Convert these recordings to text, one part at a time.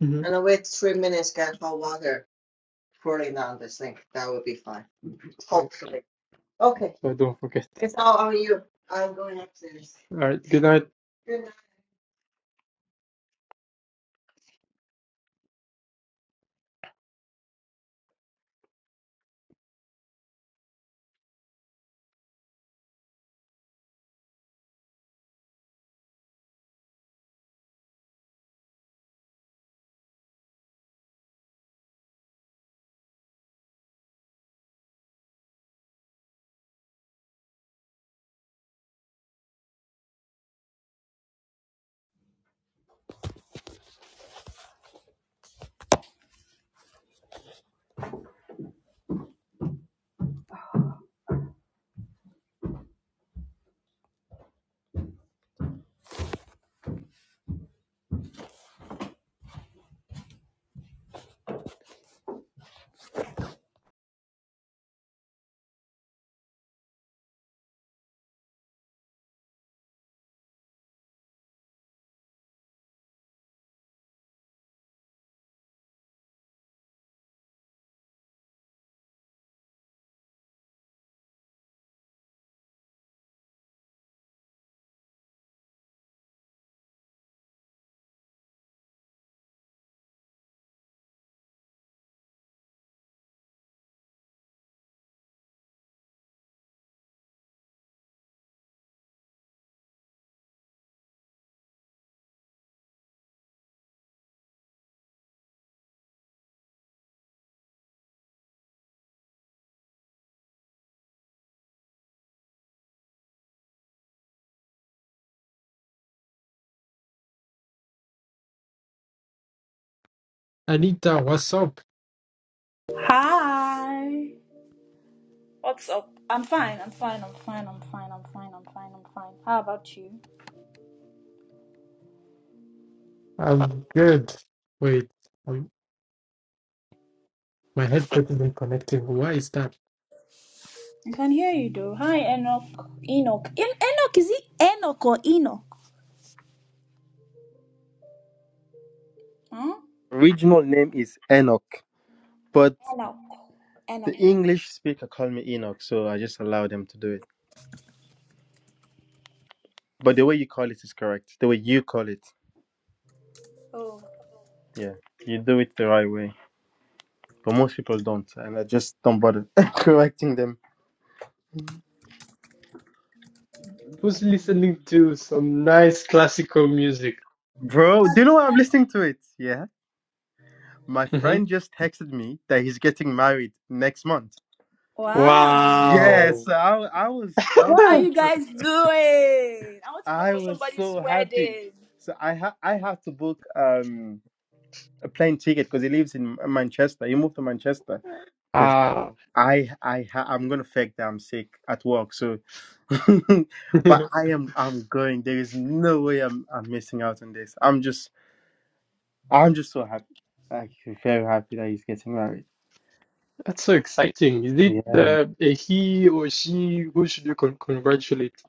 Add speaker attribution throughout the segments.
Speaker 1: hmm So I don't forget. All right. Good night, Anita. What's up?
Speaker 2: Hi. What's up? I'm fine. I'm fine. I'm fine. I'm fine. I'm fine. I'm fine. I'm fine. How about you?
Speaker 1: I'm good. Wait, um, my headset isn't connecting. Why is that?
Speaker 2: I can hear you though. Hi, Enoch. Enoch. En- Enoch is it Enoch or Enoch? Huh?
Speaker 3: Original name is Enoch, but
Speaker 2: Enoch.
Speaker 3: the
Speaker 2: Enoch.
Speaker 3: English speaker called me Enoch, so I just allow them to do it. But the way you call it is correct. The way you call it,
Speaker 2: Oh.
Speaker 3: yeah, you do it the right way. But most people don't, and I just don't bother correcting them.
Speaker 1: Who's listening to some nice classical music?
Speaker 3: Bro, do you know why I'm listening to it? Yeah, my
Speaker 1: hmm
Speaker 3: friend just texted me that he's getting married next month.
Speaker 2: Wow.
Speaker 3: Yes,
Speaker 1: Wow.
Speaker 3: so I I was
Speaker 2: What are
Speaker 3: jumping,
Speaker 2: you
Speaker 3: so
Speaker 2: guys doing? I want to go
Speaker 3: I
Speaker 2: for
Speaker 3: was
Speaker 2: somebody's
Speaker 3: so happy.
Speaker 2: wedding.
Speaker 3: So I ha- I had to book. Um, a plane ticket because he lives in Manchester. He moved to Manchester because
Speaker 1: Ah,
Speaker 3: I I ha- I'm gonna fake that I'm sick at work. So, but
Speaker 1: that's
Speaker 3: I am I'm going. There is no way I'm I'm missing out on this. I'm just I'm just so happy. Like very happy that he's getting married.
Speaker 1: so exciting. Is it
Speaker 3: Yeah. Man.
Speaker 1: uh, a he or she? Who should you con congratulate?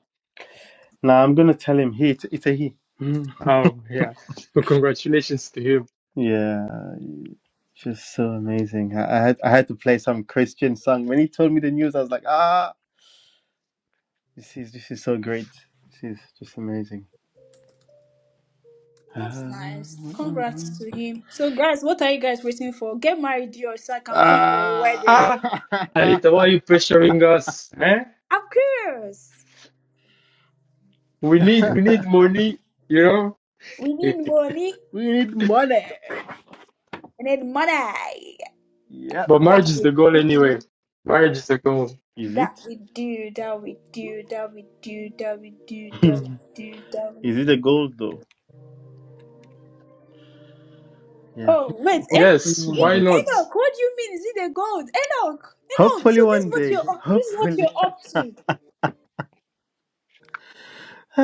Speaker 3: Now I'm gonna tell him he it's, it's a he.
Speaker 1: Oh, yeah. Well, congratulations to him.
Speaker 3: yeah. Just so amazing. I, I had I had to play some Christian song. When he told me the news, I was like, ah, this is this is so great. This is just amazing.
Speaker 2: That's nice. Congrats to
Speaker 3: Ah.
Speaker 2: him. So, guys, what are you guys waiting for? Get married, dear, so I can come for a wedding.
Speaker 1: Ah, Anita, why are you pressuring us? eh?
Speaker 2: I'm curious.
Speaker 1: We need we need money, you know.
Speaker 2: We need money.
Speaker 3: we need money.
Speaker 2: We need money.
Speaker 3: Yep.
Speaker 1: But marriage
Speaker 2: That
Speaker 1: is
Speaker 2: we
Speaker 1: the goal
Speaker 2: do.
Speaker 1: anyway. Marriage is the goal.
Speaker 3: Is it?
Speaker 2: That we do. That we do. That we do. That we do. That we do. That we
Speaker 3: Is it
Speaker 2: do.
Speaker 3: a goal though? Yeah.
Speaker 2: Oh wait,
Speaker 3: Hopefully,
Speaker 2: and
Speaker 3: hopefully
Speaker 1: Yes,
Speaker 3: one
Speaker 1: why
Speaker 3: day.
Speaker 1: not?
Speaker 2: Enoch, what do you mean? Is it the gold? Enoch, Enoch. So
Speaker 3: Hopefully
Speaker 2: this is
Speaker 3: one
Speaker 2: what
Speaker 3: day.
Speaker 2: you're. up- This is what
Speaker 3: Hopefully.
Speaker 2: you're up to.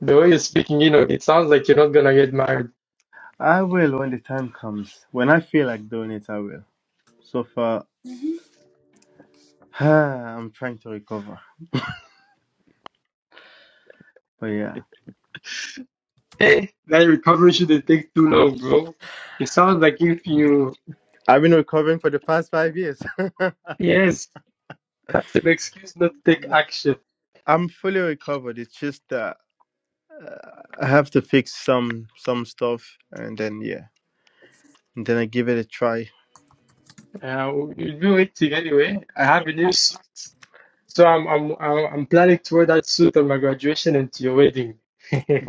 Speaker 1: The way you're speaking, you know, it sounds like you're not gonna get married.
Speaker 3: I will when the time comes. When I feel like doing it, I will. So far, I'm trying to recover. But yeah,
Speaker 1: Hey, that recovery shouldn't take too long, bro. It sounds like if you
Speaker 3: I've been recovering for the past five years.
Speaker 1: yes, that's an excuse not to take
Speaker 3: No,
Speaker 1: action.
Speaker 3: I'm fully recovered. It's just that. I have to fix some some stuff, and then yeah, and then I give it a try.
Speaker 1: Uh, you'll be waiting anyway. I have a new suit, so I'm I'm I'm I'm planning to wear that suit on my graduation and to your wedding.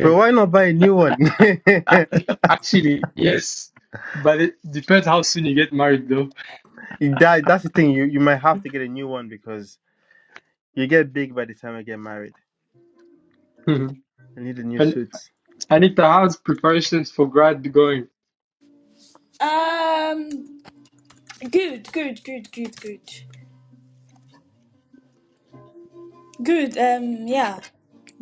Speaker 3: why not buy a new one? that
Speaker 1: Actually, yes. But it depends how soon you get married, though.
Speaker 3: that's the thing. You you might have to get a new one because you get big by the time I get married. I need a new
Speaker 1: and
Speaker 3: suit.
Speaker 1: Anita, how's preparations for grad going?
Speaker 2: Um, good, good, good, good, good, good. Um, yeah,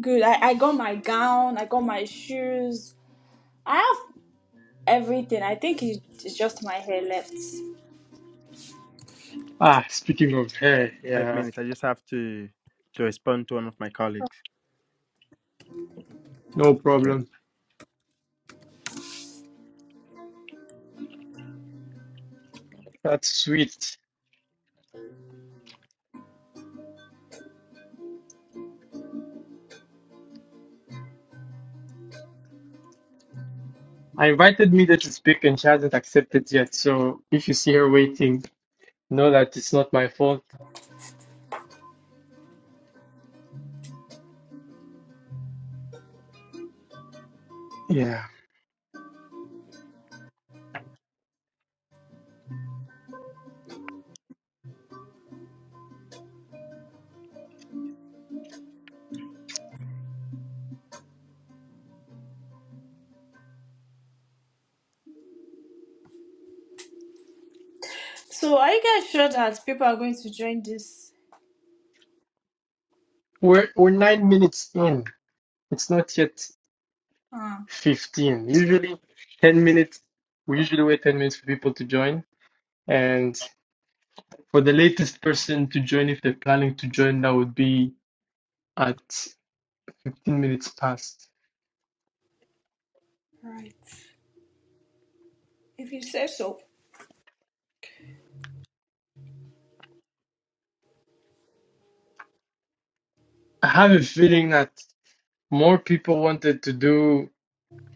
Speaker 2: good. I I got my gown. I got my shoes. I have everything. I think it's, it's just my hair left.
Speaker 1: Ah, speaking of hair,
Speaker 3: Five
Speaker 1: yeah,
Speaker 3: minutes. I just have to to respond to one of my colleagues.
Speaker 1: no
Speaker 3: Okay.
Speaker 1: problem. That's sweet. I invited Mida to speak and she hasn't accepted yet. So if you see her waiting, know that it's not my fault. Yeah.
Speaker 2: So are you guys sure that people are going to join this?
Speaker 1: We're we're nine minutes in. It's not yet
Speaker 2: Ah,
Speaker 1: 15. Usually 10 minutes. We usually wait 10 minutes for people to join. and. For the latest person to join, if they're planning to join, that would be at 15 minutes past.
Speaker 2: Right. If you say so.
Speaker 1: I have a feeling that more people wanted to do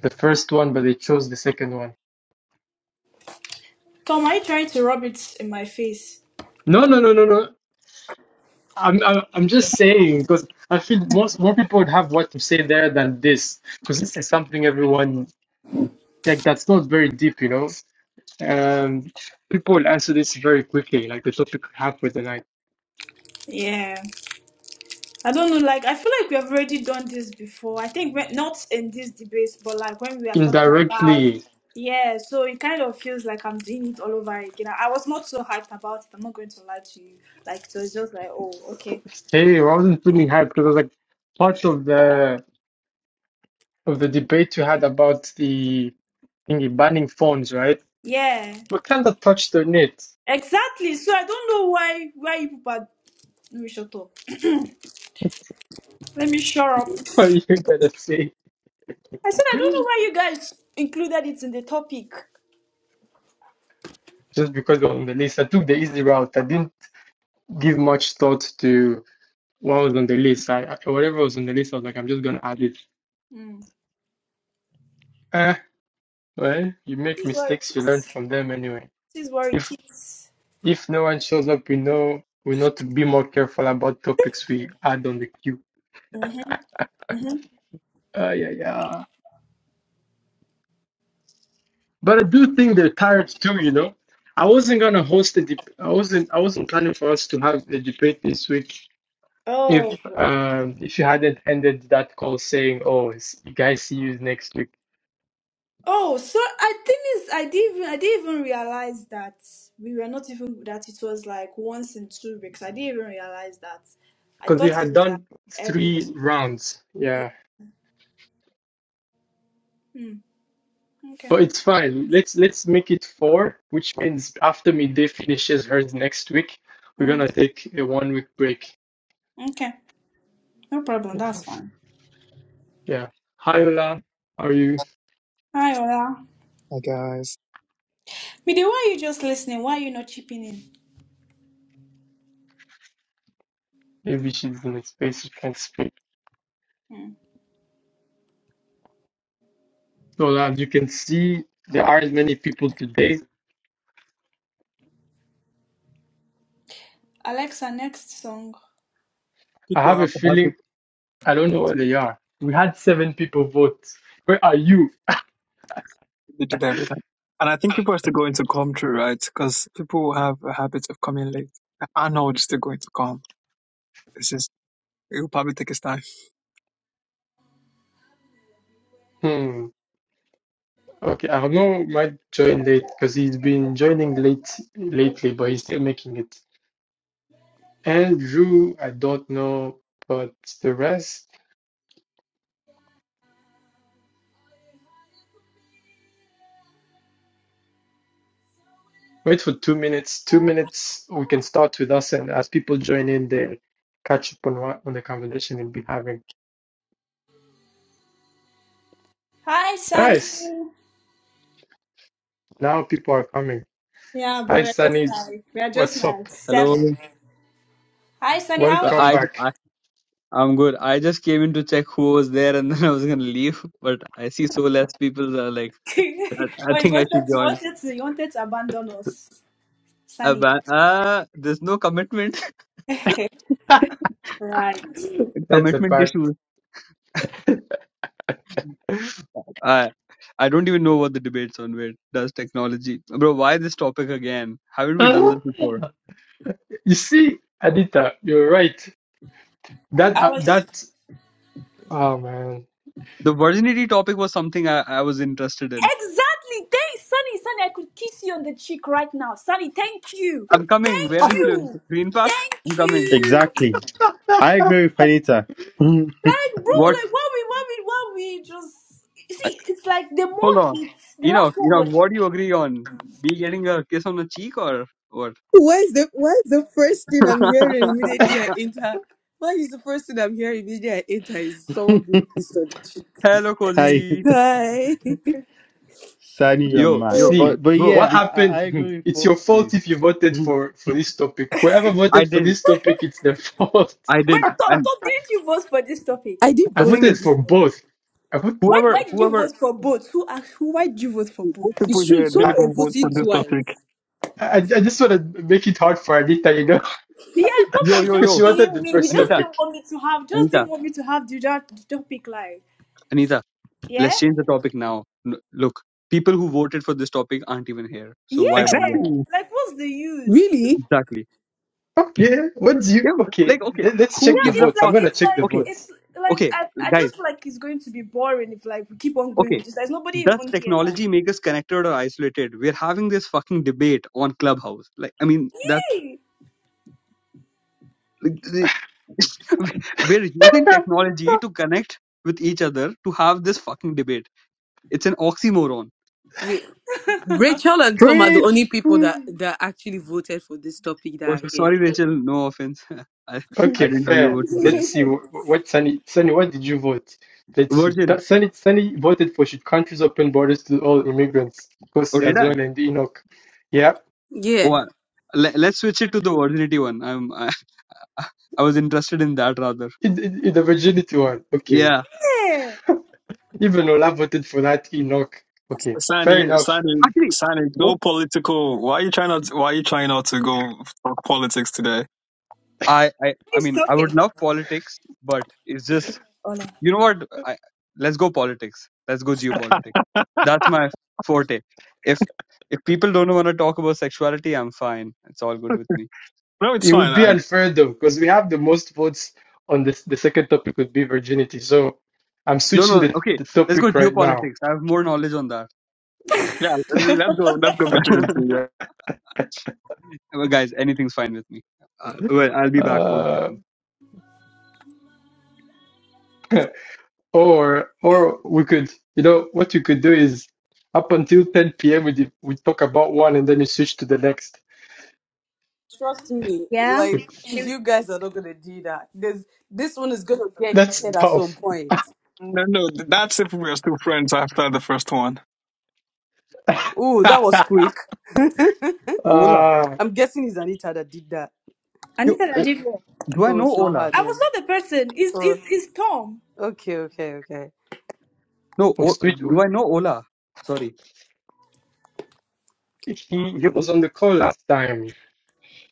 Speaker 1: the first one, but they chose the second one.
Speaker 2: Tom, are you trying to rub it in my face?
Speaker 1: No, no, no, no, no. I'm, I'm, I'm just saying because I feel most more people would have what to say there than this because this is something everyone like that's not very deep, you know. Um, people will answer this very quickly, like the topic we have for the night
Speaker 2: yeah. I don't know, like I feel like we have already done this before. I think when, not in this debate, but like when we are talking about
Speaker 1: indirectly
Speaker 2: yeah, so it kind of feels like I'm doing it all over again. I was not so hyped about it, I'm not going to lie to you. Like so it's just like, oh, okay.
Speaker 1: Hey, I wasn't feeling hyped because I was like part of the of the debate you had about the thingy banning phones, right?
Speaker 2: Yeah.
Speaker 1: We kind of touched on it.
Speaker 2: Exactly. So I don't know why why you people are let me shut up. Let me shut up.
Speaker 1: What are you gonna say?
Speaker 2: I said, I don't know why you guys included it in the topic.
Speaker 1: Just because we're on the list, I took the easy route. I didn't give much thought to what was on the list. I, I whatever was on the list, I was like, I'm just gonna add it.
Speaker 2: Mm.
Speaker 1: Eh, well, you make
Speaker 2: This is what it
Speaker 1: mistakes, you learn
Speaker 2: is.
Speaker 1: from them anyway.
Speaker 2: This is what it
Speaker 1: If
Speaker 2: is.
Speaker 1: if no one shows up, we know we know to be more careful about topics we add on the queue. Ah, yeah, yeah. But I do think they're tired too, you know. I wasn't gonna host a deb- I wasn't I wasn't planning for us to have the debate this week if
Speaker 2: Oh,
Speaker 1: um if you hadn't ended that call saying, "Oh, it's, you guys see you next week,"
Speaker 2: oh. So I think it's. I didn't. Even, I didn't even realize that we were not even that it was like once in two weeks. I didn't even realize that. I
Speaker 1: because we
Speaker 2: thought it
Speaker 1: had
Speaker 2: was like
Speaker 1: done
Speaker 2: every.
Speaker 1: three rounds. Yeah,
Speaker 2: Mm, okay.
Speaker 1: but it's fine. Let's let's make it four, which means after midday finishes hers next week, we're
Speaker 2: Mm,
Speaker 1: gonna take a one week break.
Speaker 2: okay. No problem. That's fine.
Speaker 1: Yeah. Hi, Ola. How Are you?
Speaker 2: Hi, Ola.
Speaker 4: I guess
Speaker 2: Midi, why are you just listening? Why are you not chipping in?
Speaker 1: Maybe she's in a space you can not speak.
Speaker 2: Mm.
Speaker 1: So as you can see, there aren't many people today.
Speaker 2: Alexa, next song.
Speaker 1: I
Speaker 4: people
Speaker 1: have a
Speaker 4: have the
Speaker 1: feeling
Speaker 4: habit
Speaker 1: I don't know where they are. We had seven people vote. Where are you?
Speaker 4: they do that every time, and I think people are still going to come through, right? Because people have a habit of coming late. I know it's still going to come. It's just it will probably take its time.
Speaker 1: Hmm. Okay, Arnaud might join late because he's been joining late lately, but he's still making it. Andrew, I don't know, but the rest, wait for two minutes. Two minutes, we can start with us, and as people join in, they catch up on what on the conversation we'll be having.
Speaker 2: Hi,
Speaker 1: Nice.
Speaker 2: Sunny.
Speaker 1: Now people are coming.
Speaker 2: Yeah,
Speaker 1: Hi,
Speaker 2: boy, we're just
Speaker 1: Sanid.
Speaker 2: like we're just
Speaker 1: What's up?
Speaker 2: like seven.
Speaker 5: Hello.
Speaker 2: Hi, Sunny, how
Speaker 5: Well,
Speaker 2: are you?
Speaker 1: Welcome
Speaker 5: I, j-
Speaker 1: back.
Speaker 5: I am good. I just came in to check who was there, and then I was gonna leave, but I see so less people. Are like, I, I
Speaker 2: oh, you
Speaker 5: think I
Speaker 2: wanted
Speaker 5: should
Speaker 2: you
Speaker 5: join.
Speaker 2: wanted to you wanted to abandon us,
Speaker 5: Uh,
Speaker 2: Sunny.
Speaker 5: but, uh, there's no commitment.
Speaker 2: right.
Speaker 1: That's a
Speaker 5: commitment
Speaker 1: fact.
Speaker 5: issues. I I don't even know what the debate's on. Where does technology, bro? Why this topic again? Haven't we done this before?
Speaker 1: You see, Adita, you're right. That
Speaker 2: I
Speaker 1: uh,
Speaker 2: was
Speaker 1: that oh man.
Speaker 5: The virginity topic was something I, I was interested in.
Speaker 2: exactly. Thank Sunny, Sunny. I could kiss you on the cheek right now, Sunny. Thank you,
Speaker 5: I'm coming.
Speaker 2: thank
Speaker 5: Where do you live?
Speaker 2: you,
Speaker 5: Green Park? I'm
Speaker 2: thank
Speaker 5: coming.
Speaker 2: you.
Speaker 3: Exactly. I agree with Anita.
Speaker 2: Like, bro, like
Speaker 5: What?
Speaker 2: what we what we what we just you see. It's like the more
Speaker 5: Hold on.
Speaker 2: hits. The last
Speaker 5: Enoch,
Speaker 2: one
Speaker 5: Enoch,
Speaker 2: was
Speaker 5: what do you agree on? Me getting a kiss on the cheek or what?
Speaker 6: Why is the why is the first thing I'm hearing immediately I enter? Why is the first thing I'm hearing immediately I enter is someone being pissed on the chick?
Speaker 5: Hello,
Speaker 3: Kai,
Speaker 5: Cozy.
Speaker 6: Hi.
Speaker 3: Sani, you're
Speaker 5: Yo,
Speaker 3: mad.
Speaker 5: yo,
Speaker 1: See
Speaker 3: But but
Speaker 5: bro.
Speaker 3: yeah,
Speaker 1: what
Speaker 5: We,
Speaker 3: I, I I
Speaker 1: happened? Hmm.
Speaker 3: agree with
Speaker 1: It's
Speaker 3: both
Speaker 1: your
Speaker 3: of you.
Speaker 1: fault if you voted for for this topic. Whoever
Speaker 5: I
Speaker 1: voted for
Speaker 5: didn't.
Speaker 1: this topic, it's their fault.
Speaker 5: I
Speaker 2: wait,
Speaker 5: didn't.
Speaker 2: Tom,
Speaker 5: And
Speaker 2: Tom, didn't you vote for this topic?
Speaker 6: I did
Speaker 1: I
Speaker 5: the
Speaker 6: vote
Speaker 5: thing
Speaker 6: for
Speaker 5: is,
Speaker 1: voted for
Speaker 6: this topic.
Speaker 1: both. I vote,
Speaker 2: Why,
Speaker 5: whoever,
Speaker 2: why did you
Speaker 5: whoever,
Speaker 2: vote for both? Who asked who? Why did you vote for both?
Speaker 4: Most people
Speaker 6: It's true.
Speaker 4: here
Speaker 6: Some
Speaker 4: didn't
Speaker 1: I,
Speaker 6: were
Speaker 4: even vote for
Speaker 6: voting
Speaker 4: this topic.
Speaker 6: twice.
Speaker 1: I I just want to make it hard for Adita, you know,
Speaker 2: Yeah, Tom
Speaker 5: yo,
Speaker 2: was
Speaker 5: yo,
Speaker 1: because she
Speaker 2: just
Speaker 5: yo,
Speaker 1: wanted the
Speaker 2: being me. He
Speaker 1: first
Speaker 2: just
Speaker 5: Anita,
Speaker 2: didn't
Speaker 1: topic.
Speaker 2: want me to have, just
Speaker 5: Anita,
Speaker 2: didn't want me to have the, that, the topic like,
Speaker 5: Anita,
Speaker 2: yeah,
Speaker 5: let's change the topic now. N- Look, people who voted for this topic aren't even here. So why bother?
Speaker 2: yeah.
Speaker 4: Exactly,
Speaker 2: Like, what's the use?
Speaker 6: Really?
Speaker 5: Exactly.
Speaker 1: Okay, what do you?
Speaker 5: Yeah,
Speaker 1: Okay,
Speaker 5: like, okay,
Speaker 1: let, let's
Speaker 5: who
Speaker 1: check
Speaker 2: Yeah,
Speaker 1: the
Speaker 5: gives a
Speaker 2: it's
Speaker 1: votes.
Speaker 2: like,
Speaker 1: I'm
Speaker 5: fuck?
Speaker 1: gonna
Speaker 2: it's
Speaker 1: check the
Speaker 2: like,
Speaker 5: Okay,
Speaker 2: it's
Speaker 1: votes.
Speaker 2: like,
Speaker 5: okay,
Speaker 2: I, I
Speaker 5: guys.
Speaker 2: just feel like it's going to be boring if like we keep on going with
Speaker 5: Okay,
Speaker 2: this. There's nobody
Speaker 5: does
Speaker 2: even here. Like,
Speaker 5: technology make us connected or isolated? We're having this fucking debate on Clubhouse. Like, I mean, that
Speaker 2: hey,
Speaker 5: like, the- we're using technology to connect with each other to have this fucking debate. It's an oxymoron.
Speaker 6: Wait. Rachel and Tom are the only
Speaker 3: Preach,
Speaker 6: people that that actually voted for this topic
Speaker 5: Oh,
Speaker 6: that
Speaker 5: so-
Speaker 6: are here.
Speaker 5: sorry, Rachel. No offense. I, I
Speaker 1: Okay,
Speaker 5: didn't know you
Speaker 1: fair.
Speaker 5: voted for
Speaker 1: Let's
Speaker 5: it.
Speaker 1: see wh- what Sunny Sunny. What did you vote? Let's see.
Speaker 5: Virgin.
Speaker 1: That Sunny Sunny voted for should countries open borders to all immigrants,
Speaker 5: Oh,
Speaker 1: Kosi
Speaker 5: did
Speaker 1: as
Speaker 5: I?
Speaker 1: well and Enoch. Yeah,
Speaker 6: Yeah.
Speaker 5: Oh, I, let, let's switch it to the virginity one. I'm, I, I was interested in that rather.
Speaker 1: it, it, it- the virginity one. Okay,
Speaker 5: Yeah.
Speaker 2: yeah,
Speaker 1: even Ola voted for that Enoch. Okay, fair
Speaker 4: Sani,
Speaker 1: enough.
Speaker 4: Sani,
Speaker 5: Actually,
Speaker 4: Sani, go
Speaker 5: oh,
Speaker 4: political. Why are you trying not? Why are you trying not to go talk politics today?
Speaker 5: I, I, I
Speaker 2: he's
Speaker 5: mean, I
Speaker 2: talking.
Speaker 5: would love politics, but it's just
Speaker 2: Ola.
Speaker 5: You know what? I, let's go politics. Let's go geopolitics. That's my forte. If if people don't want to talk about sexuality, I'm fine. It's all good with me.
Speaker 4: No, it's
Speaker 1: It would
Speaker 4: fine.
Speaker 1: be
Speaker 4: I,
Speaker 1: unfair though because we have the most votes on this. The second topic would be virginity. So I'm
Speaker 5: No,
Speaker 1: switching
Speaker 5: no.
Speaker 1: the,
Speaker 5: Okay,
Speaker 1: the
Speaker 5: let's go
Speaker 1: topic right now.
Speaker 5: geopolitics. I have more knowledge on that.
Speaker 4: yeah, let's go. Let's go virginity. Yeah.
Speaker 5: well, guys, anything's fine with me. Uh, well, I'll be back one
Speaker 1: Uh,
Speaker 5: second.
Speaker 1: Or or we could, you know, what you could do is up until 10 p.m. we did, we talk about one and then you switch to the next.
Speaker 6: Trust me,
Speaker 2: Yeah,
Speaker 6: like you guys are not gonna do that. This this one is gonna get
Speaker 1: That's
Speaker 6: heated at some
Speaker 1: tough.
Speaker 6: point.
Speaker 4: No, no, that's if we are still friends after the first one.
Speaker 6: Oh, that was quick.
Speaker 5: Ola.
Speaker 1: uh,
Speaker 6: I'm guessing it's Anita that did that.
Speaker 5: Yo,
Speaker 2: Anita
Speaker 5: o-
Speaker 2: Ajivio.
Speaker 5: do I
Speaker 6: Oh,
Speaker 5: know
Speaker 6: it's not
Speaker 5: Ola?
Speaker 6: her
Speaker 2: I was
Speaker 6: then.
Speaker 2: not the person. It's,
Speaker 6: Oh,
Speaker 2: it's, it's Tom.
Speaker 6: okay, okay, okay.
Speaker 5: No.
Speaker 1: we
Speaker 5: O,
Speaker 1: switch-
Speaker 5: do I know Ola? Sorry.
Speaker 1: he he was on the call last time.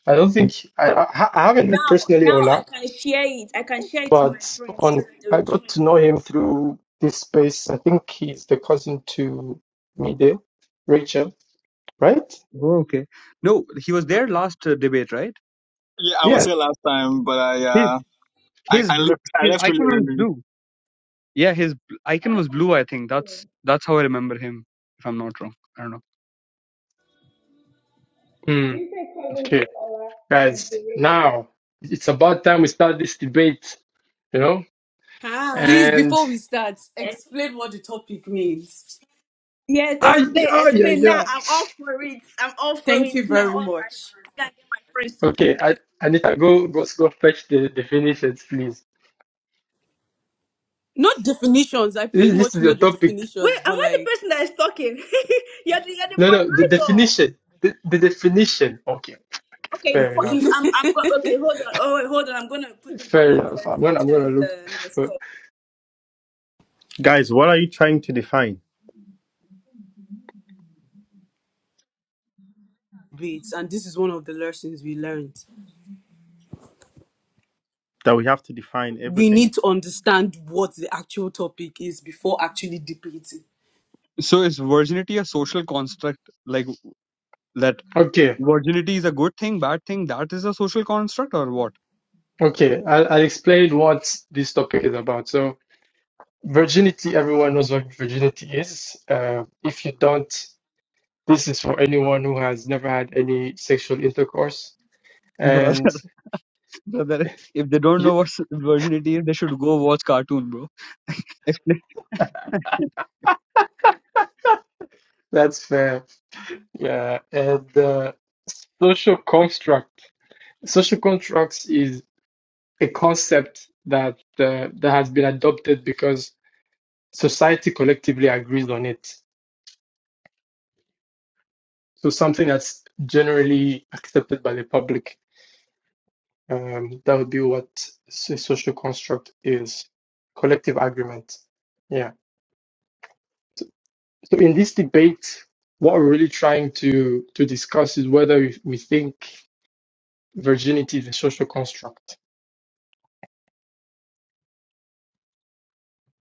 Speaker 1: I don't think I I, I haven't met
Speaker 2: Now,
Speaker 1: personally
Speaker 2: now I
Speaker 1: Ola,
Speaker 2: can share it. I can share it to my
Speaker 1: but
Speaker 2: friends so
Speaker 1: on
Speaker 2: that they will
Speaker 1: I got
Speaker 2: join.
Speaker 1: to know him through this space. I think he's the cousin to Mide, Rachel, right?
Speaker 5: Oh, okay. No, he was there last uh, debate, right?
Speaker 4: Yeah, I was
Speaker 1: Yeah.
Speaker 4: here last time, but I
Speaker 5: His
Speaker 4: uh, I,
Speaker 5: his
Speaker 4: I
Speaker 5: blue.
Speaker 4: left I
Speaker 5: His
Speaker 4: left really
Speaker 5: icon was
Speaker 4: early.
Speaker 5: blue. Yeah, his bl- icon was blue, I think. That's that's how I remember him, if I'm not wrong. I don't know.
Speaker 1: Mm, okay. guys. Now it's about time we start this debate, you know.
Speaker 2: Ah,
Speaker 6: Please,
Speaker 1: And
Speaker 6: before we start, explain what the topic means.
Speaker 2: yes,
Speaker 1: I,
Speaker 2: explain,
Speaker 1: yeah, yeah,
Speaker 2: explain. Now
Speaker 1: yeah.
Speaker 2: I'm all for it. I'm all for
Speaker 6: Thank
Speaker 2: it
Speaker 6: you
Speaker 2: now.
Speaker 6: very
Speaker 2: All right,
Speaker 6: much.
Speaker 2: can get my friends to join.
Speaker 1: Okay, I, Anita, go, go, go fetch the definitions, please.
Speaker 6: Not definitions. I
Speaker 1: This,
Speaker 6: pretty
Speaker 1: this
Speaker 6: much
Speaker 1: is
Speaker 6: know
Speaker 1: the
Speaker 6: the
Speaker 1: topic.
Speaker 2: Wait,
Speaker 6: definitions,
Speaker 2: am
Speaker 6: but
Speaker 2: I the
Speaker 6: like,
Speaker 2: person that is talking? you're the you're the
Speaker 1: No, no, the
Speaker 2: moderator.
Speaker 1: definition. The, the definition. Okay,
Speaker 2: Okay, you know
Speaker 1: fair
Speaker 2: what?
Speaker 6: okay.
Speaker 2: I'm
Speaker 1: enough.
Speaker 2: I'm I'm going. Okay, hold on. Oh wait, hold on. I'm gonna put the
Speaker 1: Fair
Speaker 2: the
Speaker 1: enough. I'm gonna, I'm gonna
Speaker 2: definition
Speaker 1: look.
Speaker 2: the, the
Speaker 1: for-
Speaker 2: stuff.
Speaker 3: guys. What are you trying to define?
Speaker 6: Bits, and this is one of the lessons we learned.
Speaker 3: that we have to define
Speaker 6: We
Speaker 3: everything.
Speaker 6: need to understand what the actual topic is before actually debating.
Speaker 5: So is virginity a social construct like that
Speaker 1: Okay,
Speaker 5: virginity is a good thing, bad thing, that is a social construct or what?
Speaker 1: okay. I'll, I'll explain what this topic is about. So, virginity. Everyone knows what virginity is. Uh, if you don't. This is for anyone who has never had any sexual intercourse,
Speaker 5: Brother,
Speaker 1: and
Speaker 5: brother, if they don't
Speaker 1: y
Speaker 5: know what s- virginity is, they should go watch cartoon, bro. Explain.
Speaker 1: that's fair. Yeah, and uh, social construct. Social constructs is a concept that uh, that has been adopted because society collectively agrees on it. So something that's generally accepted by the public. Um, that would be what s- social construct is. Collective agreement. Yeah. So in this debate, what we're really trying to to discuss is whether we think virginity is a social construct.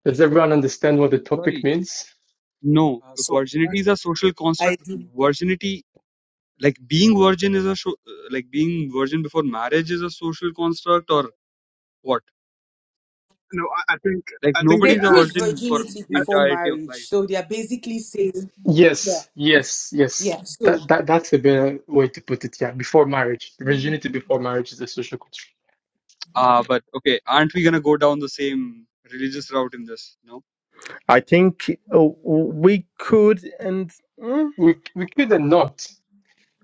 Speaker 1: Does everyone understand what the topic
Speaker 5: Sorry.
Speaker 1: means?
Speaker 5: No,
Speaker 4: Uh, so
Speaker 5: virginity is a social
Speaker 6: I
Speaker 5: construct.
Speaker 6: do.
Speaker 5: Virginity, like being virgin is a, so, like being virgin before marriage is a social construct or what?
Speaker 4: no, I, I think
Speaker 5: Like
Speaker 4: I think
Speaker 6: They
Speaker 4: the
Speaker 5: nobody's a
Speaker 6: preach
Speaker 4: act
Speaker 5: virgin for
Speaker 6: virginity
Speaker 5: the
Speaker 4: I,
Speaker 6: before
Speaker 5: entirety of
Speaker 6: marriage,
Speaker 5: life.
Speaker 6: so they are basically saying yeah.
Speaker 1: Yes, yes, yes.
Speaker 6: Yeah. So
Speaker 1: That that that's a better way to put it. Yeah, before marriage, virginity before marriage is a social construct.
Speaker 5: Ah, but okay, aren't we gonna go down the same religious route in this? No.
Speaker 3: I think uh, we could, and mm,
Speaker 1: We we could and not.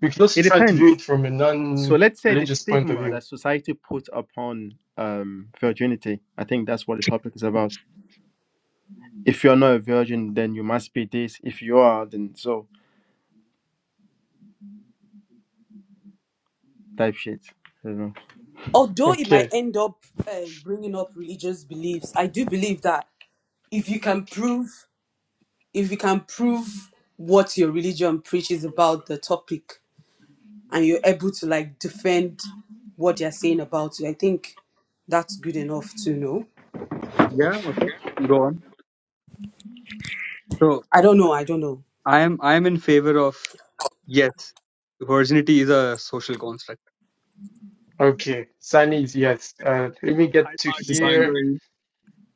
Speaker 1: We could also
Speaker 3: it
Speaker 1: try to view it
Speaker 3: depends.
Speaker 1: from a
Speaker 3: So let's say the
Speaker 1: non-religious point of
Speaker 3: stigma
Speaker 1: view.
Speaker 3: that society puts upon um, virginity. I think that's what the topic is about. If you're not a virgin, then you must be this. If you are, then so type shit. I don't know.
Speaker 6: although it might
Speaker 1: Okay,
Speaker 6: end up uh, bringing up religious beliefs, I do believe that if you can prove if you can prove what your religion preaches about the topic, and you're able to like defend what they're saying about you, I think that's good enough to know.
Speaker 5: Yeah. Okay. Go on. So
Speaker 6: I don't know. I don't know.
Speaker 5: I am I am in favor of yes, virginity is a social construct.
Speaker 1: okay. Sunny is yes. Uh, let me
Speaker 4: I,
Speaker 1: get to
Speaker 4: I
Speaker 1: here.
Speaker 4: disagree.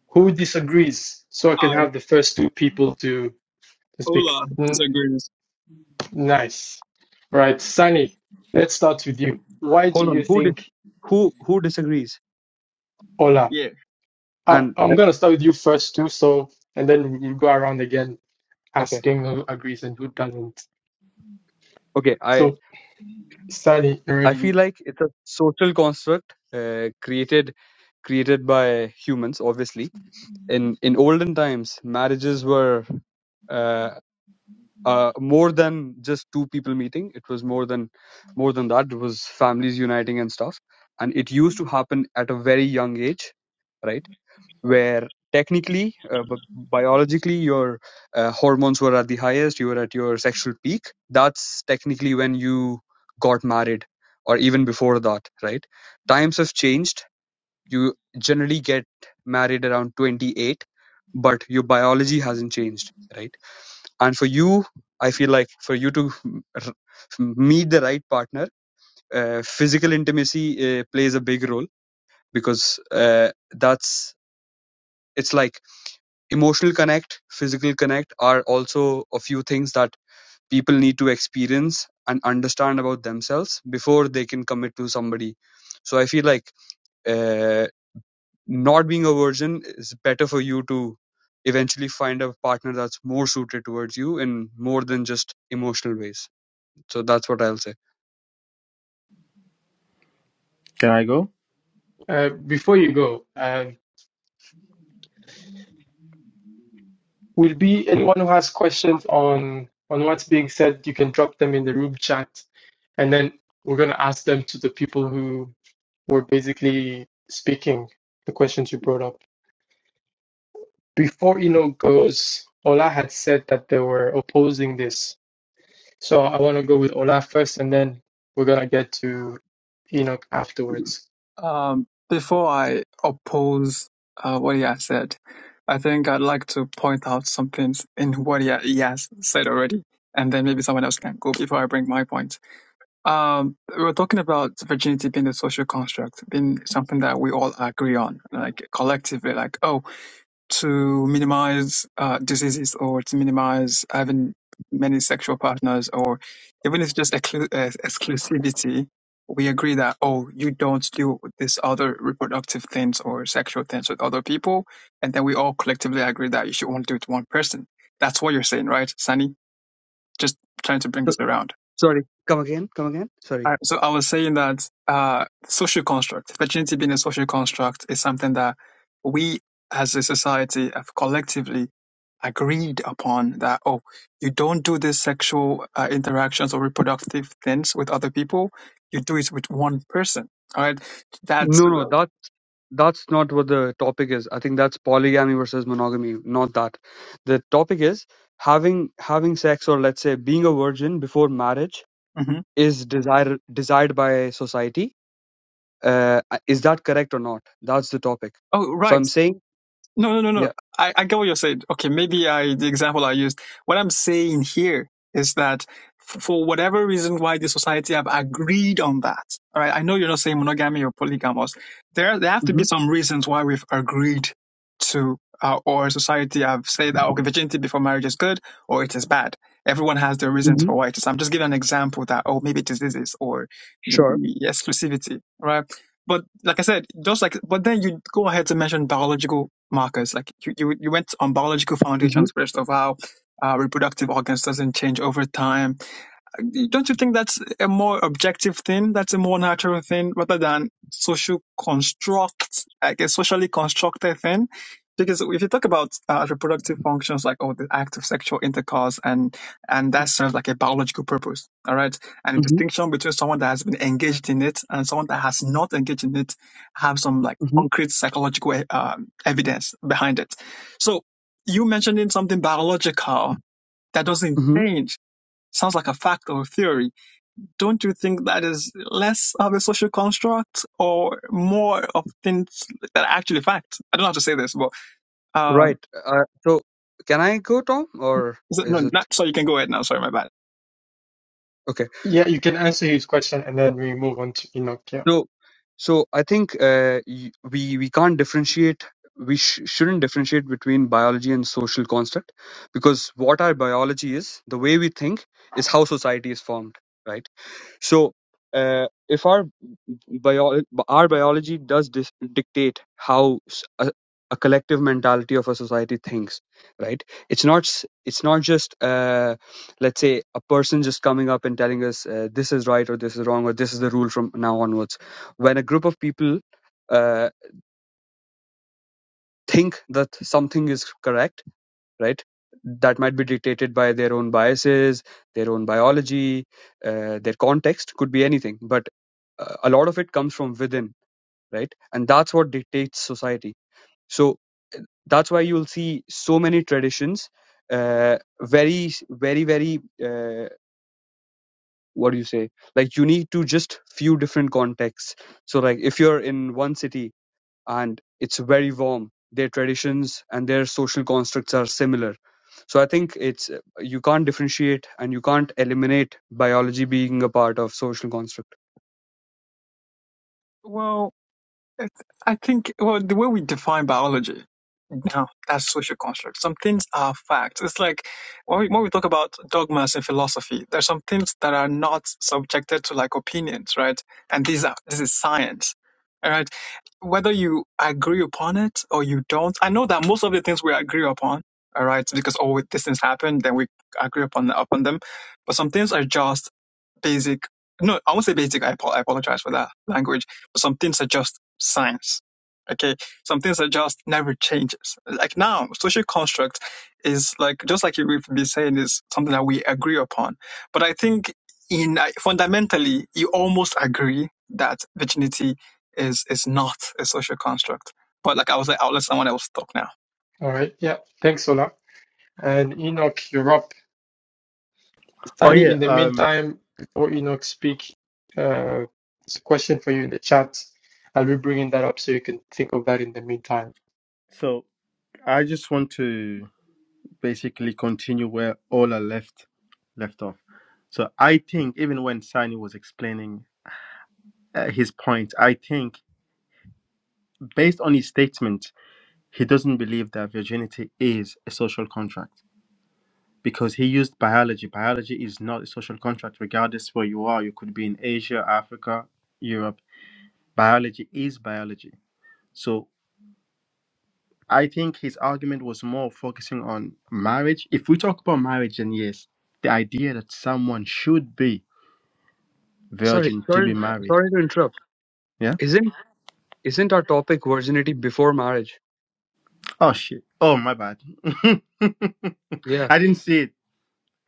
Speaker 1: Who disagrees? So I can
Speaker 4: I
Speaker 1: have the first two people to to speak.
Speaker 4: Ola
Speaker 1: N-
Speaker 4: disagrees.
Speaker 1: nice. Right, Sunny, let's start with you. Why do
Speaker 5: Hold
Speaker 1: you
Speaker 5: on. Who dis-
Speaker 1: think
Speaker 5: who who disagrees?
Speaker 1: Ola?
Speaker 4: Yeah.
Speaker 1: I-
Speaker 5: And
Speaker 1: I'm
Speaker 5: uh,
Speaker 1: going to start with you first, too. So, and then we go around again
Speaker 5: okay,
Speaker 1: asking who agrees and who doesn't.
Speaker 5: okay. I
Speaker 1: So, Sunny,
Speaker 5: I
Speaker 1: already,
Speaker 5: feel like it's a social construct uh, created created by humans, obviously. In in olden times, marriages were uh, uh, more than just two people meeting it was more than more than that it was families uniting and stuff and it used to happen at a very young age right where technically uh, b- biologically your uh, hormones were at the highest you were at your sexual peak that's technically when you got married or even before that right times have changed you generally get married around 28 but your biology hasn't changed right and for you i feel like for you to meet the right partner uh, physical intimacy uh, plays a big role because uh, that's it's like emotional connect physical connect are also a few things that people need to experience and understand about themselves before they can commit to somebody so i feel like uh, not being a virgin is better for you to eventually find a partner that's more suited towards you in more than just emotional ways So that's what I'll say.
Speaker 3: Can I go?
Speaker 1: uh, before you go, uh, will be anyone who has questions on on what's being said, you can drop them in the room chat, and then we're going to ask them to the people who were basically speaking the questions you brought up. Before Eno goes, Ola had said that they were opposing this. So I want to go with Ola first, and then we're going to get to Enoch afterwards.
Speaker 4: Um, before I oppose uh, what he has said, I think I'd like to point out some things in what he, ha- he has said already, and then maybe someone else can go before I bring my point. Um, we were talking about virginity being a social construct, being something that we all agree on, like collectively, like oh. to minimize uh, diseases or to minimize having many sexual partners or even if it's just exclu- uh, exclusivity we agree that oh you don't do this other reproductive things or sexual things with other people and then we all collectively agree that you should only do it to one person that's what you're saying right sunny just trying to bring
Speaker 5: So,
Speaker 4: this around
Speaker 5: sorry. Come again, come again. Sorry.
Speaker 4: I, so I was saying that uh, social construct, virginity being a social construct, is something that we as a society have collectively agreed upon that, oh, you don't do these sexual uh, interactions or reproductive things with other people. You do it with one person. All right. That's.
Speaker 5: No, no, that that's not what the topic is. I think that's polygamy versus monogamy, not that. The topic is having having sex or let's say being a virgin before marriage
Speaker 4: Mhm.
Speaker 5: is desired desired by society Uh, is that correct or not? That's the topic.
Speaker 4: Oh, right.
Speaker 5: So I'm saying,
Speaker 4: No, no, no, no.
Speaker 5: yeah.
Speaker 4: I, I get what you're saying. Okay, maybe I the example I used. What I'm saying here is that f- for whatever reason why the society have agreed on that. All right. I know you're not saying monogamy or polygamous. There there have to be
Speaker 5: hmm
Speaker 4: some reasons why we've agreed to uh, or society have said that okay, virginity before marriage is good or it is bad. Everyone has their reasons
Speaker 5: hmm
Speaker 4: for why it is. I'm just giving an example that oh maybe it is this is or
Speaker 5: Sure.
Speaker 4: maybe exclusivity, right? But like I said, just like but then you go ahead to mention biological markers. Like you, you, you went on biological
Speaker 5: hmm
Speaker 4: foundations first of how uh, reproductive organs doesn't change over time don't you think that's a more objective thing? That's a more natural thing rather than social construct, like a socially constructed thing? Because if you talk about uh, reproductive functions, like oh, the act of sexual intercourse, and and that serves like a biological purpose, all right. And the
Speaker 5: hmm
Speaker 4: distinction between someone that has been engaged in it and someone that has not engaged in it have some like
Speaker 5: hmm
Speaker 4: concrete psychological uh, evidence behind it. So you mentioning something biological that doesn't
Speaker 5: hmm
Speaker 4: change sounds like a fact or a theory don't you think that is less of a social construct or more of things that are actually fact? I don't know how to say this, but uh,
Speaker 5: Right. Uh, so can I go, Tom, or
Speaker 4: is it, no,
Speaker 5: is it
Speaker 4: not, sorry, you can go ahead now. Sorry, my bad.
Speaker 5: okay?
Speaker 1: Yeah, you can answer his question, and then we move on to Enoch. Yeah.
Speaker 5: So, so I think uh, y- we we can't differentiate. We sh- shouldn't differentiate between biology and social construct because what our biology is, the way we think, is how society is formed, right? So, uh, if our bio- our biology does dis- dictate how s- a, a collective mentality of a society thinks, right? It's not s- it's not just uh, let's say a person just coming up and telling us uh, this is right or this is wrong or this is the rule from now onwards. When a group of people uh, think that something is correct right? That might be dictated by their own biases, their own biology, uh, their context, could be anything. But uh, a lot of it comes from within, right? And that's what dictates society. So that's why you'll see so many traditions, uh, very, very, very, uh, what do you say? Like unique to just few different contexts. So like if you're in one city and it's very warm. Their traditions and their social constructs are similar. So I think it's you can't differentiate and you can't eliminate biology being a part of social construct.
Speaker 4: Well, it's, I think well the way we define biology No, that's social construct. Some things are facts. It's like when we, when we talk about dogmas in philosophy, there's some things that are not subjected to like opinions, right? And these are this is science. All right. Whether you agree upon it or you don't, I know that most of the things we agree upon, all right, because all these things happen, then we agree upon upon them. But some things are just basic no i won't say basic i, I apologize for that language but some things are just science okay some things are just never changes like now social construct is like just like you- we've been saying is something that we agree upon but i think in I- fundamentally you almost agree that virginity is is not a social construct but like i was like i'll let someone else talk now
Speaker 1: All right. Yeah. Thanks, Ola. And Enoch, you're up.
Speaker 3: Oh
Speaker 1: Sunny,
Speaker 3: yeah.
Speaker 1: in the
Speaker 3: Um.
Speaker 1: meantime, before Enoch speak, uh, it's a question for you in the chat. I'll be bringing that up so you can think of that in the meantime.
Speaker 3: So I just want to basically continue where all are left left off. So I think even when Sani was explaining uh, his point. I think, based on his statement, he doesn't believe that virginity is a social contract because he used biology. Biology is not a social contract, regardless where you are. You could be in Asia, Africa, Europe. Biology is biology. So I think his argument was more focusing on marriage. If we talk about marriage, then yes, the idea that someone should be
Speaker 5: Sorry,
Speaker 3: virgin to
Speaker 5: sorry,
Speaker 3: be married.
Speaker 5: sorry to interrupt.
Speaker 3: Yeah.
Speaker 5: Isn't isn't our topic virginity before marriage?
Speaker 3: Oh shit. Oh my bad. I
Speaker 5: Yeah,
Speaker 3: didn't see it.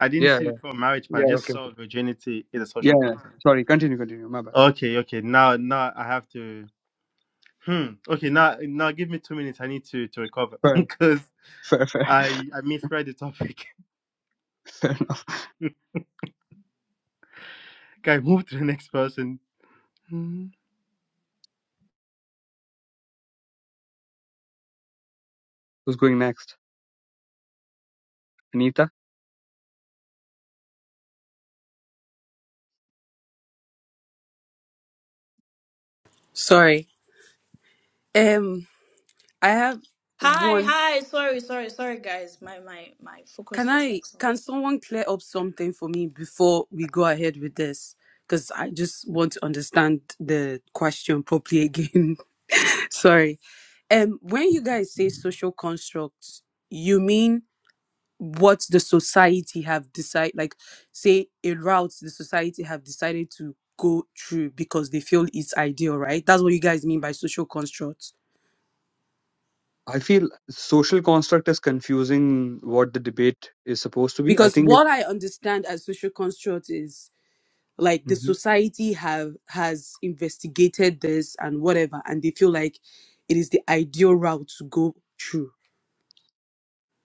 Speaker 3: I didn't
Speaker 5: yeah,
Speaker 3: see before marriage, but
Speaker 5: yeah.
Speaker 3: I just
Speaker 5: Okay, okay.
Speaker 3: saw virginity is a
Speaker 5: yeah.
Speaker 3: social
Speaker 5: yeah.
Speaker 3: contract.
Speaker 5: Sorry, continue, continue. My bad.
Speaker 3: Okay, okay. Now, now I have to. Hmm. Okay, now, now give me two minutes. I need to to recover
Speaker 5: Fair,
Speaker 3: because
Speaker 5: fair, fair.
Speaker 3: I I misread the topic.
Speaker 5: fair. enough.
Speaker 3: Can I move to the next person? Hmm.
Speaker 5: Who's going next? Anita.
Speaker 6: Sorry. Um, I have
Speaker 2: Hi,
Speaker 6: one.
Speaker 2: hi. Sorry, sorry, sorry, guys. My my my focus
Speaker 6: Can
Speaker 2: was
Speaker 6: I?
Speaker 2: like
Speaker 6: Can
Speaker 2: somewhere.
Speaker 6: someone clear up something for me before we go ahead with this? Because I just want to understand the question properly again. Sorry. Um, when you guys say social constructs, you mean what the society have decided, like say a route the society have decided to go through because they feel it's ideal, right? That's what you guys mean by social constructs.
Speaker 5: I feel social construct is confusing what the debate is supposed to be. I
Speaker 6: Because
Speaker 5: think it,
Speaker 6: what I understand as social construct is like the
Speaker 5: Mhm.
Speaker 6: society have has investigated this and whatever, and they feel like it is the ideal route to go through.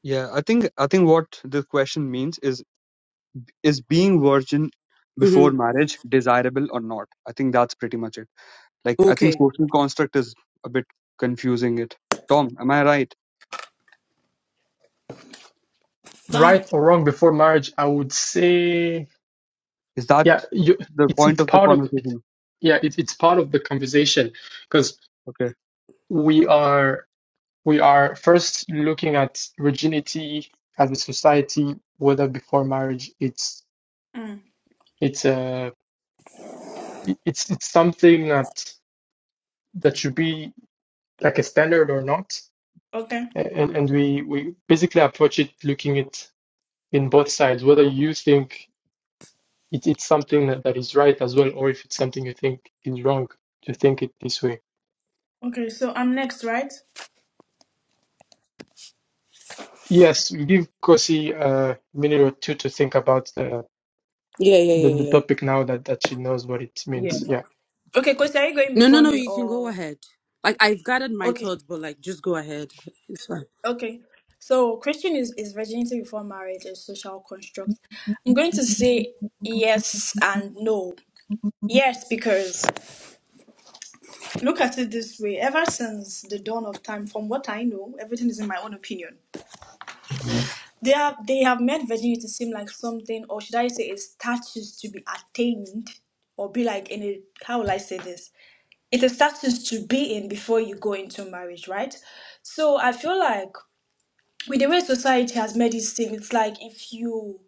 Speaker 5: yeah, I think I think what the question means is is being virgin
Speaker 6: hmm
Speaker 5: before marriage desirable or not? I think that's pretty much it. Like I think
Speaker 6: Okay.
Speaker 5: social construct is a bit confusing it. Tom, am I right?
Speaker 2: Um.
Speaker 1: Right or wrong before marriage, I would say
Speaker 5: Is that
Speaker 1: Yeah, you,
Speaker 5: the
Speaker 1: it's
Speaker 5: point
Speaker 1: it's
Speaker 5: of the
Speaker 1: part of it's
Speaker 5: conversation?
Speaker 1: yeah, it's it's part of the conversation because
Speaker 5: Okay.
Speaker 1: we are we are first looking at virginity as a society, whether before marriage, it's
Speaker 2: mm,
Speaker 1: it's a it's it's something that that should be like a standard or not,
Speaker 2: okay.
Speaker 1: A- and and we we basically approach it looking it in both sides, whether you think it, it's something that, that is right as well, or if it's something you think is wrong to think it this way.
Speaker 2: Okay. So I'm next, right?
Speaker 1: Yes, give Kosi a minute or two to think about the,
Speaker 6: Yeah,
Speaker 1: the,
Speaker 6: yeah,
Speaker 1: the
Speaker 6: yeah,
Speaker 1: topic now that, that she knows what it
Speaker 6: yeah.
Speaker 1: means. Yeah.
Speaker 2: Okay, Coach, are you going
Speaker 6: No, no,
Speaker 2: before
Speaker 6: no.
Speaker 2: me
Speaker 6: You can go
Speaker 2: or
Speaker 6: ahead. Like I've gathered my
Speaker 2: okay,
Speaker 6: thoughts, but like just go ahead. It's fine.
Speaker 2: okay. So Christian is, is virginity before marriage a social construct. I'm going to say yes and no. Yes, because look at it this way. Ever since the dawn of time, from what I know, everything is in my own opinion. They have they have made virginity seem like something, or should I say, a status to be attained, or be like in a how will I say this? It's a status to be in before you go into marriage, right? So I feel like with the way society has made it seem, it's like if you,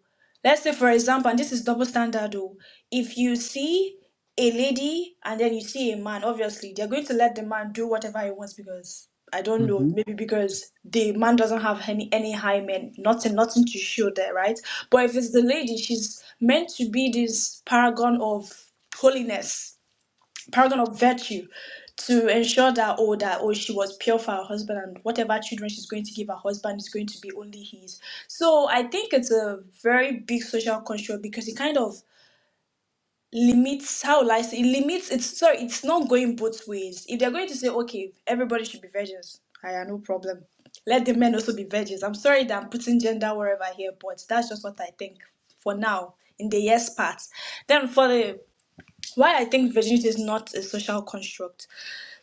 Speaker 2: let's say for example, and this is double standard, though, if you see a lady and then you see a man, obviously they're going to let the man do whatever he wants because I don't know,
Speaker 5: hmm
Speaker 2: maybe because the man doesn't have any any high men, nothing, nothing to show there, right? But if it's the lady, she's meant to be this paragon of holiness paragon of virtue to ensure that oh that oh she was pure for her husband and whatever children she's going to give her husband is going to be only his so i think it's a very big social construct because it kind of limits how like it limits it's sorry it's not going both ways if they're going to say okay everybody should be virgins i have no problem let the men also be virgins i'm sorry that i'm putting gender wherever here but that's just what i think for now in the yes part then for the why i think virginity is not a social construct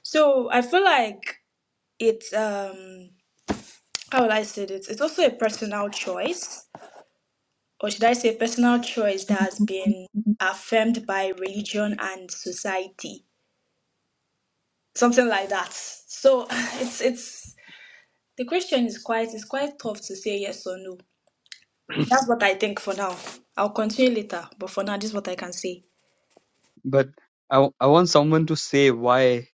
Speaker 2: so I feel like it's um how will I say this? It's also a personal choice, or should I say personal choice that has been affirmed by religion and society. Something like that. So it's it's the question is quite it's quite tough to say yes or no. That's what I think for now. I'll continue later, but for now this is what I can say.
Speaker 5: But I, w- I want someone to say why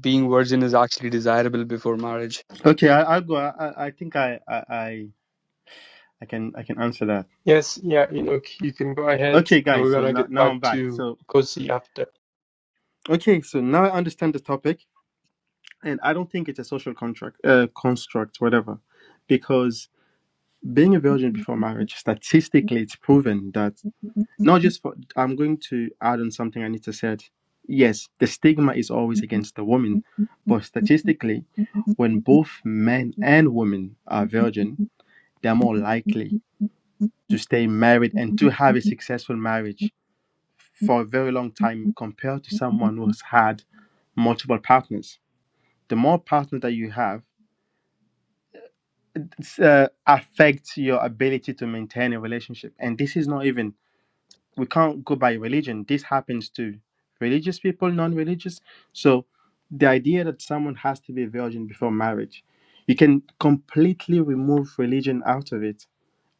Speaker 5: being virgin is actually desirable before marriage.
Speaker 3: Okay, I, I'll go. I, I I think I, I I I can I can answer that.
Speaker 1: Yes, yeah, Enoch, you can go ahead
Speaker 3: Okay,
Speaker 1: and we're
Speaker 3: guys. So
Speaker 1: gonna
Speaker 3: now
Speaker 1: get
Speaker 3: now I'm
Speaker 1: back
Speaker 3: back.
Speaker 1: to
Speaker 3: So
Speaker 1: Kosi after.
Speaker 3: okay. So now I understand the topic, and I don't think it's a social contract, uh, construct, whatever, because being a virgin before marriage, statistically, it's proven that not just for, I'm going to add on something Anita said. Yes, the stigma is always against the woman, but statistically, when both men and women are virgin, they're more likely to stay married and to have a successful marriage for a very long time compared to someone who has had multiple partners. The more partners that you have, it's, uh, affects your ability to maintain a relationship, and this is not even we can't go by religion. This happens to religious people, non-religious. So the idea that someone has to be a virgin before marriage, you can completely remove religion out of it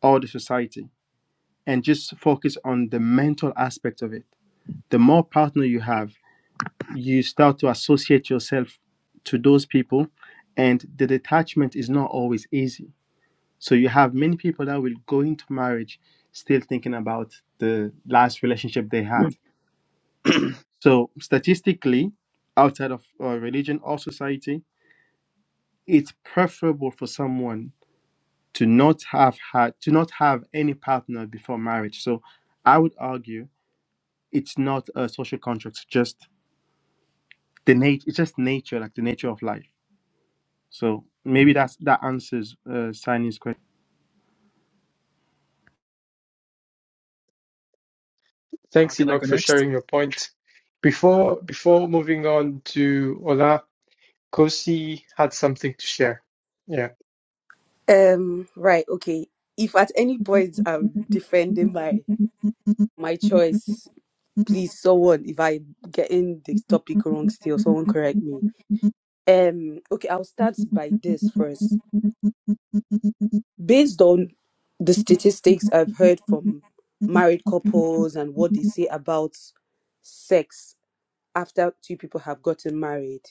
Speaker 3: or the society and just focus on the mental aspect of it. The more partner you have, you start to associate yourself to those people and the detachment is not always easy. So you have many people that will go into marriage still thinking about the last relationship they had So, statistically, outside of uh, religion or society, it's preferable for someone to not have had to not have any partner before marriage. So, I would argue it's not a social contract; it's just the nature. It's just nature, like the nature of life. So maybe that's that answers uh, Sani's question.
Speaker 4: uh,
Speaker 1: Thanks,
Speaker 4: can i
Speaker 1: Enoch,
Speaker 4: go
Speaker 1: for
Speaker 4: next
Speaker 1: sharing your point. Before before moving on to Ola, Kosi had something to share. Yeah.
Speaker 6: Um, right, okay. If at any point I'm defending my my choice, please someone if I getting the topic wrong still, someone correct me. Um, okay, I'll start by this first. Based on the statistics I've heard from married couples and what they say about sex after two people have gotten married,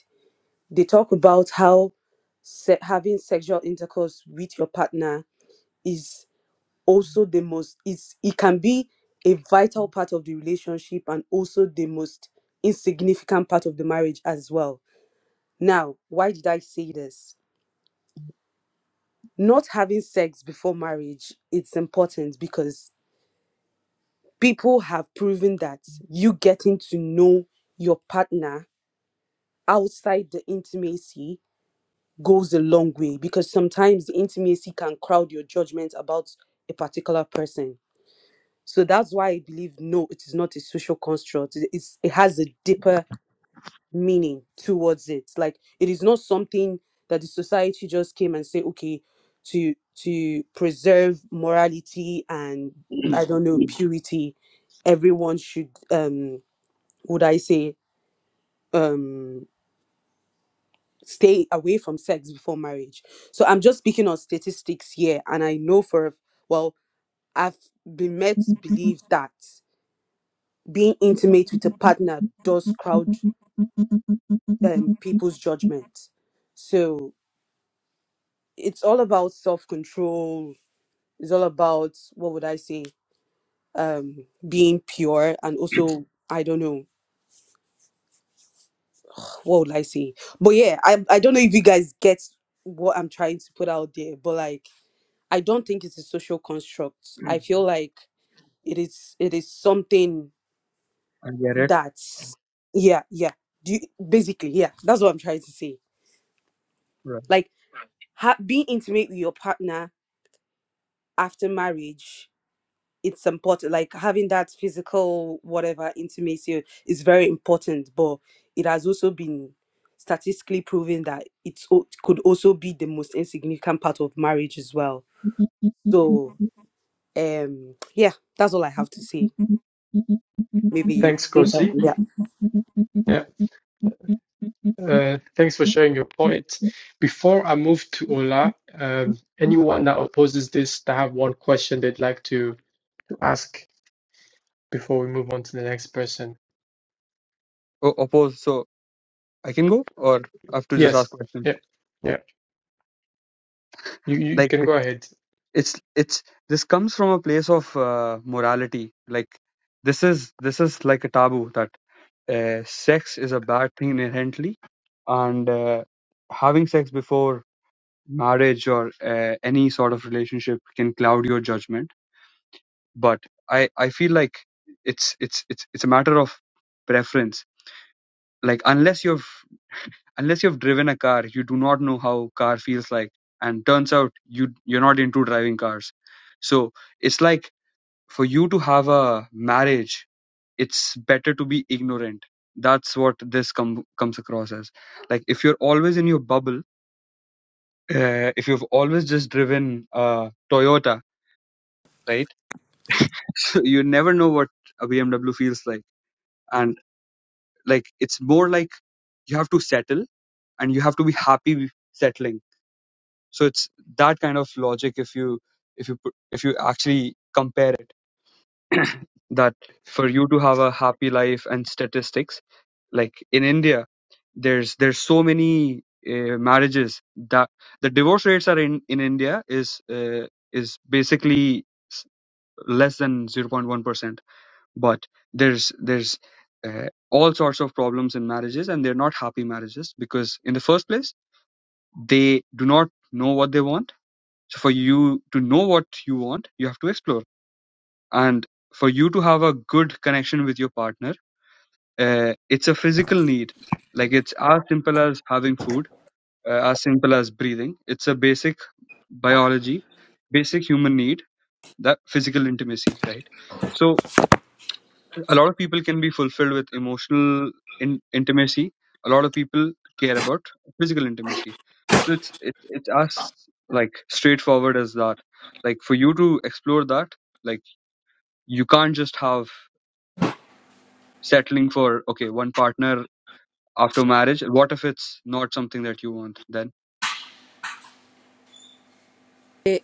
Speaker 6: they talk about how se- having sexual intercourse with your partner is also the most it's it can be a vital part of the relationship and also the most insignificant part of the marriage as well now why did i say this not having sex before marriage it's important because people have proven that you getting to know your partner outside the intimacy goes a long way because sometimes the intimacy can crowd your judgment about a particular person. So that's why I believe no, it is not a social construct. It- It's, it has a deeper meaning towards it. Like it is not something that the society just came and say, okay, to to preserve morality and I don't know purity, everyone should um would I say um stay away from sex before marriage. So I'm just speaking on statistics here, and I know for a- well, I've been made to believe that being intimate with a partner does crowd um, people's judgment. So it's all about self control. It's all about what would I say, um, being pure, and also I don't know what would I say. But yeah, I I don't know if you guys get what I'm trying to put out there, but like I don't think it's a social construct. I
Speaker 5: Mhm.
Speaker 6: feel like it is it is something
Speaker 5: I get it.
Speaker 6: that's yeah yeah do you, basically yeah that's what i'm trying to say
Speaker 5: Right.
Speaker 6: like ha- being intimate with your partner after marriage it's important like having that physical whatever intimacy is very important but it has also been statistically proven that it's, o- it could also be the most insignificant part of marriage as well so um yeah that's all i have to say maybe
Speaker 1: Thanks,
Speaker 6: later
Speaker 1: Kosi.
Speaker 6: yeah
Speaker 1: Yeah. Uh, thanks for sharing your point. Before I move to Ola, um, anyone that opposes this, that have one question they'd like to ask before we move on to the next person.
Speaker 5: Oh, oppose. So I can go, or I have to just ask
Speaker 1: Yes.
Speaker 5: question.
Speaker 1: Yeah. Yeah. You you, you
Speaker 5: Like
Speaker 1: can
Speaker 5: it,
Speaker 1: go ahead.
Speaker 5: it's it's this comes from a place of uh, morality. Like this is this is like a taboo that uh, sex is a bad thing inherently, and uh, having sex before marriage or uh, any sort of relationship can cloud your judgment. but i i feel like it's it's it's it's a matter of preference like unless you've unless you've driven a car you do not know how car feels like and turns out you you're not into driving cars so it's like for you to have a marriage it's better to be ignorant that's what this com- comes across as like if you're always in your bubble uh, if you've always just driven a toyota right you never know what a bmw feels like and like it's more like you have to settle and you have to be happy with settling so it's that kind of logic if you if you put, if you actually compare it that for you to have a happy life and statistics like in india there's there's so many uh, marriages that the divorce rates are in in india is uh, is basically s- less than 0.1% but there's there's uh, all sorts of problems in marriages and they're not happy marriages because in the first place they do not know what they want so for you to know what you want you have to explore and for you to have a good connection with your partner uh, it's a physical need like it's as simple as having food uh, as simple as breathing it's a basic biology basic human need that physical intimacy right so a lot of people can be fulfilled with emotional in- intimacy a lot of people care about physical intimacy so it's it, it's as like straightforward as that like for you to explore that like you can't just have settling for okay one partner after marriage what if it's not something that you want then
Speaker 6: Eh,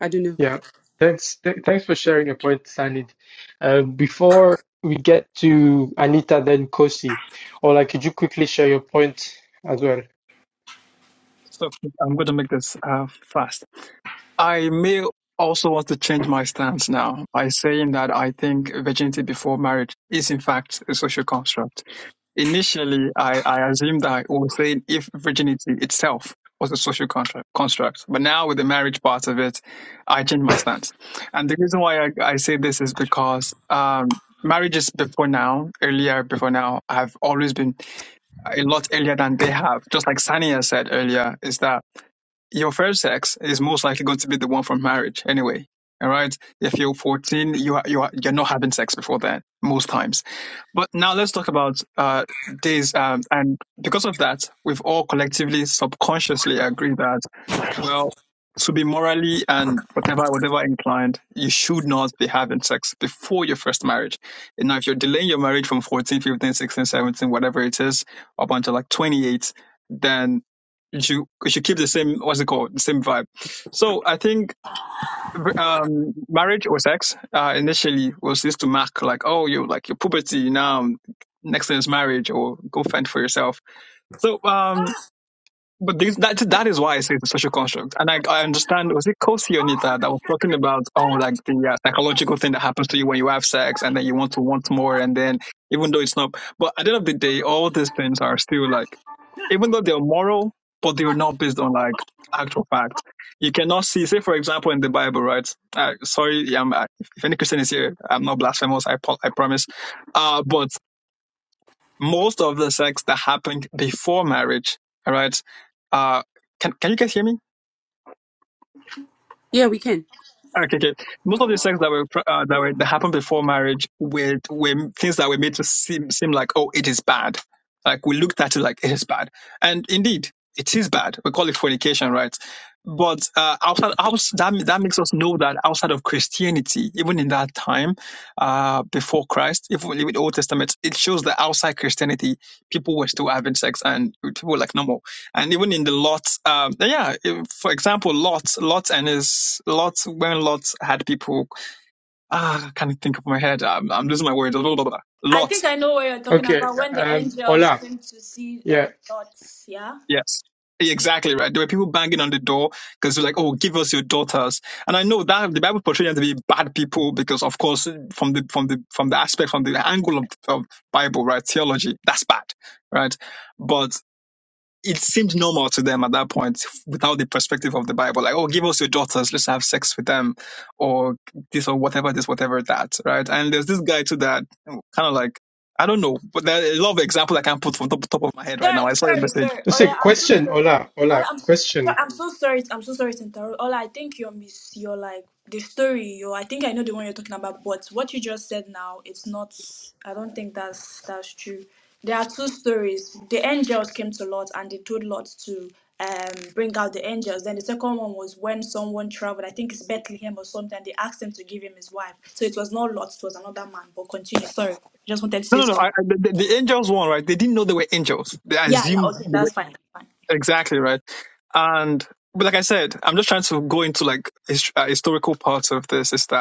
Speaker 6: i don't know
Speaker 1: Yeah. Thanks. Th- thanks for sharing your point, Sanid. Uh, before we get to Anita, then Kosi, Ola, could you quickly share your point as well?
Speaker 4: so i'm going to make this uh, fast I may also want to change my stance now by saying that I think virginity before marriage is in fact a social construct. Initially, I, I assumed that I was saying if virginity itself was a social construct, construct. But now with the marriage part of it, I changed my stance. And the reason why I, I say this is because um, marriages before now, earlier before now, have always been a lot earlier than they have. Just like Sania said earlier, is that your first sex is most likely going to be the one from marriage anyway. All right. If you're 14, you are, you are, you're not having sex before that most times. But now let's talk about uh, days. Um, and because of that, we've all collectively, subconsciously agreed that, well, to be morally and whatever, whatever inclined, you should not be having sex before your first marriage. And now, if you're delaying your marriage from 14, 15, 16, 17, whatever it is, up until like 28, then you should you should keep the same what's it called the same vibe. So I think um, marriage or sex uh, initially was used to mark like oh you like your puberty now next thing is marriage or go fend for yourself. So um, but these, that that is why I say it's a social construct, and I I understand. Was it Kosi Onita that was talking about oh like the uh, psychological thing that happens to you when you have sex, and then you want to want more, and then even though it's not, but at the end of the day, all these things are still like even though they're moral, but they're not based on like actual fact. You cannot see, say for example, in the Bible, right? Uh, sorry, yeah, I'm, uh, if any Christian is here, I'm not blasphemous. I po- I promise. Uh, but most of the sex that happened before marriage, all right? Uh, can, can you guys hear me?
Speaker 6: yeah we can
Speaker 4: Okay, okay. Most of the sex that were pr- uh, that were that happened before marriage were were things that were made to seem seem like oh it is bad, like we looked at it like it is bad, and indeed it is bad. We call it fornication, right? But uh, outside, outs that that makes us know that outside of Christianity, even in that time, uh, before Christ, if we leave it Old Testament, it shows that outside Christianity, people were still having sex and people were like normal and even in the Lot, um, yeah, if- for example, Lot, Lot and his Lot when Lot had people, ah, I can't think of my head. I'm, I'm losing my words. Blah, blah, blah,
Speaker 2: I
Speaker 4: Lot,
Speaker 2: think I know what you're talking
Speaker 1: Okay.
Speaker 2: about when the
Speaker 1: Um,
Speaker 2: angels
Speaker 1: Ola.
Speaker 2: came to see
Speaker 1: Yeah.
Speaker 2: um Lot, yeah?
Speaker 4: yes, exactly right. There were people banging on the door because they're like, "Oh, give us your daughters." And I know that the Bible portrays them to be bad people because, of course, from the from the from the aspect from the angle of, of Bible, right, theology, that's bad, right? But. it seemed normal to them at that point without the perspective of the Bible. Like, oh, give us your daughters, let's have sex with them, or this, or whatever, this, whatever, that, right? And there's this guy too that kind of like, I don't know, but there are a lot of examples I can't put from the top, top of my head right now.
Speaker 2: Sorry,
Speaker 4: I saw your
Speaker 2: sorry,
Speaker 4: message.
Speaker 2: sorry.
Speaker 1: Let's
Speaker 2: Ola,
Speaker 1: say
Speaker 2: I'm so
Speaker 1: question,
Speaker 2: sorry.
Speaker 1: Ola.
Speaker 2: Ola,
Speaker 1: Ola,
Speaker 2: I'm so,
Speaker 1: question.
Speaker 2: I'm so sorry. I'm so sorry, Sentaro. Ola, I think you're miss. You're like the story. You, I think I know the one you're talking about. But what you just said now, it's not. I don't think that's that's true. There are two stories. The angels came to Lot and they told Lot to um bring out the angels. Then the second one was when someone traveled. I think it's Bethlehem or something. They asked him to give him his wife. So it was not Lot. It was another man. But continue. Sorry, just wanted to say
Speaker 4: No, no, no.
Speaker 2: something.
Speaker 4: I, I- the, the angels one, right? They didn't know they were angels. They
Speaker 2: Yeah, yeah.
Speaker 4: assumed
Speaker 2: Okay,
Speaker 4: they were,
Speaker 2: that's fine. That's fine.
Speaker 4: exactly, right? And, but like I said, I'm just trying to go into like his, uh, historical parts of this. Is that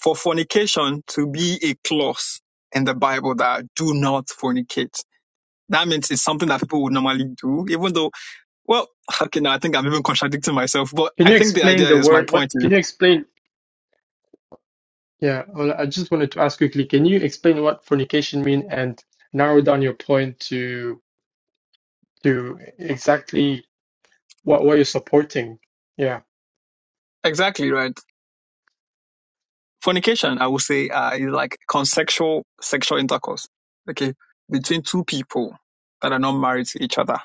Speaker 4: for fornication to be a clause in the Bible that do not fornicate. That means it's something that people would normally do, even though, well, okay, now I think I'm even contradicting myself, but
Speaker 1: Can
Speaker 4: I
Speaker 1: you
Speaker 4: think the
Speaker 1: explain
Speaker 4: idea
Speaker 1: the
Speaker 4: is my
Speaker 1: word?
Speaker 4: point
Speaker 1: What
Speaker 4: is
Speaker 1: can you explain? Yeah, Ola, I just wanted to ask quickly. Can you explain what fornication mean and narrow down your point to? to exactly what what you're supporting. Yeah,
Speaker 4: exactly right. Fornication, I would say, uh, is like consensual sexual intercourse, okay, between two people that are not married to each other.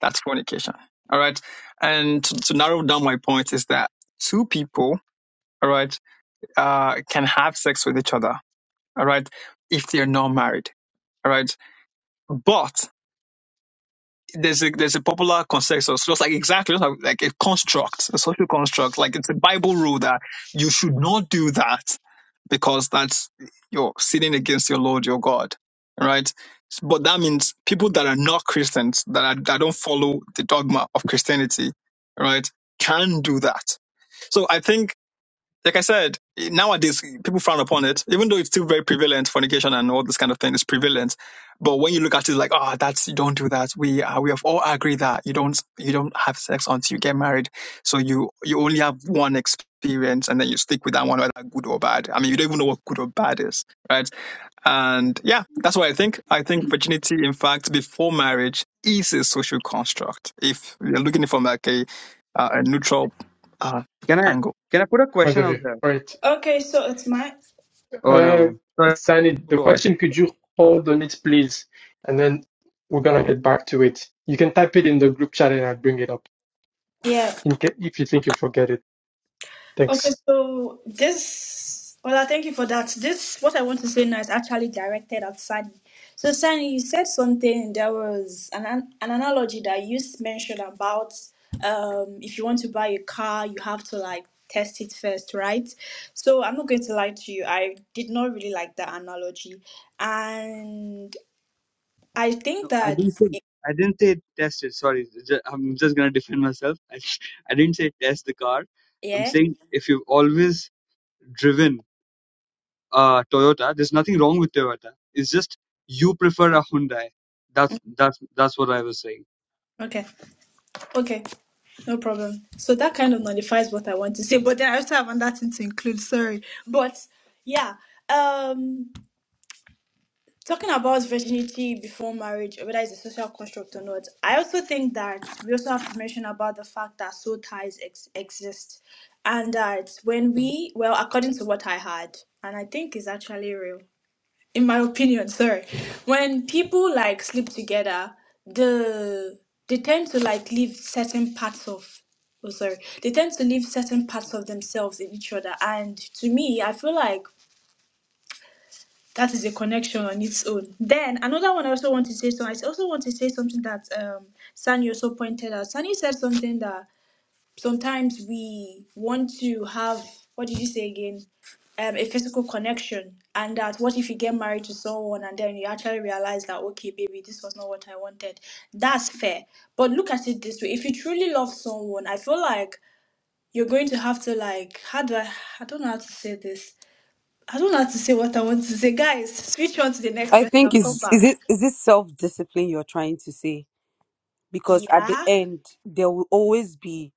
Speaker 4: That's fornication. All right. And to, to narrow down my point is that two people, all right, uh, can have sex with each other all right, if they're not married, all right. But there's a there's a popular consensus, just like exactly just like, like a construct, a social construct, like it's a Bible rule that you should not do that because that's you're sinning against your Lord your God, all right. But that means people that are not Christians, that are, that don't follow the dogma of Christianity, all right, can do that. So I think like I said, nowadays people frown upon it, even though it's still very prevalent. Fornication and all this kind of thing is prevalent, but when you look at it, like, oh, that's you don't do that. We uh, we have all agreed that you don't you don't have sex until you get married. So you you only have one experience, and then you stick with that one, whether good or bad. I mean, you don't even know what good or bad is, right? And yeah, that's what I think. I think virginity, in fact, before marriage, is a social construct. If you're looking from like a uh, a neutral uh,
Speaker 5: can i
Speaker 4: angle.
Speaker 5: can i put a
Speaker 1: point
Speaker 5: question
Speaker 1: of
Speaker 5: out
Speaker 1: view.
Speaker 5: there
Speaker 1: Right.
Speaker 2: Okay, so it's my
Speaker 5: oh never
Speaker 1: Uh,
Speaker 5: mind sorry
Speaker 1: Sani, the
Speaker 5: go on
Speaker 1: question, could you hold on it, please? And then we're gonna get back to it. You can type it in the group chat and I'll bring it up
Speaker 2: yeah.
Speaker 1: in ca- if you think you forget it.
Speaker 2: Okay,
Speaker 1: Thanks.
Speaker 2: so this well, I thank you for that. This what I want to say now is actually directed at Sani. So Sani, you said something. There was an an an analogy that you s- mentioned about um if you want to buy a car, you have to like test it first, right? So I'm not going to lie to you. I did not really like that analogy, and I think
Speaker 5: No, I
Speaker 2: that
Speaker 5: didn't say. I didn't say test it. Sorry, ju- I'm just gonna defend myself. I, I didn't say test the car. I'm
Speaker 2: yeah.
Speaker 5: saying if you've always driven a Toyota, there's nothing wrong with Toyota. It's just you prefer a Hyundai. That's that's that's what I was saying.
Speaker 2: Okay. Okay. No problem. So that kind of nullifies what I want to say, but then I also have another thing to include. Sorry, but yeah. Um, talking about virginity before marriage, whether it's a social construct or not, I also think that we also have to mention about the fact that soul ties ex- exist, and that when we, well, according to what I heard, and I think is actually real in my opinion, sorry, when people like sleep together, the they tend to like leave certain parts of oh sorry, they tend to leave certain parts of themselves in each other. And to me, I feel like that is a connection on its own. Then another one I also want to say so I also want to say something that um Sani also pointed out. Sani said something that sometimes we want to have what did you say again um, a physical connection and that what if you get married to someone and then you actually realize that okay baby this was not what i wanted that's fair but look at it this way if you truly love someone i feel like you're going to have to like how do i i don't know how to say this i don't know how to say what i want to say guys switch on to the next
Speaker 6: I
Speaker 2: person and
Speaker 6: think
Speaker 2: come
Speaker 6: is is
Speaker 2: back
Speaker 6: it is this self discipline you're trying to say? Because at the
Speaker 2: yeah
Speaker 6: end, there will always be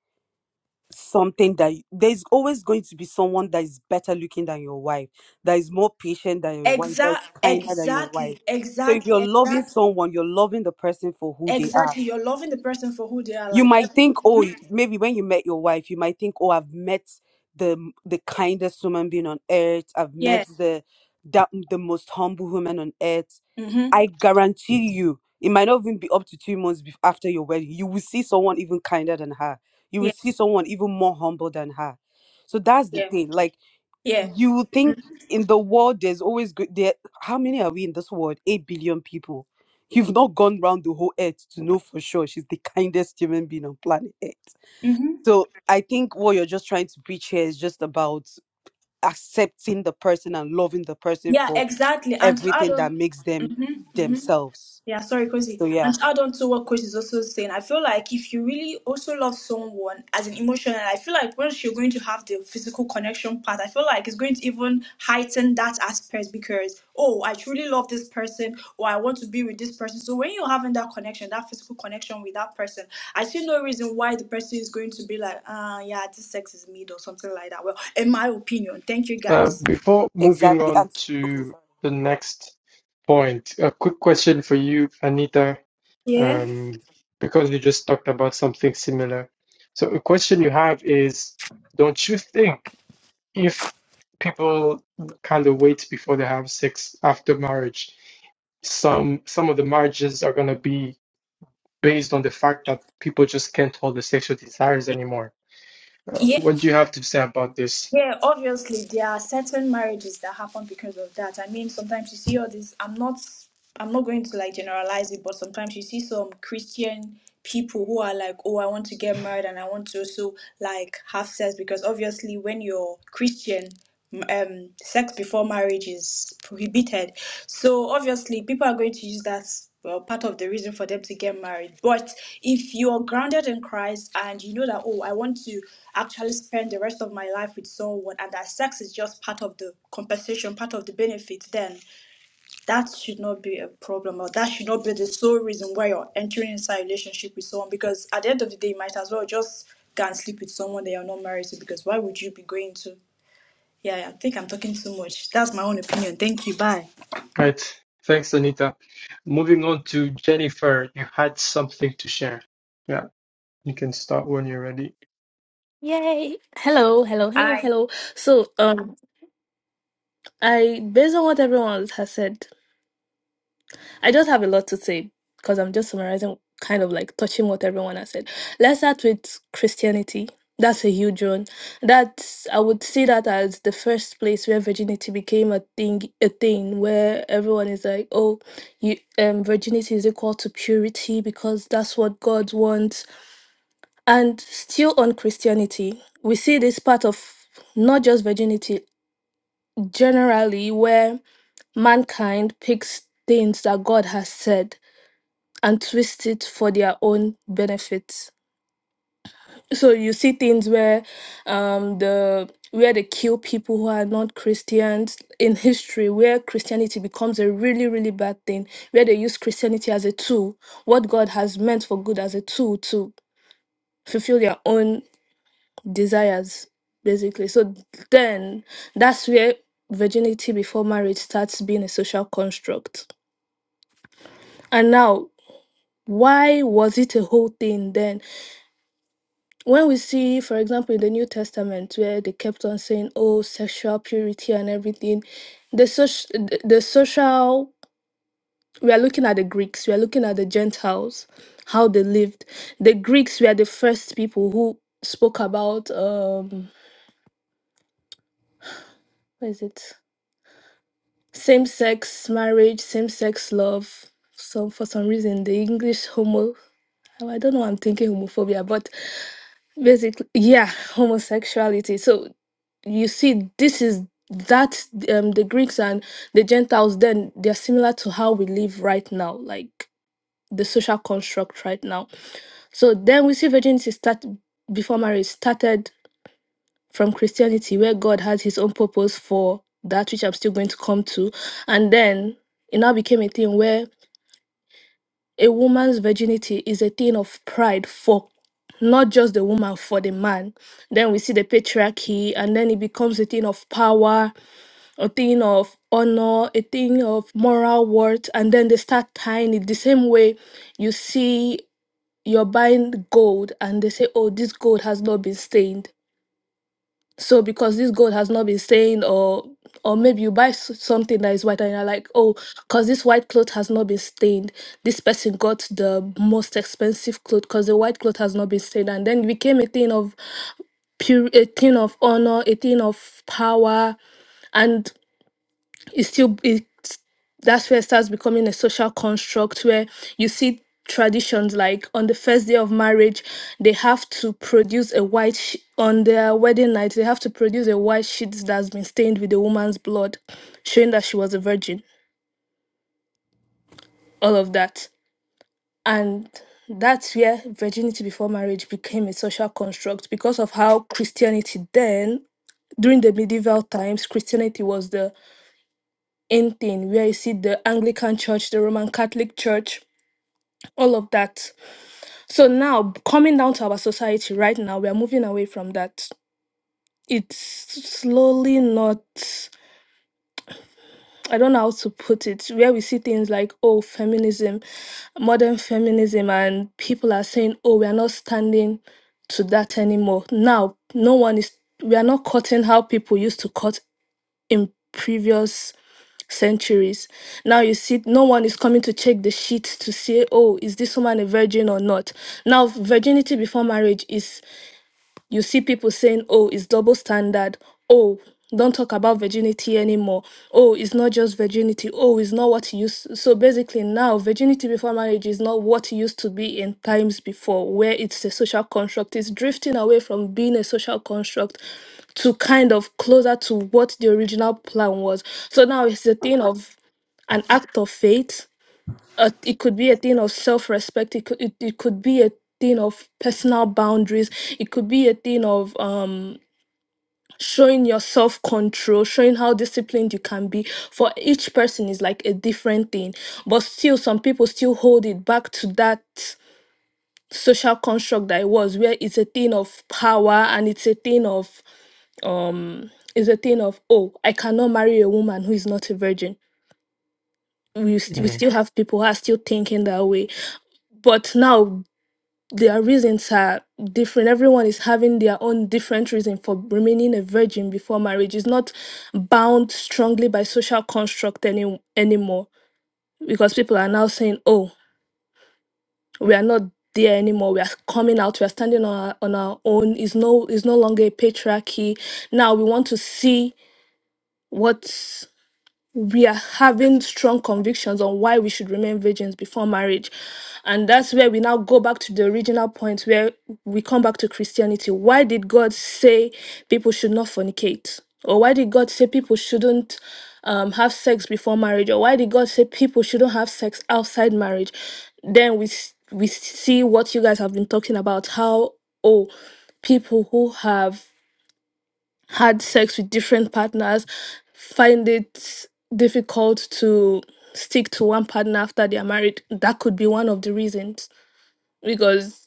Speaker 6: something that you- there's always going to be someone that is better looking than your wife, that is more patient than your wife, that
Speaker 2: exact
Speaker 6: is kinder than your
Speaker 2: exactly
Speaker 6: wife. So if
Speaker 2: exactly
Speaker 6: you're loving
Speaker 2: exactly
Speaker 6: someone, you're loving the person for who they are.
Speaker 2: Exactly, you're loving the person for who they are.
Speaker 6: You
Speaker 2: Like,
Speaker 6: might think, oh, y- maybe when you met your wife, you might think, oh, I've met the m- the kindest human being on earth. I've met
Speaker 2: yeah,
Speaker 6: the that, the most humble woman on earth
Speaker 2: mm-hmm,
Speaker 6: I guarantee you, it might not even be up to two months bef- after your wedding. You will see someone even kinder than her. You will
Speaker 2: yeah,
Speaker 6: see someone even more humble than her. So that's the
Speaker 2: yeah,
Speaker 6: thing. Like
Speaker 2: yeah,
Speaker 6: you will think in the world, there's always good. There, how many are we in this world? Eight billion people. You've not gone round the whole earth to know for sure she's the kindest human being on planet Earth.
Speaker 2: mm-hmm,
Speaker 6: So I think what you're just trying to preach here is just about accepting the person and loving the person
Speaker 2: yeah,
Speaker 6: for
Speaker 2: exactly. And to add
Speaker 6: everything that
Speaker 2: on,
Speaker 6: makes them
Speaker 2: mm-hmm, mm-hmm.
Speaker 6: themselves.
Speaker 2: Yeah, sorry, Kosi.
Speaker 6: So
Speaker 2: And
Speaker 6: yeah,
Speaker 2: to add on to what Coach is also saying, I feel like if you really also love someone as an emotional, I feel like once you're going to have the physical connection part, I feel like it's going to even heighten that aspect because, oh, I truly love this person or I want to be with this person. So when you're having that connection, that physical connection with that person, I see no reason why the person is going to be like, ah, yeah, this sex is mid or something like that. Well, in my opinion, thank you
Speaker 1: Uh,
Speaker 2: guys.
Speaker 1: before moving
Speaker 6: exactly.
Speaker 1: on
Speaker 6: And okay,
Speaker 1: to
Speaker 6: sorry.
Speaker 1: the next point, a quick question for you, Anita,
Speaker 2: Yeah.
Speaker 1: um, because you just talked about something similar. So a question you have is, don't you think? if people kind of wait before they have sex after marriage, some some of the marriages are going to be based on the fact that people just can't hold the sexual desires anymore. Uh,
Speaker 2: Yeah.
Speaker 1: what do you have to say about this?
Speaker 2: Yeah, obviously there are certain marriages that happen because of that. I mean, sometimes you see all this. I'm not, I'm not going to like generalize it, but sometimes you see some Christian people who are like, "Oh, I want to get married and I want to also like have sex," because obviously when you're Christian, um sex before marriage is prohibited so obviously people are going to use that well part of the reason for them to get married but if you're grounded in christ and you know that oh i want to actually spend the rest of my life with someone and that sex is just part of the compensation part of the benefit then that should not be a problem or that should not be the sole reason why you're entering into a relationship with someone because at the end of the day you might as well just go and sleep with someone that you're not married to because why would you be going to yeah, yeah, I think I'm talking too much. That's my own opinion. Thank you. Bye.
Speaker 1: Right. Thanks, Anita. Moving on to Jennifer, you had something to share. Yeah, you can start when you're ready.
Speaker 7: Yay! Hello, hello, hello,
Speaker 2: Hi.
Speaker 7: hello. So, um, I based on what everyone else has said, I just have a lot to say because I'm just summarizing, kind of like touching what everyone has said. Let's start with Christianity. That's a huge one. That's I would see that as the first place where virginity became a thing, a thing where everyone is like, oh, you, um, virginity is equal to purity because that's what God wants. And still on Christianity, we see this part of not just virginity generally where mankind picks things that God has said and twists it for their own benefits. So you see things where um the where they kill people who are not Christians in history, where Christianity becomes a really, really bad thing, where they use Christianity as a tool, what God has meant for good as a tool to fulfill their own desires basically so then that's where virginity before marriage starts being a social construct and now why was it a whole thing then when we see for example in the new testament where they kept on saying oh sexual purity and everything the social the the social we are looking at the greeks we are looking at the gentiles how they lived the greeks were the first people who spoke about um what is it Same sex marriage, same sex love. So for some reason, the English homo. I don't know. why I'm thinking homophobia, but basically, yeah, homosexuality. So you see, this is that um the Greeks and the Gentiles. Then they're similar to how we live right now, like the social construct right now. So then we see virginity start before marriage started from Christianity, where God had his own purpose for that, which I'm still going to come to. And then it now became a thing where a woman's virginity is a thing of pride for not just the woman, for the man. Then we see the patriarchy, and then it becomes a thing of power, a thing of honor, a thing of moral worth. And then they start tying it the same way you see you're buying gold, and they say, Oh, this gold has not been stained so because this gold has not been stained or or maybe you buy s- something that is white and you're like oh because this white cloth has not been stained this person got the most expensive cloth because the white cloth has not been stained and then it became a thing of pure a thing of honor a thing of power and it still it that's where it starts becoming a social construct where you see traditions like on the first day of marriage they have to produce a white sh- on their wedding night they have to produce a white sheet that's been stained with the woman's blood showing that she was a virgin all of that and that's where virginity before marriage became a social construct because of how christianity then during the medieval times christianity was the anything where you see the Anglican Church, the Roman Catholic Church, all of that. So now coming down to our society right now, we are moving away from that. It's slowly not I don't know how to put it, where we see things like, oh, feminism, modern feminism, and people are saying, oh, we are not standing to that anymore. Now, no one is, we are not cutting how people used to cut in previous centuries. Now you see, no one is coming to check the sheet to say, oh, is this woman a virgin or not? Now, virginity before marriage is you see people saying, oh, it's double standard. Oh, don't talk about virginity anymore. Oh, it's not just virginity. Oh, it's not what it used. So basically, now virginity before marriage is not what it used to be in times before, where it's a social construct. It's drifting away from being a social construct to kind of closer to what the original plan was. So now it's a thing of an act of faith uh, it could be a thing of self-respect it could, it, it could be a thing of personal boundaries it could be a thing of um showing your self-control showing how disciplined you can be for each person is like a different thing but still some people still hold it back to that social construct that it was where it's a thing of power and it's a thing of um it's a thing of oh i cannot marry a woman who is not a virgin we, st- we
Speaker 1: Mm.
Speaker 7: still have people who are still thinking that way but now their reasons are different. Everyone is having their own different reason for remaining a virgin before marriage. It's not bound strongly by social construct any anymore because people are now saying, "Oh, we are not there anymore. We are coming out. We are standing on our, on our own. It's no it's no longer a patriarchy. Now we want to see what." we are having strong convictions on why we should remain virgins before marriage. And that's where we now go back to the original point where we come back to Christianity. Why did God say people should not fornicate? Or why did God say people shouldn't um, have sex before marriage? Or why did God say people shouldn't have sex outside marriage? Then we, s- we see what you guys have been talking about how, oh, people who have had sex with different partners find it difficult to stick to one partner after they are married that could be one of the reasons because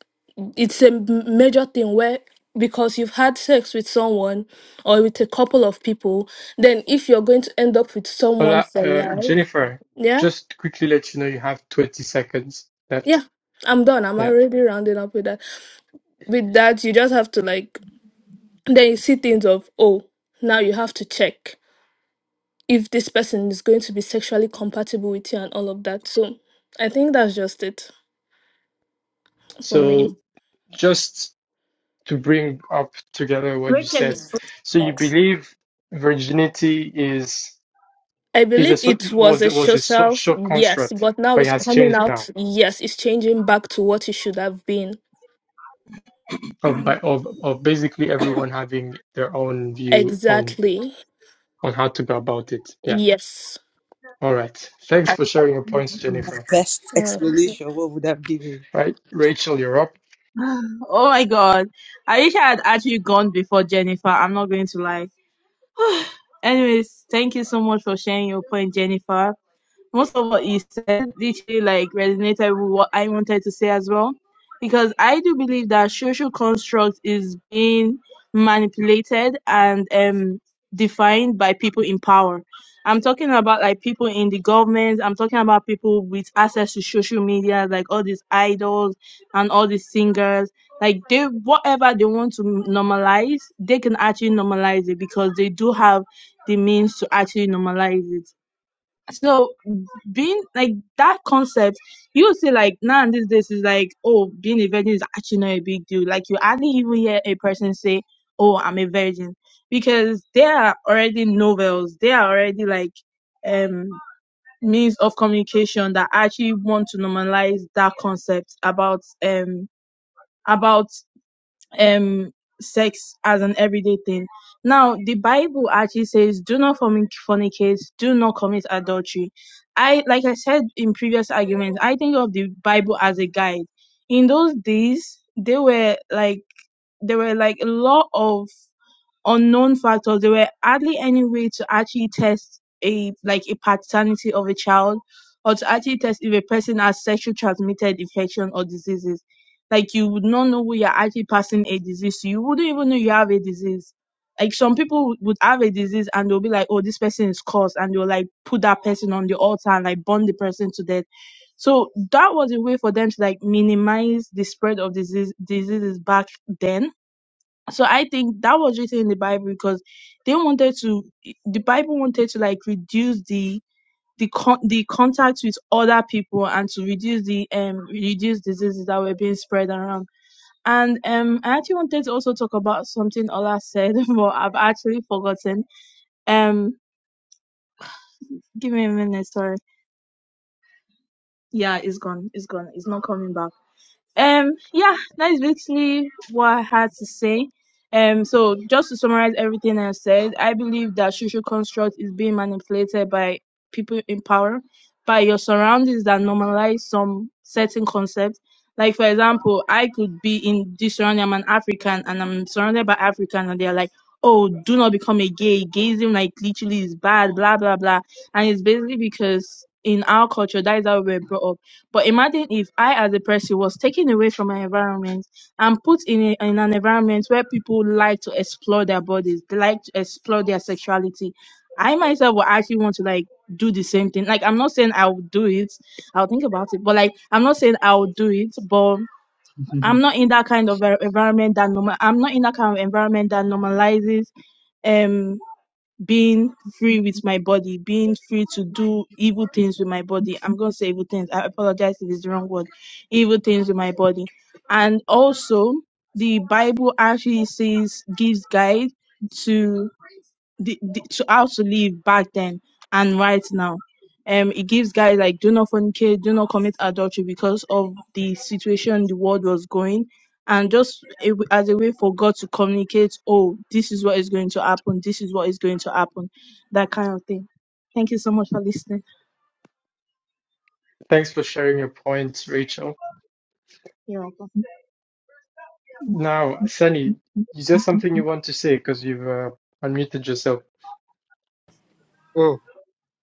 Speaker 7: it's a m- major thing where because you've had sex with someone or with a couple of people then if you're going to end up with someone
Speaker 1: Hola,
Speaker 7: for
Speaker 1: uh,
Speaker 7: life
Speaker 1: Jennifer,
Speaker 7: yeah
Speaker 1: just quickly let you know you have 20 seconds left.
Speaker 7: yeah i'm done i'm
Speaker 1: Yeah.
Speaker 7: already rounding up with that with that you just have to like then you see things of oh now you have to check if this person is going to be sexually compatible with you and all of that. So I think that's just it for me.
Speaker 1: So just to bring up together what you
Speaker 2: Rachel
Speaker 1: said.
Speaker 2: is
Speaker 1: So you
Speaker 2: next.
Speaker 1: believe virginity is
Speaker 7: I
Speaker 1: is a
Speaker 7: believe
Speaker 1: so-
Speaker 7: it was
Speaker 1: was
Speaker 7: a
Speaker 1: was a so-
Speaker 7: social,
Speaker 1: short
Speaker 7: yes,
Speaker 1: construct,
Speaker 7: but now
Speaker 1: but it
Speaker 7: it's
Speaker 1: has
Speaker 7: coming
Speaker 1: changed now
Speaker 7: out, yes, it's changing back to what it should have been.
Speaker 1: of by of of basically everyone having their own view on
Speaker 7: Exactly.
Speaker 1: on how to go about it. Yeah.
Speaker 7: Yes.
Speaker 1: All right. Thanks for sharing your points,
Speaker 6: The
Speaker 1: Jennifer.
Speaker 6: best
Speaker 7: Mm,
Speaker 6: explanation what would i give given?
Speaker 1: Right, Rachel, you're up.
Speaker 8: Oh my God. I wish I had actually gone before Jennifer. I'm not going to lie. Anyways, thank you so much for sharing your point, Jennifer most of what you said literally like resonated with what I wanted to say as well. Because I do believe that social construct is being manipulated and um defined by people in power. I'm talking about like people in the government, I'm talking about people with access to social media, like all these idols and all these singers. Like they whatever they want to normalize, they can actually normalize it because they do have the means to actually normalize it so being like that concept you see like now and these days is like oh being a virgin is actually not a big deal like you hardly even hear a person say oh i'm a virgin because there are already novels there are already like um means of communication that actually want to normalize that concept about um about um sex as an everyday thing. Now, the Bible actually says, "Do not fornic- fornicate, do not commit adultery." I, like I said in previous arguments, I think of the Bible as a guide. In those days, they were like there were like a lot of unknown factors. There were hardly any way to actually test a like a paternity of a child or to actually test if a person has sexually transmitted infection or diseases. Like you would not know who you're actually passing a disease to. You wouldn't even know you have a disease. Like some people would would have a disease and they'll be like, oh, this person is cursed, and they'll like put that person on the altar and like burn the person to death. So that was a way for them to like minimize the spread of disease diseases back then so i think that was written in the bible because they wanted to the bible wanted to like reduce the the con- the contact with other people and to reduce the um reduce diseases that were being spread around and um i actually wanted to also talk about something ola said but i've actually forgotten um give me a minute sorry yeah it's gone it's gone it's not coming back Um, yeah, that is basically what I had to say. Um, so just to summarize everything I said, I believe that social construct is being manipulated by people in power, by your surroundings that normalize some certain concept. Like for example, I could be in this surrounding. I'm an African, and I'm surrounded by African, and they're like, "Oh, do not become a gay. Gayism, like, literally is bad." Blah blah blah. And it's basically because in our culture, that is how we were brought up but imagine if I, as a person, was taken away from my environment and put in, a, in an environment where people like to explore their bodies, they like to explore their sexuality. I myself will actually want to like do the same thing. Like, I'm not saying I'll do it, I'll think about it, but like, I'm not saying I'll do it, but I'm
Speaker 5: Mhm.
Speaker 8: not in that kind of e- environment that normal, I'm not in that kind of environment that normalizes. Um being free with my body, being free to do evil things with my body. I'm going to say evil things. I apologize if it's the wrong word. Evil things with my body. And also, the Bible actually says, gives guide to the, the to how to live back then and right now. Um, it gives guys like do not fornicate, do not commit adultery because of the situation the world was going, and just a w- as a way for God to communicate, oh, this is what is going to happen, this is what is going to happen, that kind of thing. Thank you so much for listening.
Speaker 1: Thanks for sharing your points, Rachel.
Speaker 8: You're welcome.
Speaker 1: Now, Sunny, is there something you want to say? Because you've uh, unmuted yourself.
Speaker 5: oh,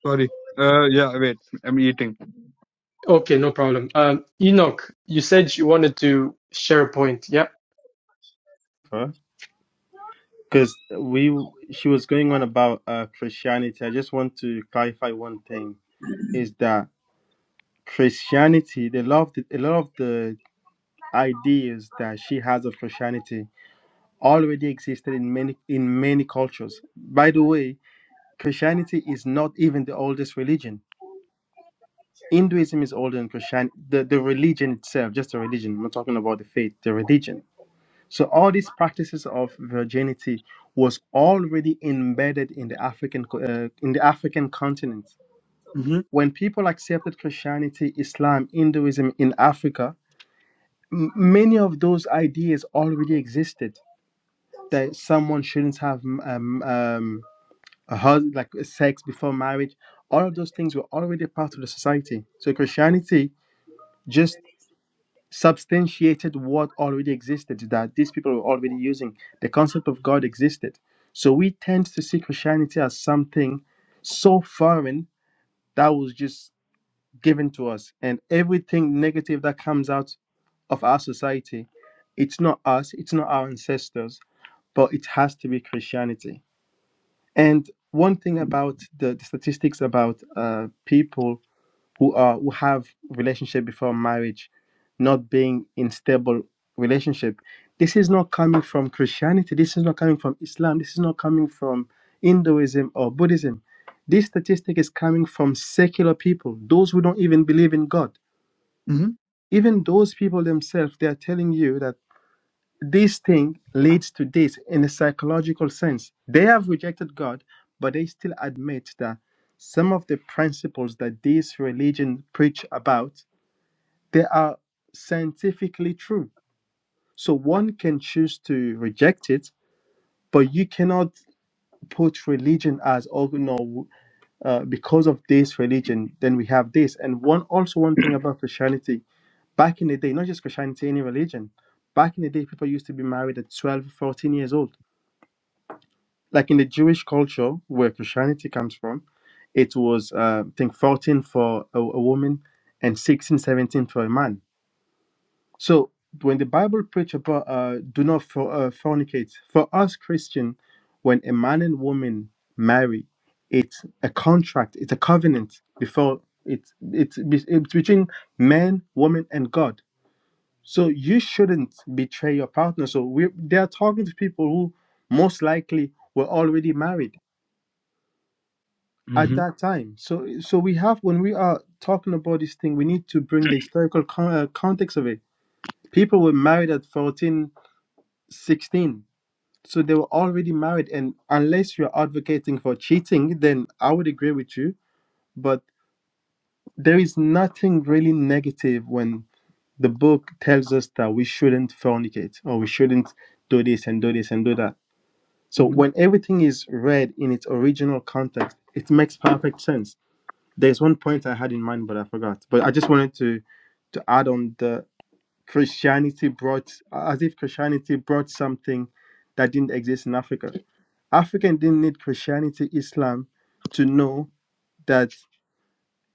Speaker 5: sorry. Uh, yeah. Wait, I'm eating.
Speaker 1: Okay, no problem. Um, Enoch, you said you wanted to share a point. Yep.
Speaker 3: Because we, she was going on about uh, Christianity. I just want to clarify one thing: is that Christianity, a lot of the, a lot of the ideas that she has of Christianity already existed in many in many cultures. By the way, Christianity is not even the oldest religion. Hinduism is older than Christianity. The, the religion itself, just the religion. I'm not talking about the faith, the religion. So all these practices of virginity was already embedded in the African co- uh, in the African continent.
Speaker 5: hmm
Speaker 3: When people accepted Christianity, Islam, Hinduism in Africa, m- many of those ideas already existed that someone shouldn't have um, um, a hus- like sex before marriage. All of those things were already part of the society. So Christianity just substantiated what already existed that these people were already using. The concept of God existed. So we tend to see Christianity as something so foreign that was just given to us, and everything negative that comes out of our society, it's not us, it's not our ancestors, but it has to be Christianity And one thing about the, the statistics about uh, people who are who have relationship before marriage, not being in stable relationship, this is not coming from Christianity. This is not coming from Islam. This is not coming from Hinduism or Buddhism. This statistic is coming from secular people, those who don't even believe in God.
Speaker 5: hmm
Speaker 3: Even those people themselves, they are telling you that this thing leads to this in a psychological sense. They have rejected God, but they still admit that some of the principles that this religion preach about, they are scientifically true. So one can choose to reject it, but you cannot put religion as oh no, uh, because of this religion, then we have this. And one also one thing about Christianity, back in the day, not just Christianity, any religion, back in the day, people used to be married at 12, 14 years old like in the Jewish culture where Christianity comes from, it was uh, I think 14 for a, a woman and 16, 17 for a man. So when the Bible preach about uh, do not for, uh, fornicate, for us Christian, when a man and woman marry, it's a contract, it's a covenant before it's it's, be- it's between man, woman, and God. So you shouldn't betray your partner. So we they are talking to people who most likely were already married at
Speaker 5: hmm
Speaker 3: that time. So, so we have when we are talking about this thing, we need to bring the historical con- uh, context of it. People were married at 14, 16, So they were already married, and unless you're advocating for cheating, then I would agree with you. But there is nothing really negative when the book tells us that we shouldn't fornicate or we shouldn't do this and do this and do that. So
Speaker 5: hmm
Speaker 3: when everything is read in its original context, it makes perfect sense There's one point I had in mind, but I forgot. But I just wanted to to add on the Christianity brought as if Christianity brought something that didn't exist in Africa. African didn't need Christianity, Islam to know that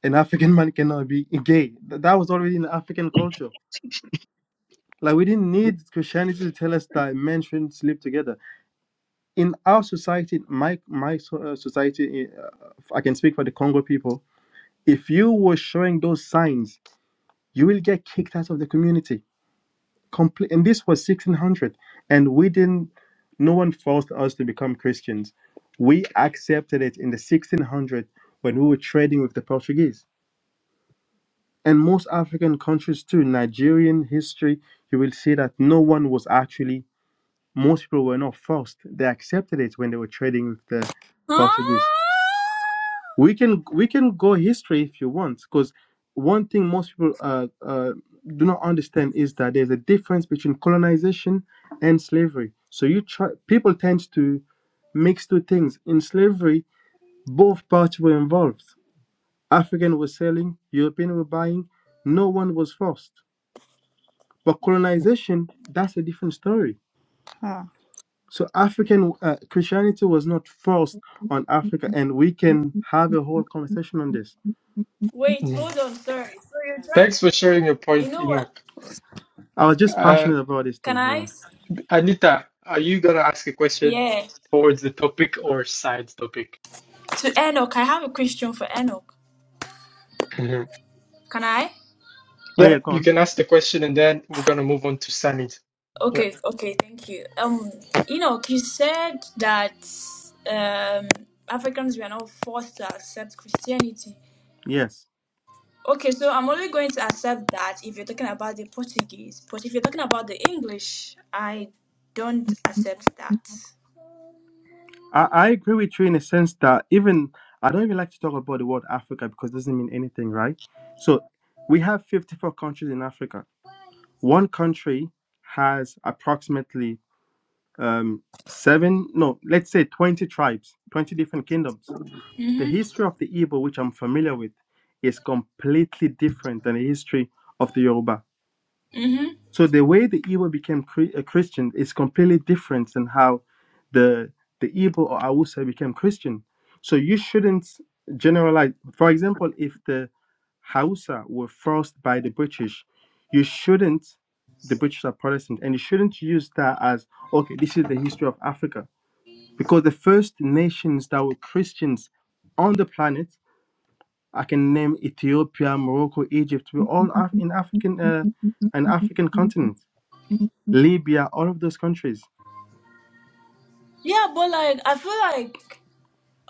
Speaker 3: an African man cannot be gay. Th- That was already in African culture. Like we didn't need Christianity to tell us that men shouldn't sleep together. In our society, my my so- uh, society, uh, I can speak for the Congo people. If you were showing those signs you will get kicked out of the community. Complete, and this was 1600, and we didn't. No one forced us to become Christians. We accepted it in the 1600 when we were trading with the Portuguese. And most African countries too, Nigerian history, you will see that no one was actually. Most people were not forced. They accepted it when they were trading with the Portuguese. we can we can go history if you want because one thing most people uh, uh, do not understand is that there's a difference between colonization and slavery so you try people tend to mix two things in slavery both parties were involved african was selling european were buying no one was forced but colonization that's a different story
Speaker 9: Huh.
Speaker 3: so african uh, christianity was not forced on africa and we can have a whole conversation on this
Speaker 2: Wait,
Speaker 1: Mm.
Speaker 2: hold on. Sorry. So you're trying.
Speaker 1: Thanks for sharing your
Speaker 2: You
Speaker 1: point,
Speaker 2: know what?
Speaker 1: Enoch.
Speaker 3: I was just
Speaker 1: Uh,
Speaker 3: passionate about this
Speaker 2: Can
Speaker 3: thing. hold
Speaker 2: I?
Speaker 3: on.
Speaker 2: s-
Speaker 1: Anita, are you gonna ask a question
Speaker 2: Yeah.
Speaker 1: towards the topic or side topic?
Speaker 2: To Enoch, I have a question for Enoch.
Speaker 1: hmm
Speaker 2: Can I?
Speaker 3: Oh
Speaker 1: Yeah,
Speaker 3: yeah, go
Speaker 1: you
Speaker 3: on.
Speaker 1: can ask the question and then we're gonna move on to Sanit. Yeah.
Speaker 2: Okay. Okay. Thank you. Um, Enoch, you said that um Africans were not forced to accept Christianity.
Speaker 3: Yes,
Speaker 2: Okay, so I'm only going to accept that if you're talking about the Portuguese, but if you're talking about the English, I don't accept that.
Speaker 3: I, I agree with you in a sense that even I don't even like to talk about the word Africa because it doesn't mean anything, right? So we have fifty four countries in Africa. One country has approximately um, seven, no, let's say twenty tribes, twenty different kingdoms. The
Speaker 2: Mhm.
Speaker 3: history of the Igbo, which I'm familiar with, is completely different than the history of the Yoruba.
Speaker 2: Mhm.
Speaker 3: So the way the Igbo became cre- a Christian is completely different than how the the Igbo or Hausa became Christian. So you shouldn't generalize. For example, if the Hausa were forced by the British, you shouldn't. The British are Protestant, and you shouldn't use that as okay. This is the history of Africa because the first nations that were Christians on the planet, I can name Ethiopia, Morocco, Egypt. We're all Af- in African, uh, an African continent. Libya, all of those countries.
Speaker 2: Yeah, but like I feel like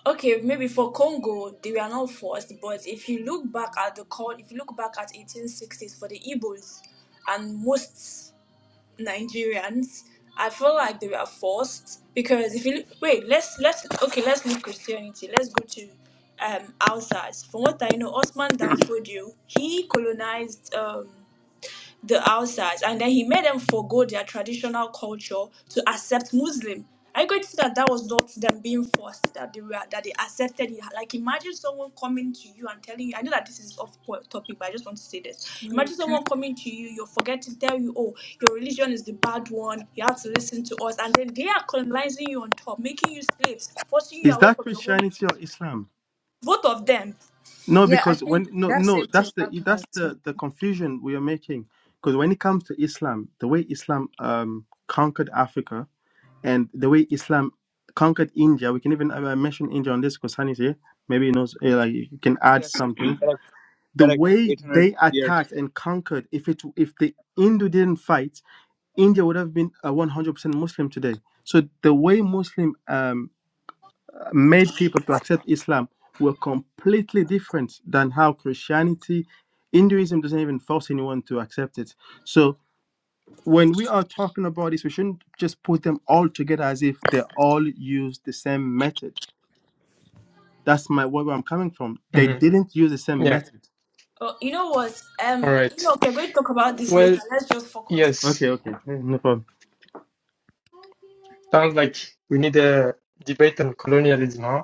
Speaker 2: okay, maybe for Congo they were not forced, but if you look back at the call, if you look back at 1860s for the Igbos and most Nigerians, I feel like they were forced because if you wait, let's let's okay, let's leave Christianity. Let's go to um outsiders. From what I know, Osman Danfodio, he colonized. Um, the outside, and then he made them forgo their traditional culture to accept Muslim. Are you going to see that that was not them being forced that they were that they accepted it? Like imagine someone coming to you and telling you. I know that this is off po- topic, but I just want to say this.
Speaker 9: Wait,
Speaker 2: Imagine
Speaker 9: can I?
Speaker 2: someone coming to you, you're forgetting, tell you, oh, your religion is the bad one. You have to listen to us, and then they are colonizing you on top, making you slaves, forcing you
Speaker 3: Is
Speaker 2: away
Speaker 3: that
Speaker 2: from your home.
Speaker 3: Christianity or Islam?
Speaker 2: Both of them.
Speaker 3: No,
Speaker 9: Yeah, I
Speaker 3: because
Speaker 9: think
Speaker 3: when no
Speaker 9: that same
Speaker 3: no
Speaker 9: thing
Speaker 3: that's the
Speaker 9: happened.
Speaker 3: that's
Speaker 9: So,
Speaker 3: the the confusion we are making. Because when it comes to Islam, the way Islam um conquered Africa and the way Islam conquered India, we can even uh, mention India on this because Sunny's here. Maybe he knows uh, like you can add
Speaker 5: Yes,
Speaker 3: something.
Speaker 5: correct.
Speaker 3: The
Speaker 5: Correct.
Speaker 3: way
Speaker 5: Eight hundred
Speaker 3: they
Speaker 5: years.
Speaker 3: attacked and conquered, if it if the Hindu didn't fight, India would have been a 100% Muslim today. So the way Muslim um made people to accept Islam were completely different than how Christianity, Hinduism doesn't even force anyone to accept it. So when we are talking about this, we shouldn't just put them all together as if they all use the same method. That's my where I'm coming from. They
Speaker 1: hmm
Speaker 3: didn't use the same
Speaker 1: Yeah.
Speaker 3: method.
Speaker 2: Oh, you know what? Um,
Speaker 1: All
Speaker 2: you know,
Speaker 1: right.
Speaker 2: okay, we're going to talk about this
Speaker 1: Well,
Speaker 2: later. Let's just focus.
Speaker 3: Okay,
Speaker 1: yes.
Speaker 3: okay, eh, no problem.
Speaker 1: Sounds like we need a debate on colonialism, huh?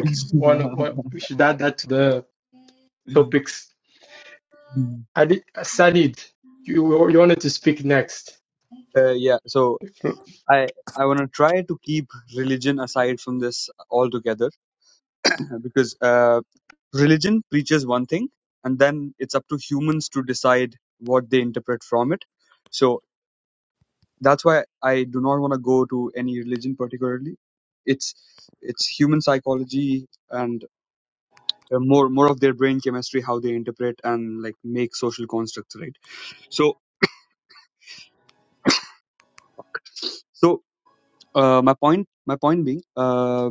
Speaker 1: one, one we should add that to the topics Ali, Sanid, you, you wanted to speak next.
Speaker 5: uh, yeah. So I I want to try to keep religion aside from this altogether, because uh, religion preaches one thing, and then it's up to humans to decide what they interpret from it. So that's why I do not want to go to any religion particularly. It's it's human psychology and uh, more more of their brain chemistry, how they interpret and like make social constructs, right? So so uh, my point my point being uh,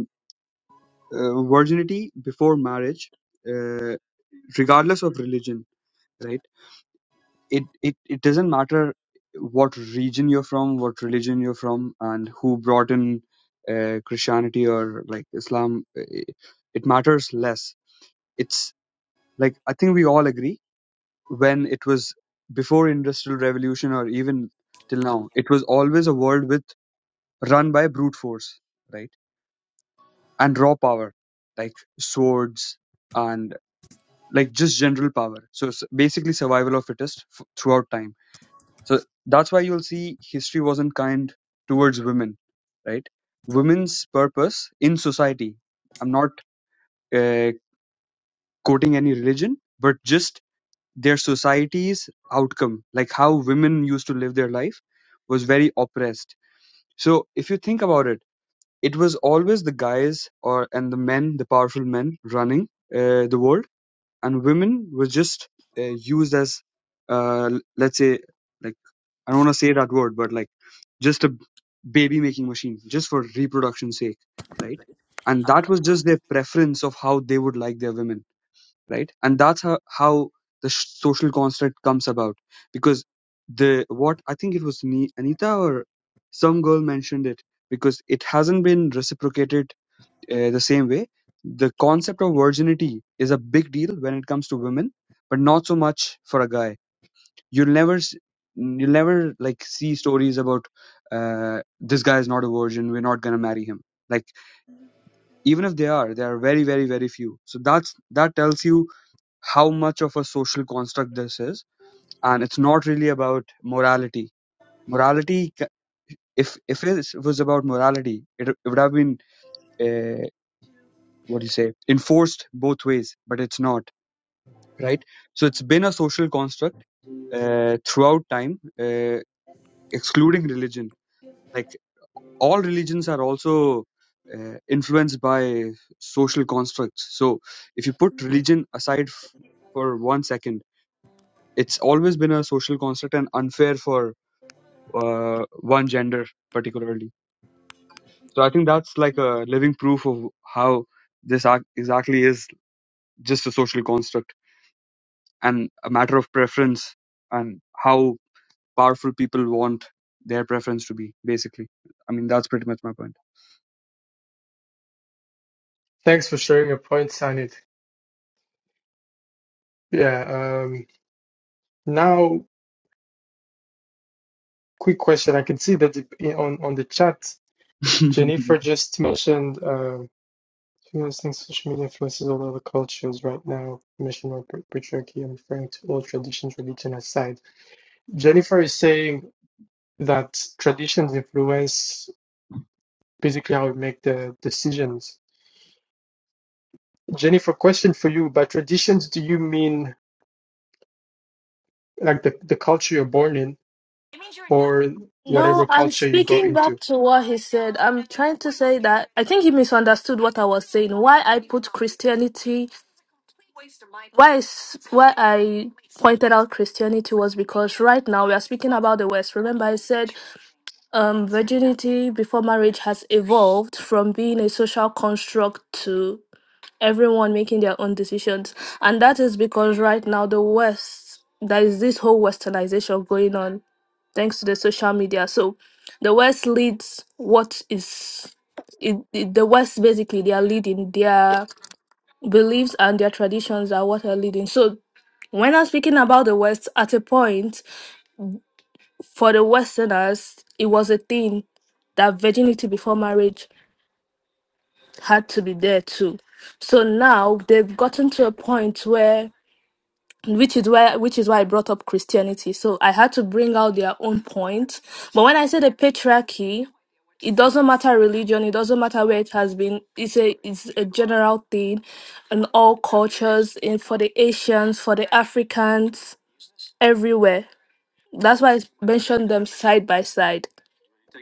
Speaker 5: uh, virginity before marriage. Uh, regardless of religion right it it, it doesn't matter what region you're from what religion you're from and who brought in uh, christianity or like islam eh, it matters less it's like i think we all agree when it was before industrial revolution or even till now it was always a world with run by brute force right and raw power like swords and like just general power so s- basically survival of fittest f- throughout time So that's why you'll see history wasn't kind towards women, right? Women's purpose in society. I'm not uh, quoting any religion, but just their society's outcome, like how women used to live their life, was very oppressed. So if you think about it, it was always the guys or and the men, the powerful men, running uh, the world, and women were just uh, used as, uh, let's say, like I don't want to say that word, but like just a baby making machine just for reproduction's sake right and that was just their preference of how they would like their women right and that's how, how the sh- social construct comes about because the what i think it was Ni- anita or some girl mentioned it because it hasn't been reciprocated uh, the same way the concept of virginity is a big deal when it comes to women but not so much for a guy You'll never, s- you'll never like see stories about uh, this guy is not a virgin. We're not gonna marry him. Like even if they are, they are very, very, very few. So that's that tells you how much of a social construct this is, and it's not really about morality. Morality, ca- if if it was about morality, it, it would have been uh, what do you say enforced both ways, but it's not right. So it's been a social construct uh, throughout time, uh, excluding religion. Like all religions are also uh, influenced by social constructs. So if you put religion aside f- for one second, it's always been a social construct and unfair for uh, one gender particularly. So I think that's like a living proof of how this ac- exactly is just a social construct and a matter of preference and how powerful people want their preference to be basically. I mean that's pretty much my point.
Speaker 1: Thanks for sharing your point, Sanid. Yeah. Um, now, quick question. I can see that in- on on the chat, Jennifer just mentioned uh, influencing social media influences all other cultures right now. Mission or patriarchy. I'm referring to all traditions, religion aside. Jennifer is saying that traditions influence basically how we make the decisions. Jennifer, question for you. By traditions, do you mean like the, the culture you're born in or
Speaker 7: No,
Speaker 1: whatever
Speaker 7: I'm
Speaker 1: culture you go
Speaker 7: speaking back
Speaker 1: into.
Speaker 7: to what he said. I'm trying to say that I think he misunderstood what I was saying. Why I put Christianity, why, is, why I pointed out Christianity was because right now we are speaking about the West. Remember, I said um, virginity before marriage has evolved from being a social construct to everyone making their own decisions. And that is because right now the West, there is this whole westernization going on thanks to the social media. So the West leads what is it, it- the West basically they are leading their beliefs and their traditions are what are leading. So when I'm speaking about the West, at a point for the Westerners, it was a thing that virginity before marriage had to be there too. So now they've gotten to a point where which is why which is why I brought up Christianity. So I had to bring out their own point. But when I say the patriarchy, it doesn't matter religion, it doesn't matter where it has been. It's a it's a general thing in all cultures, in for the Asians, for the Africans, everywhere. That's why I mentioned them side by side.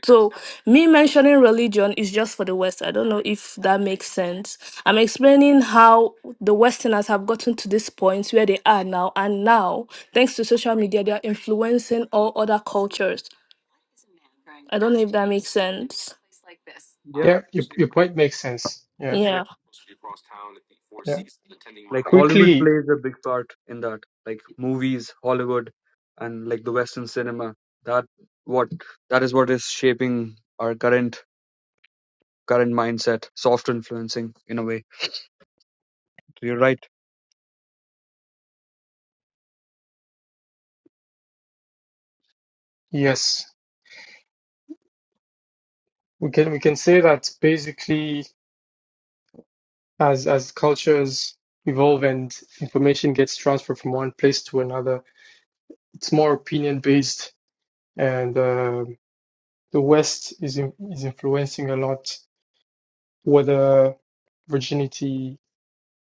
Speaker 7: So me mentioning religion is just for the West. I don't know if that makes sense. I'm explaining how the Westerners have gotten to this point where they are now, and now, thanks to social media, they are influencing all other cultures. I don't know if that makes sense.
Speaker 5: yeah.
Speaker 1: Yeah, your, your point makes sense. Yeah,
Speaker 7: Yeah.
Speaker 1: yeah.
Speaker 5: like Hollywood
Speaker 1: Quickly,
Speaker 5: plays a big part in that. Like movies, Hollywood, and like the Western cinema. That what that is what is shaping our current current mindset, soft influencing in a way. So You're right.
Speaker 1: yes, we can we can say that basically as as cultures evolve and information gets transferred from one place to another, it's more opinion based, and um the West is in, is influencing a lot whether virginity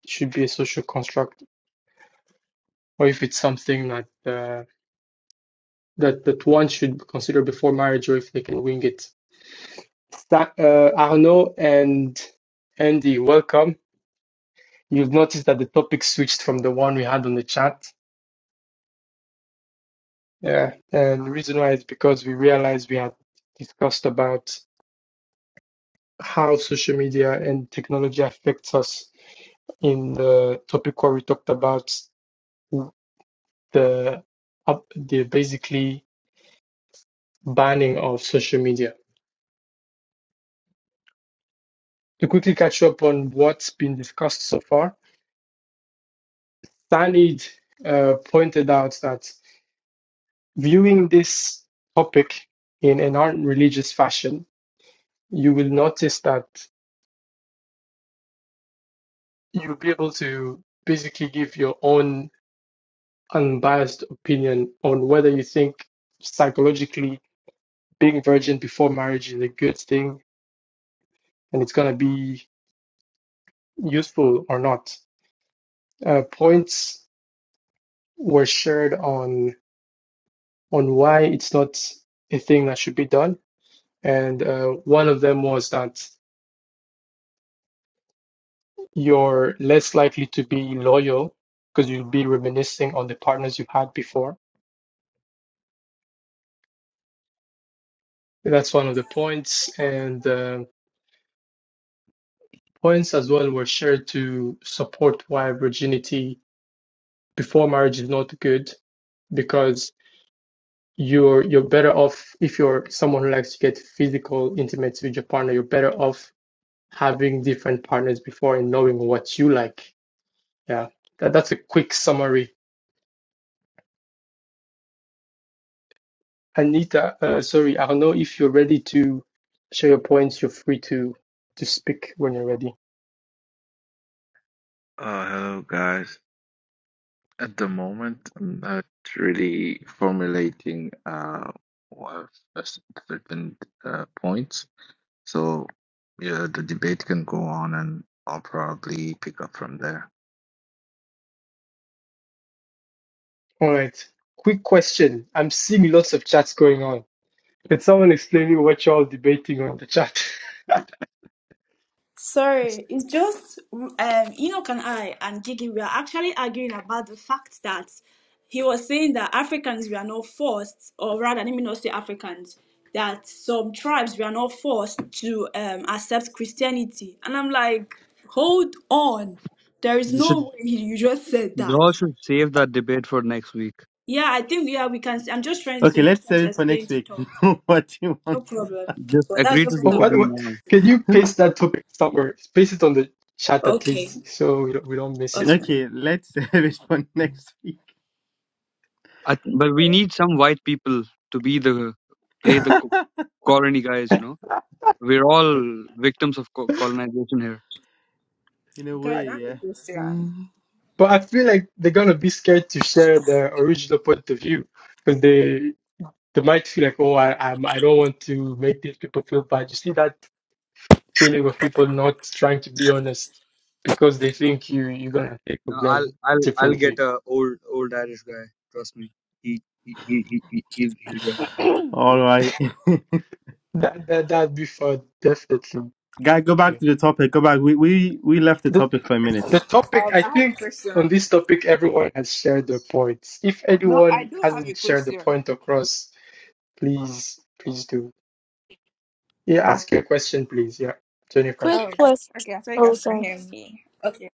Speaker 1: should be a social construct or if it's something that uh, that that one should consider before marriage or if they can wing it. Sa- Uh, Arnaud and Andy, welcome. You've noticed that the topic switched from the one we had on the chat. Yeah, and the reason why is because we realized we had discussed about how social media and technology affects us in the topic where we talked about the the basically banning of social media. To quickly catch up on what's been discussed so far, Sanid uh, pointed out that viewing this topic in an unreligious fashion, you will notice that you'll be able to basically give your own unbiased opinion on whether you think psychologically being virgin before marriage is a good thing and it's going to be useful or not. Uh, points were shared on on why it's not a thing that should be done, and uh, one of them was that You're less likely to be loyal because you'll be reminiscing on the partners you have had before. That's one of the points. And um points as well were shared to support why virginity before marriage is not good because you're you're better off if you're someone who likes to get physical intimate with your partner you're better off having different partners before and knowing what you like yeah that, that's a quick summary Anita, uh, sorry, Arnaud, if you're ready to share your points, you're free to to speak when you're ready.
Speaker 10: Uh, hello guys. At the moment, I'm not really formulating uh one a s- certain uh, points. So yeah, the debate can go on, and I'll probably pick up from there.
Speaker 1: All right. Quick question. I'm seeing lots of chats going on. Can someone explain me what you're all debating on the chat?
Speaker 2: Sorry, it's just um, Enoch and I and Gigi, we are actually arguing about the fact that he was saying that Africans were not forced, or rather, let me not say Africans, that some tribes were not forced to um, accept Christianity. And I'm like, hold on, there is
Speaker 5: You should
Speaker 2: no way you just said
Speaker 5: you
Speaker 2: that.
Speaker 5: all should save that debate for next week.
Speaker 2: Yeah, I think yeah we can. I'm just trying to,
Speaker 3: Okay,
Speaker 2: I'm just
Speaker 3: let's
Speaker 2: trying to
Speaker 3: save it for
Speaker 2: explain
Speaker 3: next
Speaker 2: to
Speaker 3: week.
Speaker 2: Tom.
Speaker 3: what do you
Speaker 2: No
Speaker 3: want?
Speaker 2: problem.
Speaker 5: Just
Speaker 2: But that's
Speaker 5: agree to
Speaker 2: just
Speaker 1: Oh,
Speaker 2: what I
Speaker 1: what,
Speaker 5: disagree
Speaker 1: what,
Speaker 2: wanted.
Speaker 5: now.
Speaker 1: can you paste that topic somewhere? Paste it on the chat at
Speaker 2: Okay,
Speaker 1: least so we don't, we don't miss
Speaker 2: okay.
Speaker 3: Okay, let's save it for next week.
Speaker 5: I, th- but we need some white people to be the play the co- colony guys. You know, we're all victims of co- colonization here.
Speaker 3: In a
Speaker 9: guys,
Speaker 3: way,
Speaker 9: I
Speaker 1: it.
Speaker 9: have
Speaker 3: yeah.
Speaker 9: a question.
Speaker 3: Mm.
Speaker 1: But I feel like they're gonna be scared to share their original point of view because they they might feel like, oh, I I'm, I don't want to make these people feel bad. You see that feeling of people not trying to be honest because they think you you're gonna think of
Speaker 5: No, I'll
Speaker 1: them
Speaker 5: I'll I'll
Speaker 1: differently.
Speaker 5: get a old old Irish guy. Trust me. He he he he he he'll he'll do it.
Speaker 3: All right.
Speaker 1: That that that'd be fun, definitely.
Speaker 3: Guy, go back
Speaker 1: Okay.
Speaker 3: to the topic. Go back. We we we left the
Speaker 1: The
Speaker 3: topic for a minute.
Speaker 1: the topic
Speaker 9: Um,
Speaker 1: I
Speaker 9: I have a
Speaker 1: think on
Speaker 9: question.
Speaker 1: this topic everyone has shared their points. If
Speaker 9: No, I
Speaker 1: anyone
Speaker 9: do have a
Speaker 1: hasn't shared the
Speaker 9: question.
Speaker 1: point across, please please do. Yeah, ask your question, please. Yeah, Jennifer.
Speaker 7: Quick
Speaker 9: Oh,
Speaker 7: question.
Speaker 9: okay. I thought you
Speaker 7: Oh,
Speaker 9: guys can
Speaker 7: sorry.
Speaker 9: hear me. Okay.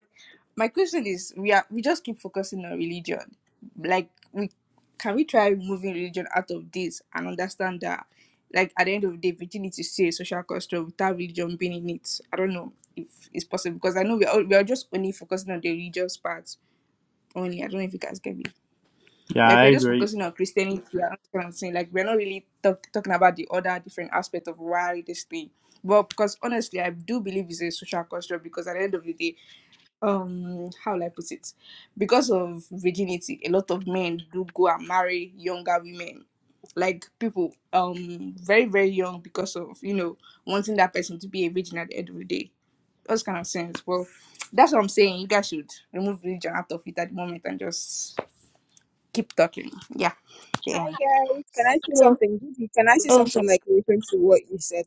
Speaker 9: My question is: We are we just keep focusing on religion. Like, we can we try removing religion out of this and understand that, like, at the end of the day, virginity is still a social construct without religion being in it. I don't know if it's possible because I know we are all- we are just only focusing on the religious part only. I don't know if you guys get me.
Speaker 3: Yeah,
Speaker 9: Like
Speaker 3: I
Speaker 9: we're just
Speaker 3: agree.
Speaker 9: focusing on Christianity. I understand what I'm saying. Like we're not really talk, talking about the other different aspect of why this thing. But because honestly, I do believe it's a social construct because at the end of the day, um, how will I put it? Because of virginity, a lot of men do go and marry younger women, like people, um, very very young because of you know wanting that person to be a virgin at the end of the day. Those kind of sense. Well, that's what I'm saying. You guys should remove religion out of it at the moment and just keep talking. Yeah, the
Speaker 11: Hi
Speaker 9: end.
Speaker 11: guys, can I say
Speaker 7: Oh,
Speaker 11: something? Gigi, Can I say
Speaker 7: oh, sorry.
Speaker 11: something like referring to what you said?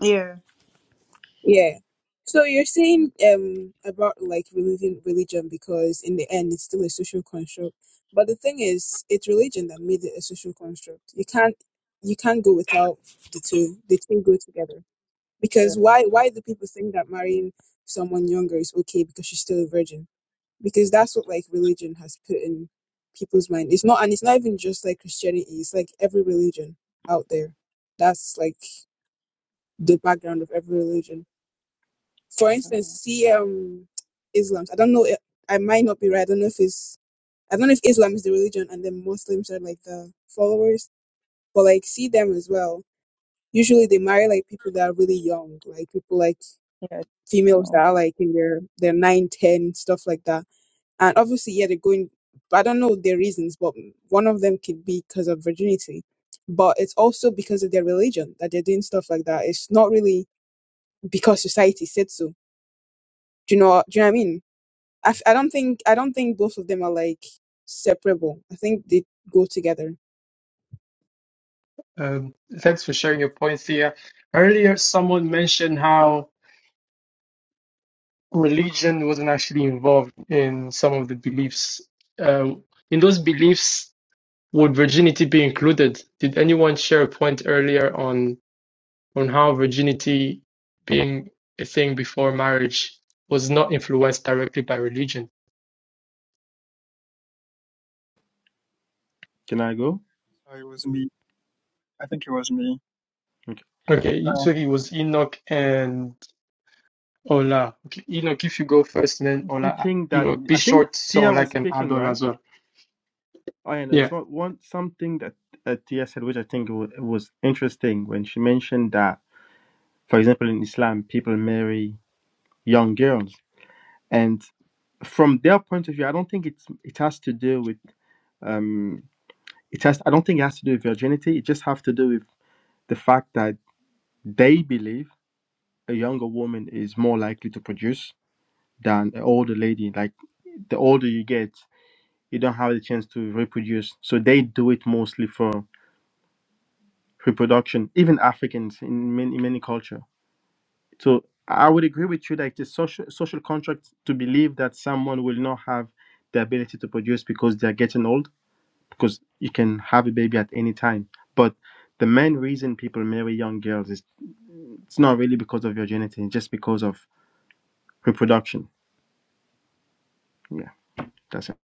Speaker 9: Yeah.
Speaker 11: Yeah. So you're saying um about like religion, religion because in the end it's still a social construct. But the thing is, it's religion that made it a social construct. You can't you can't go without the two. The two go together. Because why why do people think that marrying someone younger is okay because she's still a virgin? because that's what like religion has put in people's mind. It's not, and it's not even just like Christianity. It's like every religion out there. That's like the background of every religion. For instance,
Speaker 9: Mm,
Speaker 11: see um Islam. I don't know. i- I might not be right. I don't know if it's. I don't know if Islam is the religion and then Muslims are like the followers. But like, see them as well. Usually they marry like people that are really young, like people like
Speaker 9: Yeah.
Speaker 11: females that
Speaker 9: So
Speaker 11: are like in their their nine, ten, stuff like that And obviously, yeah, they're going, I don't know their reasons, but one of them could be because of virginity. But it's also because of their religion that they're doing stuff like that. It's not really because society said so. Do you know what, do you know what I mean? I, f- I don't think, I don't think both of them are like separable. I think they go together.
Speaker 1: Um, thanks for sharing your points here. Earlier, someone mentioned how religion wasn't actually involved in some of the beliefs. Um, in those beliefs, would virginity be included? Did anyone share a point earlier on on how virginity being a thing before marriage was not influenced directly by religion?
Speaker 3: Can I go?
Speaker 4: Uh, It was me. I think it was me.
Speaker 3: Okay.
Speaker 1: Okay,
Speaker 4: Uh,
Speaker 1: so it was Enoch and Ola. Okay, Enoch, if you go first, and then Ola,
Speaker 3: Something
Speaker 1: you
Speaker 3: that
Speaker 1: know, be
Speaker 3: I think
Speaker 1: short so
Speaker 3: Tia
Speaker 1: Ola
Speaker 3: was
Speaker 1: can add
Speaker 3: speaking,
Speaker 1: on
Speaker 3: right?
Speaker 1: as well.
Speaker 3: Oh, yeah,
Speaker 1: Yeah.
Speaker 3: there's one, one something that uh, Tia said, which I think wa- was interesting when she mentioned that, for example, in Islam, people marry young girls, and from their point of view, I don't think it's it has to do with Um, it has. I don't think it has to do with virginity. It just has to do with the fact that they believe a younger woman is more likely to produce than an older lady. Like the older you get, you don't have the chance to reproduce. So they do it mostly for reproduction. Even Africans in many in many culture. So I would agree with you. that the social social contract to believe that someone will not have the ability to produce because they are getting old because you can have a baby at any time. But the main reason people marry young girls is it's not really because of your genetics, it's just because of reproduction. Yeah, that's it.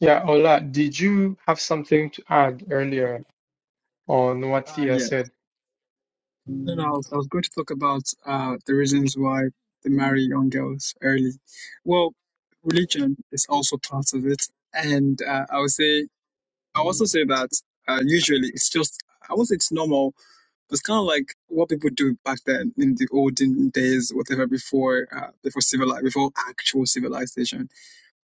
Speaker 1: Yeah, Ola, did you have something to add earlier on what
Speaker 4: uh,
Speaker 1: Thea
Speaker 4: yes.
Speaker 1: said?
Speaker 4: No, no, I was, I was going to talk about uh, the reasons why they marry young girls early. Well, religion is also part of it. And uh, I would say, I also say that uh, usually it's just, I won't say it's normal, but it's kind of like what people do back then in the olden days, whatever, before uh, before civili before actual civilization.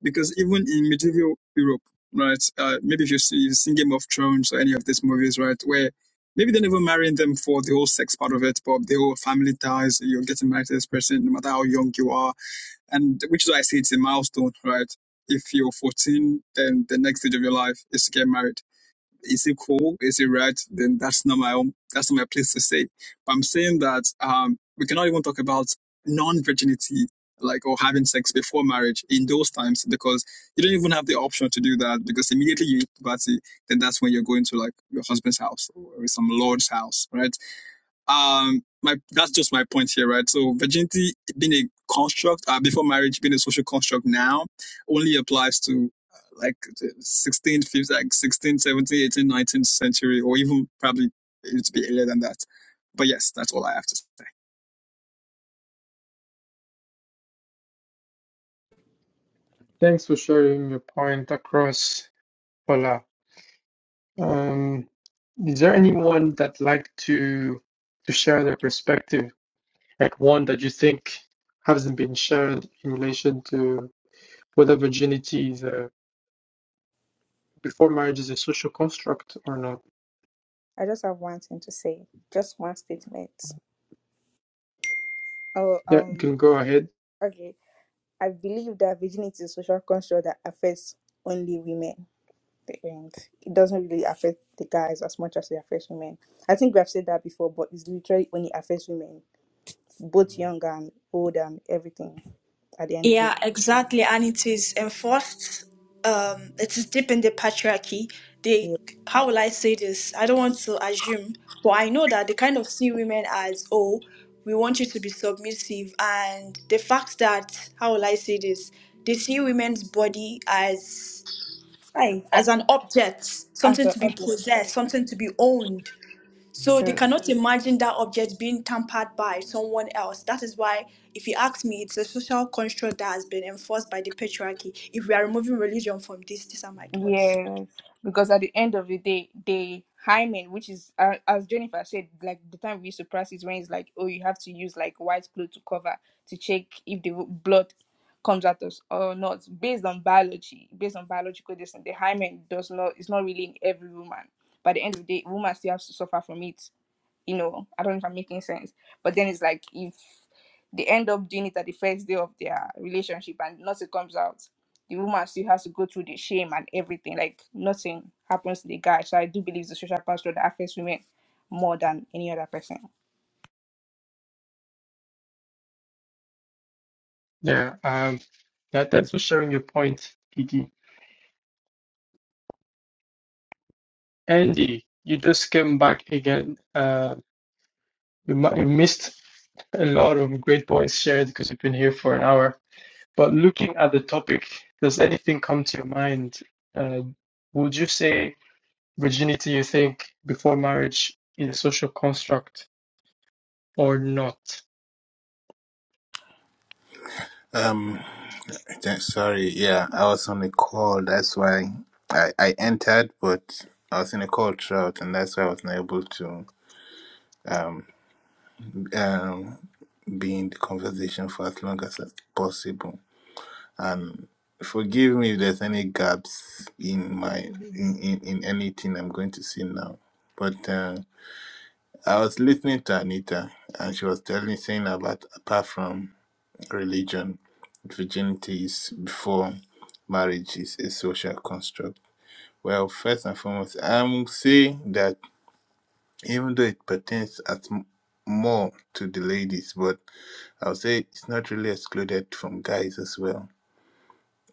Speaker 4: because even in medieval Europe, right? Uh, maybe if you've seen, you've seen Game of Thrones or any of these movies, right, where maybe they're never marrying them for the whole sex part of it, but the whole family ties, you're getting married to this person no matter how young you are, and which is why I say it's a milestone, right? If you're 14, then the next stage of your life is to get married is it cool? Is it right? Then that's not my own. That's not my place to say. But I'm saying that um, we cannot even talk about non-virginity, like or having sex before marriage in those times, because you don't even have the option to do that. Because immediately you hit puberty, then that's when you're going to like your husband's house or some lord's house, right? um my that's just my point here right so virginity being a construct uh, before marriage being a social construct now only applies to uh, like the 16th 15th like 16th 17th 18th 19th century or even probably it's be earlier than that but yes that's all i have to say
Speaker 1: Thanks for sharing your point across, Ola. Um, is there anyone that like to to share their perspective, like one that you think hasn't been shared in relation to whether virginity is a, before marriage is a social construct or not?
Speaker 9: I just have one thing to say. Just one statement. Oh,
Speaker 1: Yeah, you
Speaker 9: um,
Speaker 1: can go ahead.
Speaker 9: okay. I believe that virginity is a social construct that affects only women. The end. It doesn't really affect the guys as much as it affects women. I think we have said that before, but it's literally only affects women, both young and old and everything. At the end of the
Speaker 2: Yeah, exactly. And it is enforced, um, it is deep in the patriarchy. They,
Speaker 9: day,
Speaker 2: how will I say this? I don't want to assume, but I know that they kind of see women as, oh, we want you to be submissive. And the fact that, how will I say this? They see women's body as, right, as an object,
Speaker 9: as
Speaker 2: something
Speaker 9: a
Speaker 2: to be
Speaker 9: object.
Speaker 2: possessed, something to be owned. So they
Speaker 9: True.
Speaker 2: cannot imagine that object being tampered by someone else. That is why, if you ask me, it's a social construct that has been enforced by the patriarchy. If we are removing religion from this, these are my thoughts.
Speaker 9: Yes, because at the end of the day, the hymen, which is uh, as Jennifer said, like the time we used to practice when it's like, oh, you have to use like white cloth to cover to check if the blood comes out us or not. Based on biology, based on biological distance, the hymen does not. It's not really in every woman. By the end of the day, woman still has to suffer from it. You know, I don't know if I'm making sense. But then it's like if they end up doing it at the first day of their relationship and nothing comes out the woman still has to go through the shame and everything. Like nothing happens to the guy. So I do believe the social construct that affects women more than any other person.
Speaker 1: Yeah, um, yeah, thanks for sharing your point, Kiki. Andy, you just came back again. Uh, We, mu- we missed a lot of great points shared because we've been here for an hour. But looking at the topic, does anything come to your mind? Uh, would you say virginity, you think, before marriage is a social construct or not?
Speaker 12: Um, th- sorry, yeah, I was on a call. That's why I, I entered, but I was in a call throughout, and that's why I was not able to um, um be in the conversation for as long as possible. And forgive me if there's any gaps in my in, in, in anything I'm going to say now. But uh, I was listening to Anita, and she was telling saying about apart from religion, virginity is before marriage is a social construct? Well, first and foremost, I'm say that even though it pertains at m- more to the ladies, but I'll say it's not really excluded from guys as well.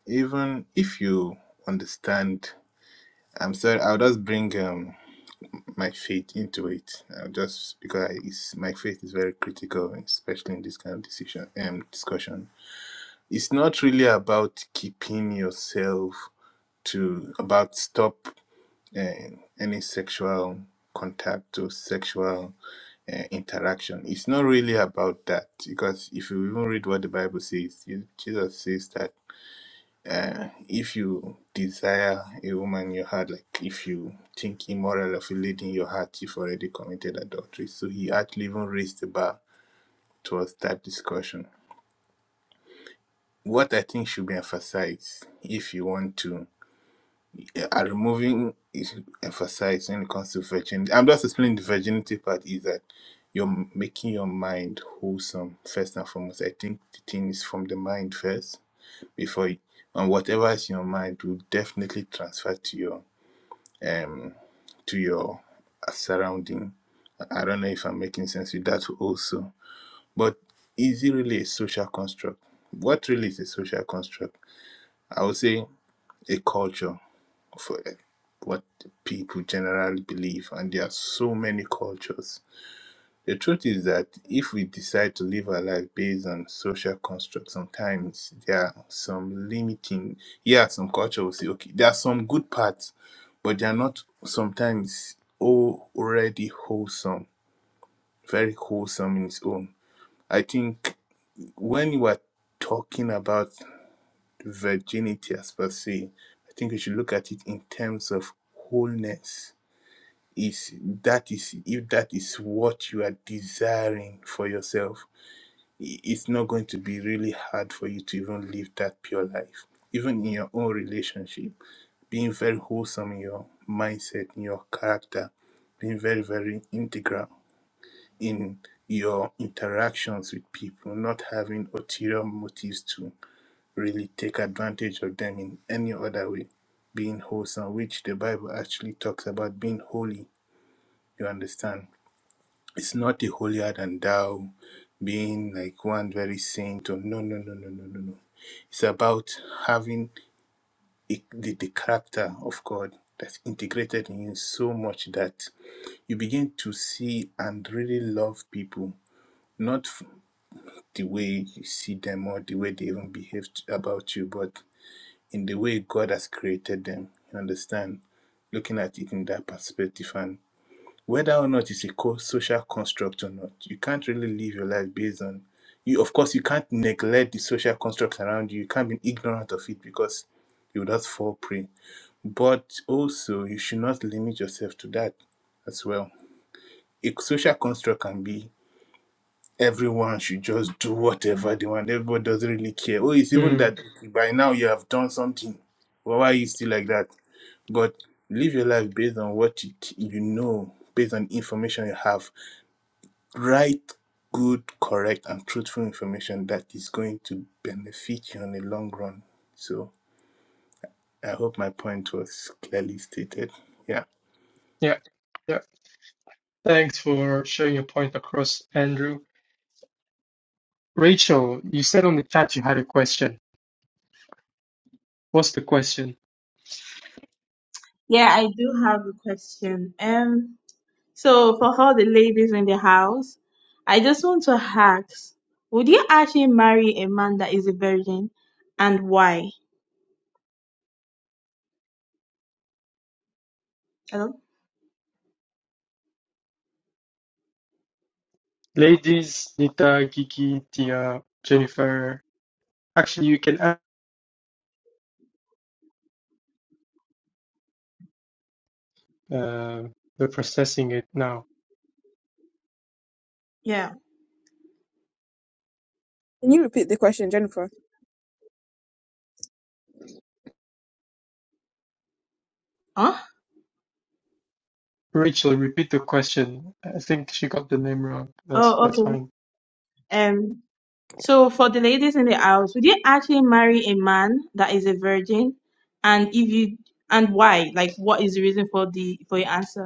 Speaker 12: Even if you understand, I'm sorry, I'll just bring um, my faith into it. I'll just because I, it's, my faith is very critical, especially in this kind of decision um, discussion it's not really about keeping yourself to about stop uh, any sexual contact or sexual uh, interaction it's not really about that because if you even read what the bible says you, jesus says that uh, if you desire a woman in your heart like if you think immoral of a lady in your heart you've already committed adultery so he actually even raised the bar towards that discussion what i think should be emphasized if you want to are removing is emphasized when it comes to virginity. I'm just explaining the virginity part is that you're making your mind wholesome first and foremost. I think the thing is from the mind first before you, and whatever is in your mind will definitely transfer to your um to your surrounding. I I don't know if I'm making sense with that also, but is it really a social construct? What really is a social construct? I would say a culture for what people generally believe, and there are so many cultures. The truth is that if we decide to live our life based on social constructs, sometimes there are some limiting. Yeah, some culture will say, okay, there are some good parts, but they are not sometimes all already wholesome, very wholesome in its own. I think when you are talking about virginity as per se, I think we should look at it in terms of wholeness is that is if that is what you are desiring for yourself i- it's not going to be really hard for you to even live that pure life even in your own relationship being very wholesome in your mindset in your character being very very integral in your interactions with people not having ulterior motives to really take advantage of them in any other way being wholesome which the bible actually talks about being holy you understand It's not the holier than thou being like one very saint or no, no, no, no, no, no, no. It's about having a, the, the character of God that's integrated in you so much that you begin to see and really love people, not f- the way you see them or the way they even behave t- about you, but in the way God has created them. You understand? Looking at it in that perspective. and whether or not it's a social construct or not, you can't really live your life based on you. Of course, you can't neglect the social constructs around you. You can't be ignorant of it because you would just fall prey. But also, you should not limit yourself to that as well. A social construct can be everyone should just do whatever they want. Everybody doesn't really care. Oh, it's even
Speaker 1: Hmm.
Speaker 12: that by now you have done something. Well, Why are you still like that? But live your life based on what it, you know, based on information you have write good, correct, and truthful information that is going to benefit you on the long run. So I hope my point was clearly stated. Yeah.
Speaker 1: Yeah, yeah. Thanks for sharing your point across, Andrew. Rachel, you said on the chat you had a question. What's the question?
Speaker 8: Yeah, I do have a question. Um, So, for all the ladies in the house, I just want to ask would you actually marry a man that is a virgin and why? Hello?
Speaker 1: Ladies, Nita, Gigi, Tia, Jennifer. Actually, you can uh, They're processing it now.
Speaker 8: Yeah.
Speaker 11: Can you repeat the question, Jennifer?
Speaker 8: Huh?
Speaker 1: Rachel, repeat the question. I think she got the name wrong. That's
Speaker 8: Oh,
Speaker 1: that's
Speaker 8: okay.
Speaker 1: fine.
Speaker 8: Um, so, for the ladies in the house, would you actually marry a man that is a virgin and if you and why? Like, what is the reason for the for your answer?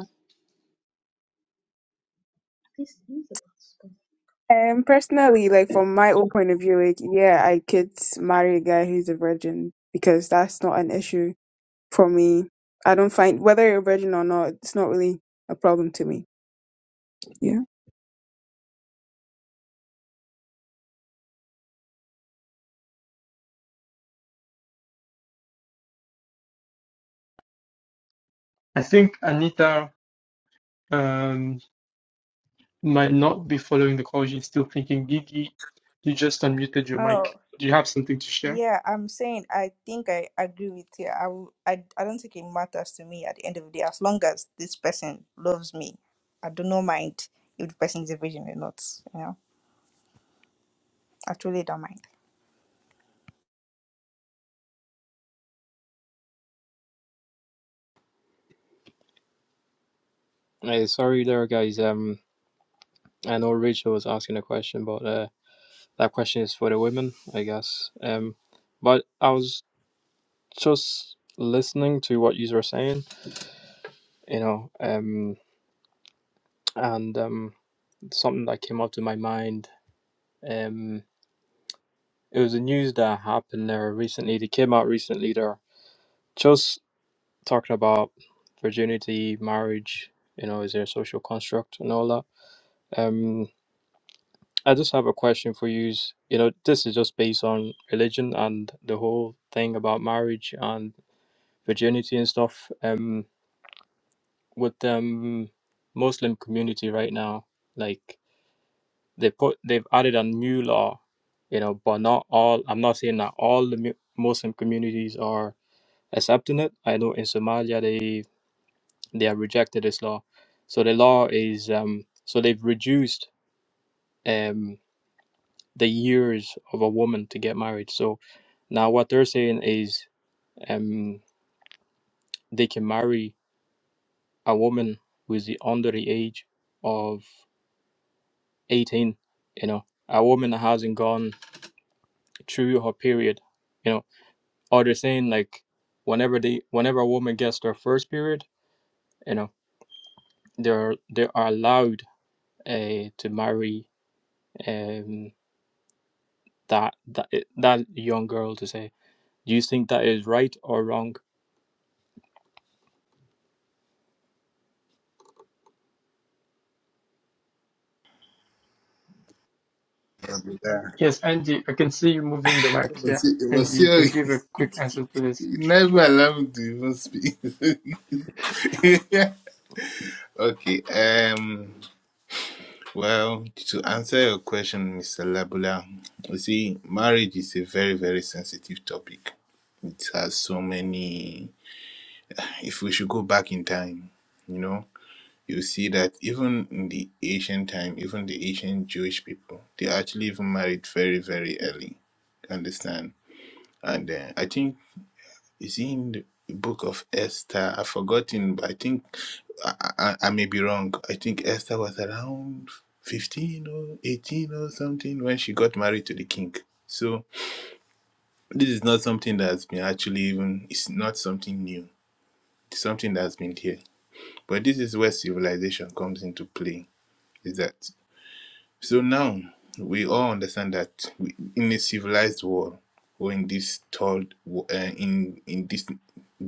Speaker 11: Um, personally, like from my own point of view, like yeah, I could marry a guy who's a virgin because that's not an issue. for me. I don't find whether you're a virgin or not, it's not really a problem to me. Yeah.
Speaker 1: I think Anita. Um, might not be following the call. you you're still thinking, Gigi, you just unmuted your mic.
Speaker 9: Oh
Speaker 1: Do you have something to share?
Speaker 9: yeah, I'm saying I think I agree with you. I w- I I don't think it matters to me at the end of the day. As long as this person loves me, I do not mind if the person is a virgin or not. You know, I truly don't mind.
Speaker 13: Hey, sorry there, guys. Um, I know Rachel was asking a question, but uh, that question is for the women, I guess. Um, but I was just listening to what you were saying, you know, um, and um, something that came up to my mind. Um, it was the news that happened there recently. They came out recently there, just talking about virginity, marriage. You know, is there a social construct and all that? Um, I just have a question for you. You know, this is just based on religion and the whole thing about marriage and virginity and stuff. Um, with the um, Muslim community right now, like they put, they've added a new law. You know, but not all. I'm not saying that all the mu- Muslim communities are accepting it. I know in Somalia they they have rejected this law. So the law is um so they've reduced um the years of a woman to get married. So now what they're saying is um, they can marry a woman who is the- under the age of 18, you know, a woman that hasn't gone through her period, you know, or they're saying like whenever they whenever a woman gets their first period, you know, they're they are allowed uh, to marry um that that that young girl to say. Do you think that is right or wrong?
Speaker 12: Yeah.
Speaker 1: Yes, Andy. I can see you moving the mic.
Speaker 12: It
Speaker 1: Yeah,
Speaker 12: was, it was
Speaker 1: Andy. you
Speaker 12: your,
Speaker 1: can give a quick answer to this.
Speaker 12: you never allow me to even speak. okay. Um. Well, to answer your question, Mr. Labula, you see, marriage is a very, very sensitive topic. It has so many. If we should go back in time, you know. you see that even in the ancient time, even the ancient Jewish people, they actually even married very, very early. Understand? And uh, I think it's in the book of Esther. I've forgotten, but I think I, I, I may be wrong. I think Esther was around 15 or 18 or something when she got married to the king. So this is not something that's been actually even, it's not something new. It's something that's been here. But this is where civilization comes into play. Is that So now we all understand that we, in a civilized world, or in this third, wo- uh, in in this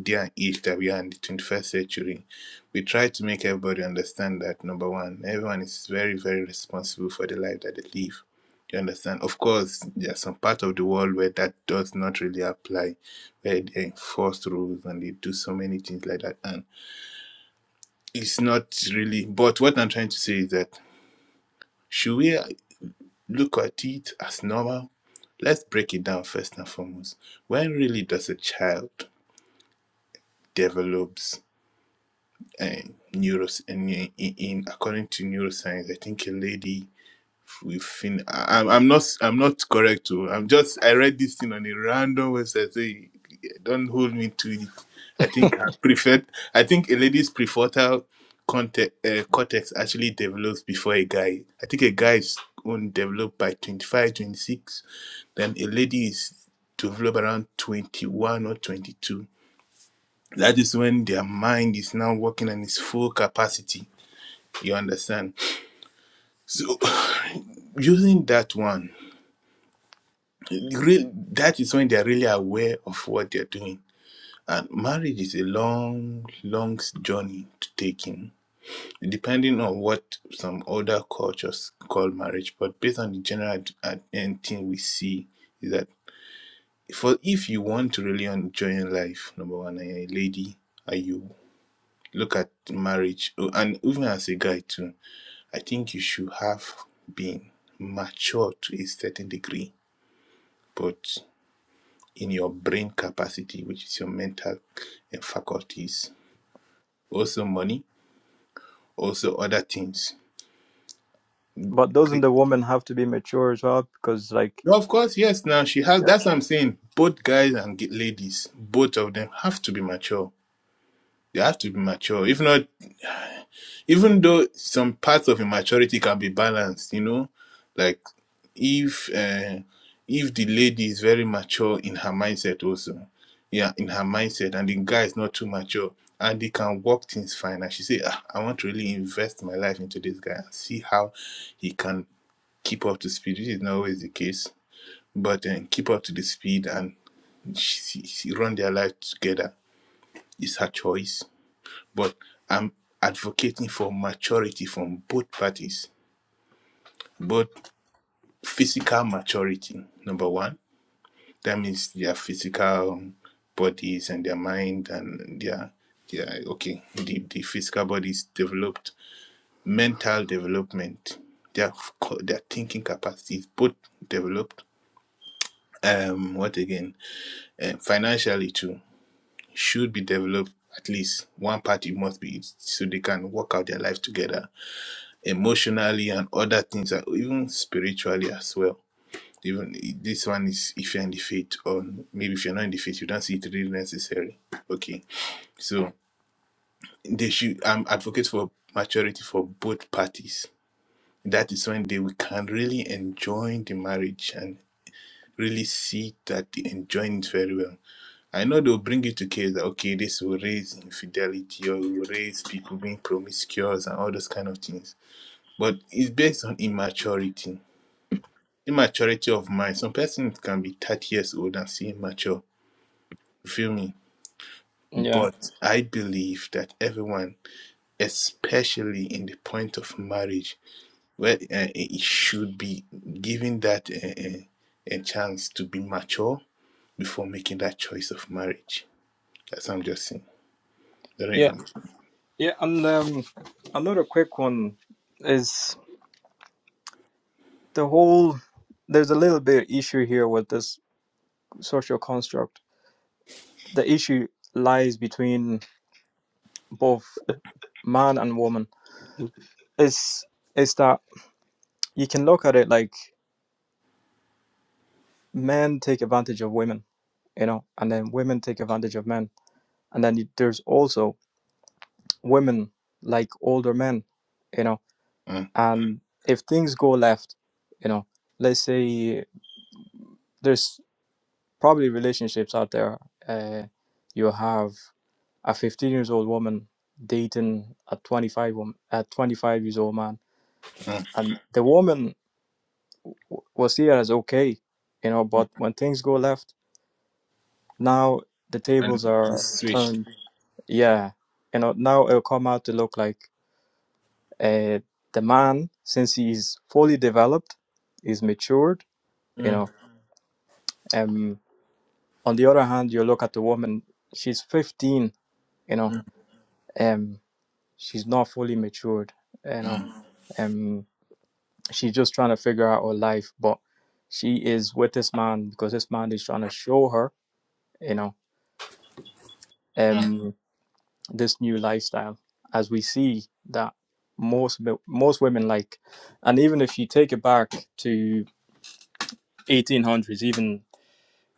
Speaker 12: day and age that we are in the 21st century, we try to make everybody understand that number one, everyone is very very responsible for the life that they live. You understand? Of course, there are some part of the world where that does not really apply, where they enforce rules and they do so many things like that, and it's not really. But what I'm trying to say is that. should we look at it as normal. Let's break it down first and foremost. When really does a child develops um, neuros eh, in, in, in according to neuroscience? I think a lady we fin I, am I'm not I'm not correct too. I'm just I read this thing on a random website. So you- don't hold me to it. I think her prefect I think a lady's prefrontal cortex, uh, cortex actually develops before a guy. I think a guy's own developed by 25, 26. Then a lady is developed around 21 or 22. That is when their mind is now working on its full capacity. You understand? So using that one. Real, that is when they're really aware of what they're doing. And marriage is a long, long journey to taking, depending on what some other cultures call marriage. But based on the general ad- ad- end thing we see, is that for if you want to really enjoy your life, number one, and you're a lady, and you look at marriage, oh, and even as a guy too, I think you should have been mature to a certain degree. but. in your brain capacity, which is your mental uh, faculties. Also, money, also other things.
Speaker 13: But doesn't the woman have to be mature as well? Because like
Speaker 12: No, Of course, yes. Now she has.
Speaker 13: yeah,
Speaker 12: That's what I'm saying. Both guys and ladies, both of them have to be mature. They have to be mature. If not, even though some parts of immaturity can be balanced, you know, like if uh, if the lady is very mature in her mindset also, yeah, in her mindset, and the guy is not too mature, and they can work things fine, and she say, ah, I want to really invest my life into this guy and see how he can keep up to speed. This is not always the case, but then keep up to the speed and she, she run their life together. It's her choice but I'm advocating for maturity from both parties, both physical maturity, number one, that means their physical um, bodies and their mind and their their okay the, the physical bodies developed mental development their their thinking capacities both developed um what again uh, financially too should be developed at least one party must be so they can work out their life together emotionally and other things and even spiritually as well even this one is if you're in the faith or maybe if you're not in the faith you don't see it really necessary okay so they should i'm advocate for maturity for both parties that is when they will- can really enjoy the marriage and really see that they enjoying it very well i know they'll bring you to case that okay this will raise infidelity or it will raise people being promiscuous and all those kind of things but it's based on immaturity immaturity of mind. Some persons can be 30 years old and still immature. You feel me?
Speaker 13: yeah,
Speaker 12: But I believe that everyone, especially in the point of marriage, where uh, it should be given that uh, uh, a chance to be mature before making that choice of marriage. That's what I'm just saying. I don't know if
Speaker 13: yeah,
Speaker 12: I'm.
Speaker 13: yeah. And um, another quick one is the whole. There's a little bit issue here with this social construct. The issue lies between both man and woman. Is is that you can look at it like men take advantage of women, you know, and then women take advantage of men, and then you, there's also women like older men, you know
Speaker 12: Mm,
Speaker 13: And if things go left, you know, let's say there's probably relationships out there. Uh, you have a 15 years old woman dating a 25 woman, a 25 years old man,
Speaker 12: mm,
Speaker 13: and the woman w- was here as okay, you know. But
Speaker 12: mm.
Speaker 13: when things go left, now the
Speaker 12: And
Speaker 13: tables
Speaker 12: we
Speaker 13: are
Speaker 12: switched.
Speaker 13: turned. Yeah, you know, now it'll come out to look like uh, the man, since he's fully developed, is matured, you
Speaker 12: Mm,
Speaker 13: know. Um, On the other hand, you look at the woman, she's 15, you know,
Speaker 12: mm,
Speaker 13: um, she's not fully matured, you know,
Speaker 12: mm,
Speaker 13: um, she's just trying to figure out her life, but she is with this man because this man is trying to show her, you know,
Speaker 12: mm,
Speaker 13: um, this new lifestyle. As we see that most mi- most women like, and even if you take it back to 1800s, even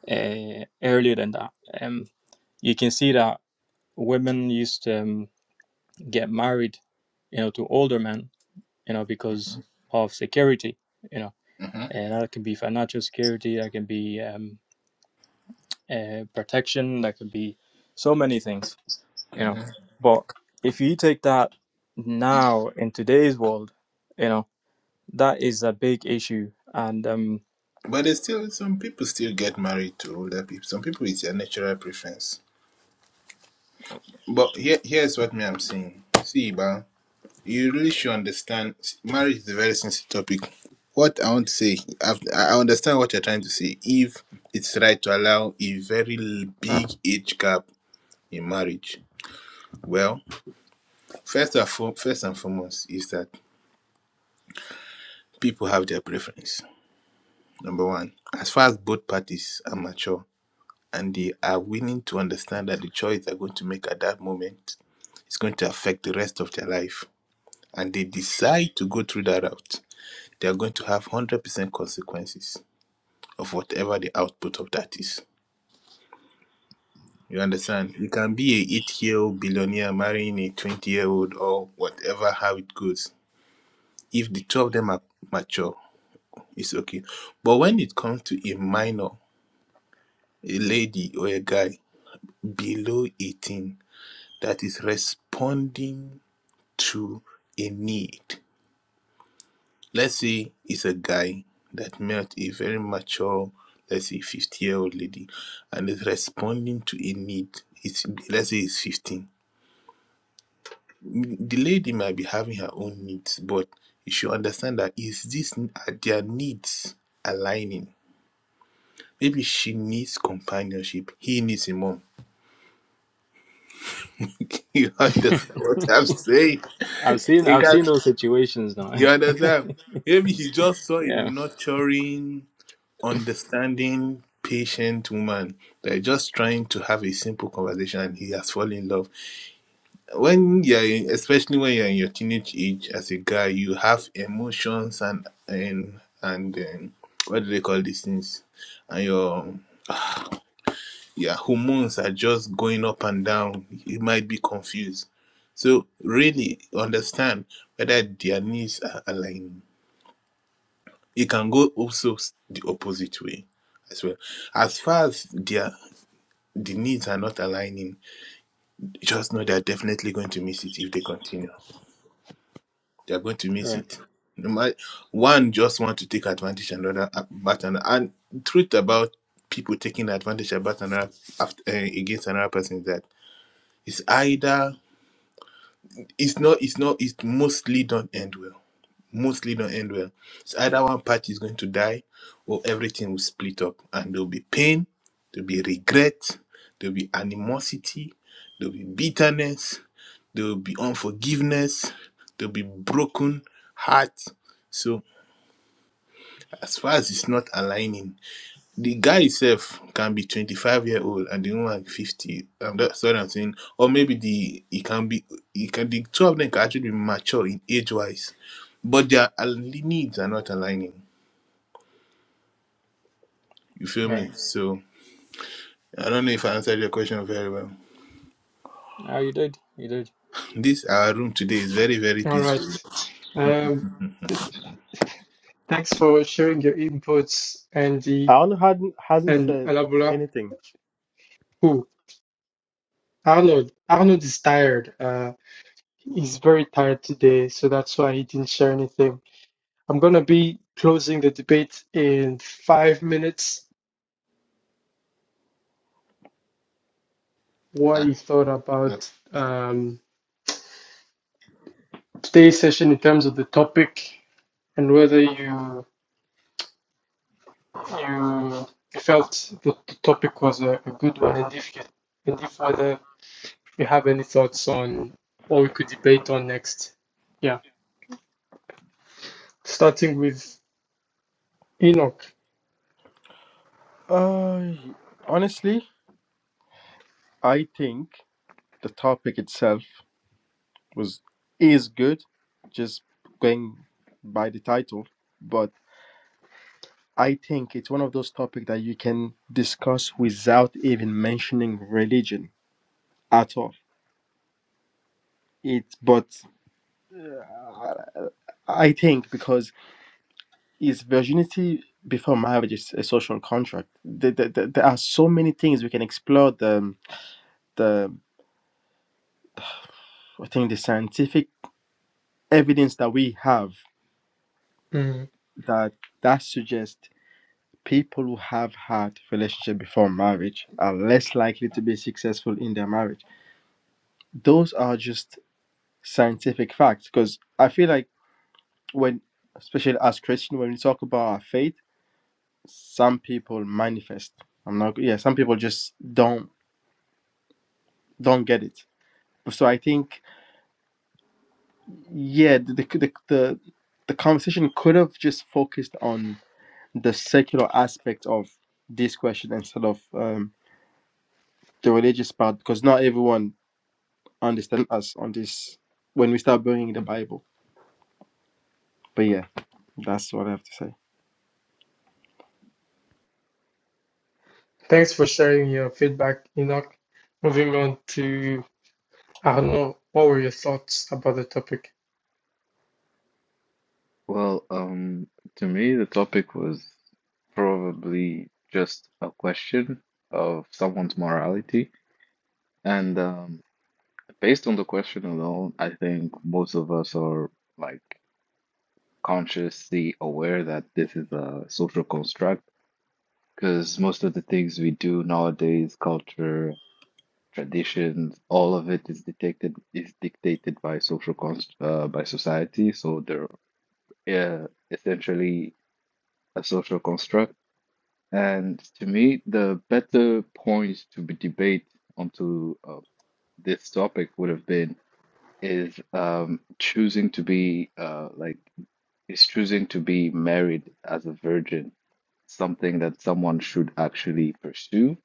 Speaker 13: uh, earlier than that, um, you can see that women used to. Um, get married, you know, to older men, you know, because of security, you know,
Speaker 12: mhm,
Speaker 13: and that can be financial security, that can be um, uh, protection, that can be so many things, you
Speaker 12: mhm.
Speaker 13: know. But if you take that now in today's world, you know, that is a big issue, and um,
Speaker 12: But there's still some people still get married to older people. Some people it's a natural preference. But here, here's what me I'm saying. See, Iba, you really should understand. Marriage is a very sensitive topic. What I want to say, I've, I understand what you're trying to say. If it's right to allow a very big age gap in marriage, well, first and fo- first and foremost is that people have their preference. Number one, as far as both parties are mature and they are willing to understand that the choice they're going to make at that moment is going to affect the rest of their life, and they decide to go through that route, they are going to have 100% consequences of whatever the output of that is. You understand? You can be a eight-year-old billionaire marrying a 20-year-old or whatever, how it goes. If the two of them are mature, it's okay. But when it comes to a minor, a lady or a guy below 18 that is responding to a need. Let's say it's a guy that met a very mature, let's say 50 year old lady, and is responding to a need. It's, let's say it's 15. The lady might be having her own needs, but you should understand that is this are their needs aligning? Maybe she needs companionship, he needs a mom. You understand what I'm saying?
Speaker 13: I've seen
Speaker 12: You,
Speaker 13: I've
Speaker 12: can,
Speaker 13: seen those situations now.
Speaker 12: you understand? Maybe he just saw a
Speaker 13: yeah,
Speaker 12: nurturing understanding, patient woman. They're just trying to have a simple conversation and he has fallen in love. When you're in, especially when you're in your teenage age as a guy, you have emotions and and and um, what do they call these things? And your yeah, hormones are just going up and down. You might be confused. So really understand whether their needs are aligned. It can go also s- the opposite way as well as far as their the needs are not aligning. Just know they're definitely going to miss it if they continue. They're going to miss
Speaker 13: right,
Speaker 12: it. No ma- One just want to take advantage another about another. And truth about people taking advantage about another after, uh, against another person is that it's either it's not it's not it mostly don't end well mostly don't end well. So either one party is going to die or everything will split up and there'll be pain, there'll be regret, there'll be animosity, there'll be bitterness, there'll be unforgiveness, there'll be broken heart. So as far as it's not aligning, the guy itself can be 25 year old and the woman 50 um, that's what i'm saying or maybe the it can be it can the two of them can actually be mature in age wise but their al- needs are not aligning you feel
Speaker 13: right.
Speaker 12: me so i don't know if i answered your question very well
Speaker 13: Oh, you did, you did.
Speaker 12: this our room today is very very
Speaker 1: All
Speaker 12: peaceful
Speaker 1: right. Um, Thanks for sharing your inputs, Andy
Speaker 3: Alan hadn't, hasn't
Speaker 1: and
Speaker 3: said
Speaker 1: Alabula.
Speaker 3: anything.
Speaker 1: Who? Arnold. Arnold is tired. Uh, he's very tired today, so that's why he didn't share anything. I'm gonna be closing the debate in five minutes. What
Speaker 12: ah,
Speaker 1: you thought
Speaker 12: no.
Speaker 1: about um, today's session in terms of the topic and whether you you felt that the topic was a, a good one, and if you and if whether you have any thoughts on what we could debate on next. Yeah, starting with Enoch.
Speaker 3: Uh, honestly, I think the topic itself was is good, just going by the title. But I think it's one of those topics that you can discuss without even mentioning religion at all. It, but I think because is virginity before marriage is a social contract. There, there, there there are so many things we can explore the the I think the scientific evidence that we have
Speaker 1: Mm.
Speaker 3: that that suggests people who have had relationship before marriage are less likely to be successful in their marriage. Those are just scientific facts because I feel like when especially as Christian when we talk about our faith, some people manifest. I'm not yeah, some people just don't don't get it. So I think, yeah, the the the, the conversation could have just focused on the secular aspect of this question instead of um, the religious part because not everyone understands us on this when we start bringing the Bible. But yeah, that's what I have to say.
Speaker 1: Thanks for sharing your feedback, Enoch. Moving on to Arno, what were your thoughts about the topic?
Speaker 10: Well, um, to me, the topic was probably just a question of someone's morality, and um, based on the question alone, I think most of us are like. consciously aware that this is a social construct because most of the things we do nowadays, culture, traditions, all of it is detected is dictated by social const uh, by society. So they're uh, essentially a social construct. And to me, the better point to be debate onto uh, this topic would have been is um, choosing to be uh, like is choosing to be married as a virgin something that someone should actually pursue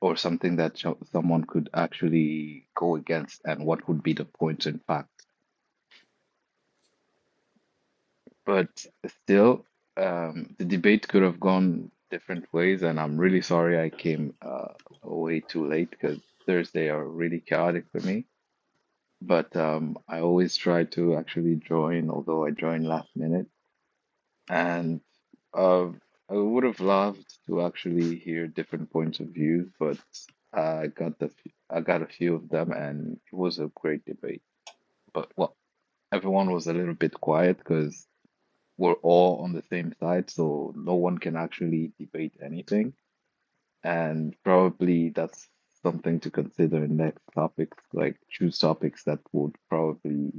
Speaker 10: or something that sh someone could actually go against and what would be the point in fact but still um, the debate could have gone different ways and I'm really sorry I came uh, way too late because Thursday are really chaotic for me but um, I always try to actually join although I joined last minute And uh, I would have loved to actually hear different points of views, but I got the f- I got a few of them, and it was a great debate. But well, everyone was a little bit quiet because we're all on the same side, so no one can actually debate anything. And probably that's something to consider in next topics, like choose topics that would probably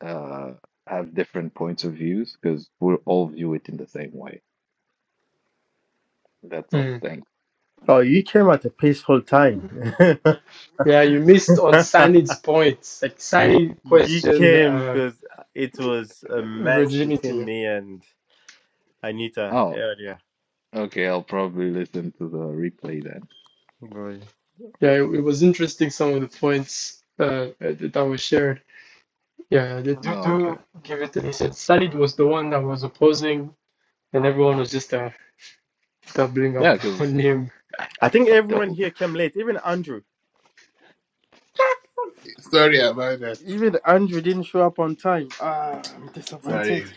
Speaker 10: uh, have different points of views because we'll all view it in the same way. That's all.
Speaker 1: Mm.
Speaker 10: Thanks.
Speaker 3: Oh, you came at a peaceful time.
Speaker 1: Yeah, you missed on Sanid's points. Like Sanid
Speaker 3: you
Speaker 1: questioned
Speaker 3: came
Speaker 1: uh,
Speaker 3: because it was a mess between
Speaker 1: virginity.
Speaker 3: me and Anita
Speaker 10: Oh,
Speaker 3: earlier.
Speaker 10: okay. I'll probably listen to the replay then.
Speaker 3: Boy.
Speaker 1: Yeah, it, it was interesting some of the points uh, that that were shared. Yeah, they do,
Speaker 10: No, okay.
Speaker 1: do give it a listen. Sanid was the one that was opposing, and everyone was just uh, doubling
Speaker 10: Yeah,
Speaker 1: up
Speaker 10: because
Speaker 1: on him.
Speaker 3: I think everyone
Speaker 10: the.
Speaker 3: here came late. Even Andrew.
Speaker 12: sorry about that
Speaker 3: Even Andrew didn't show up on time. Ah, I'm disappointed.
Speaker 12: sorry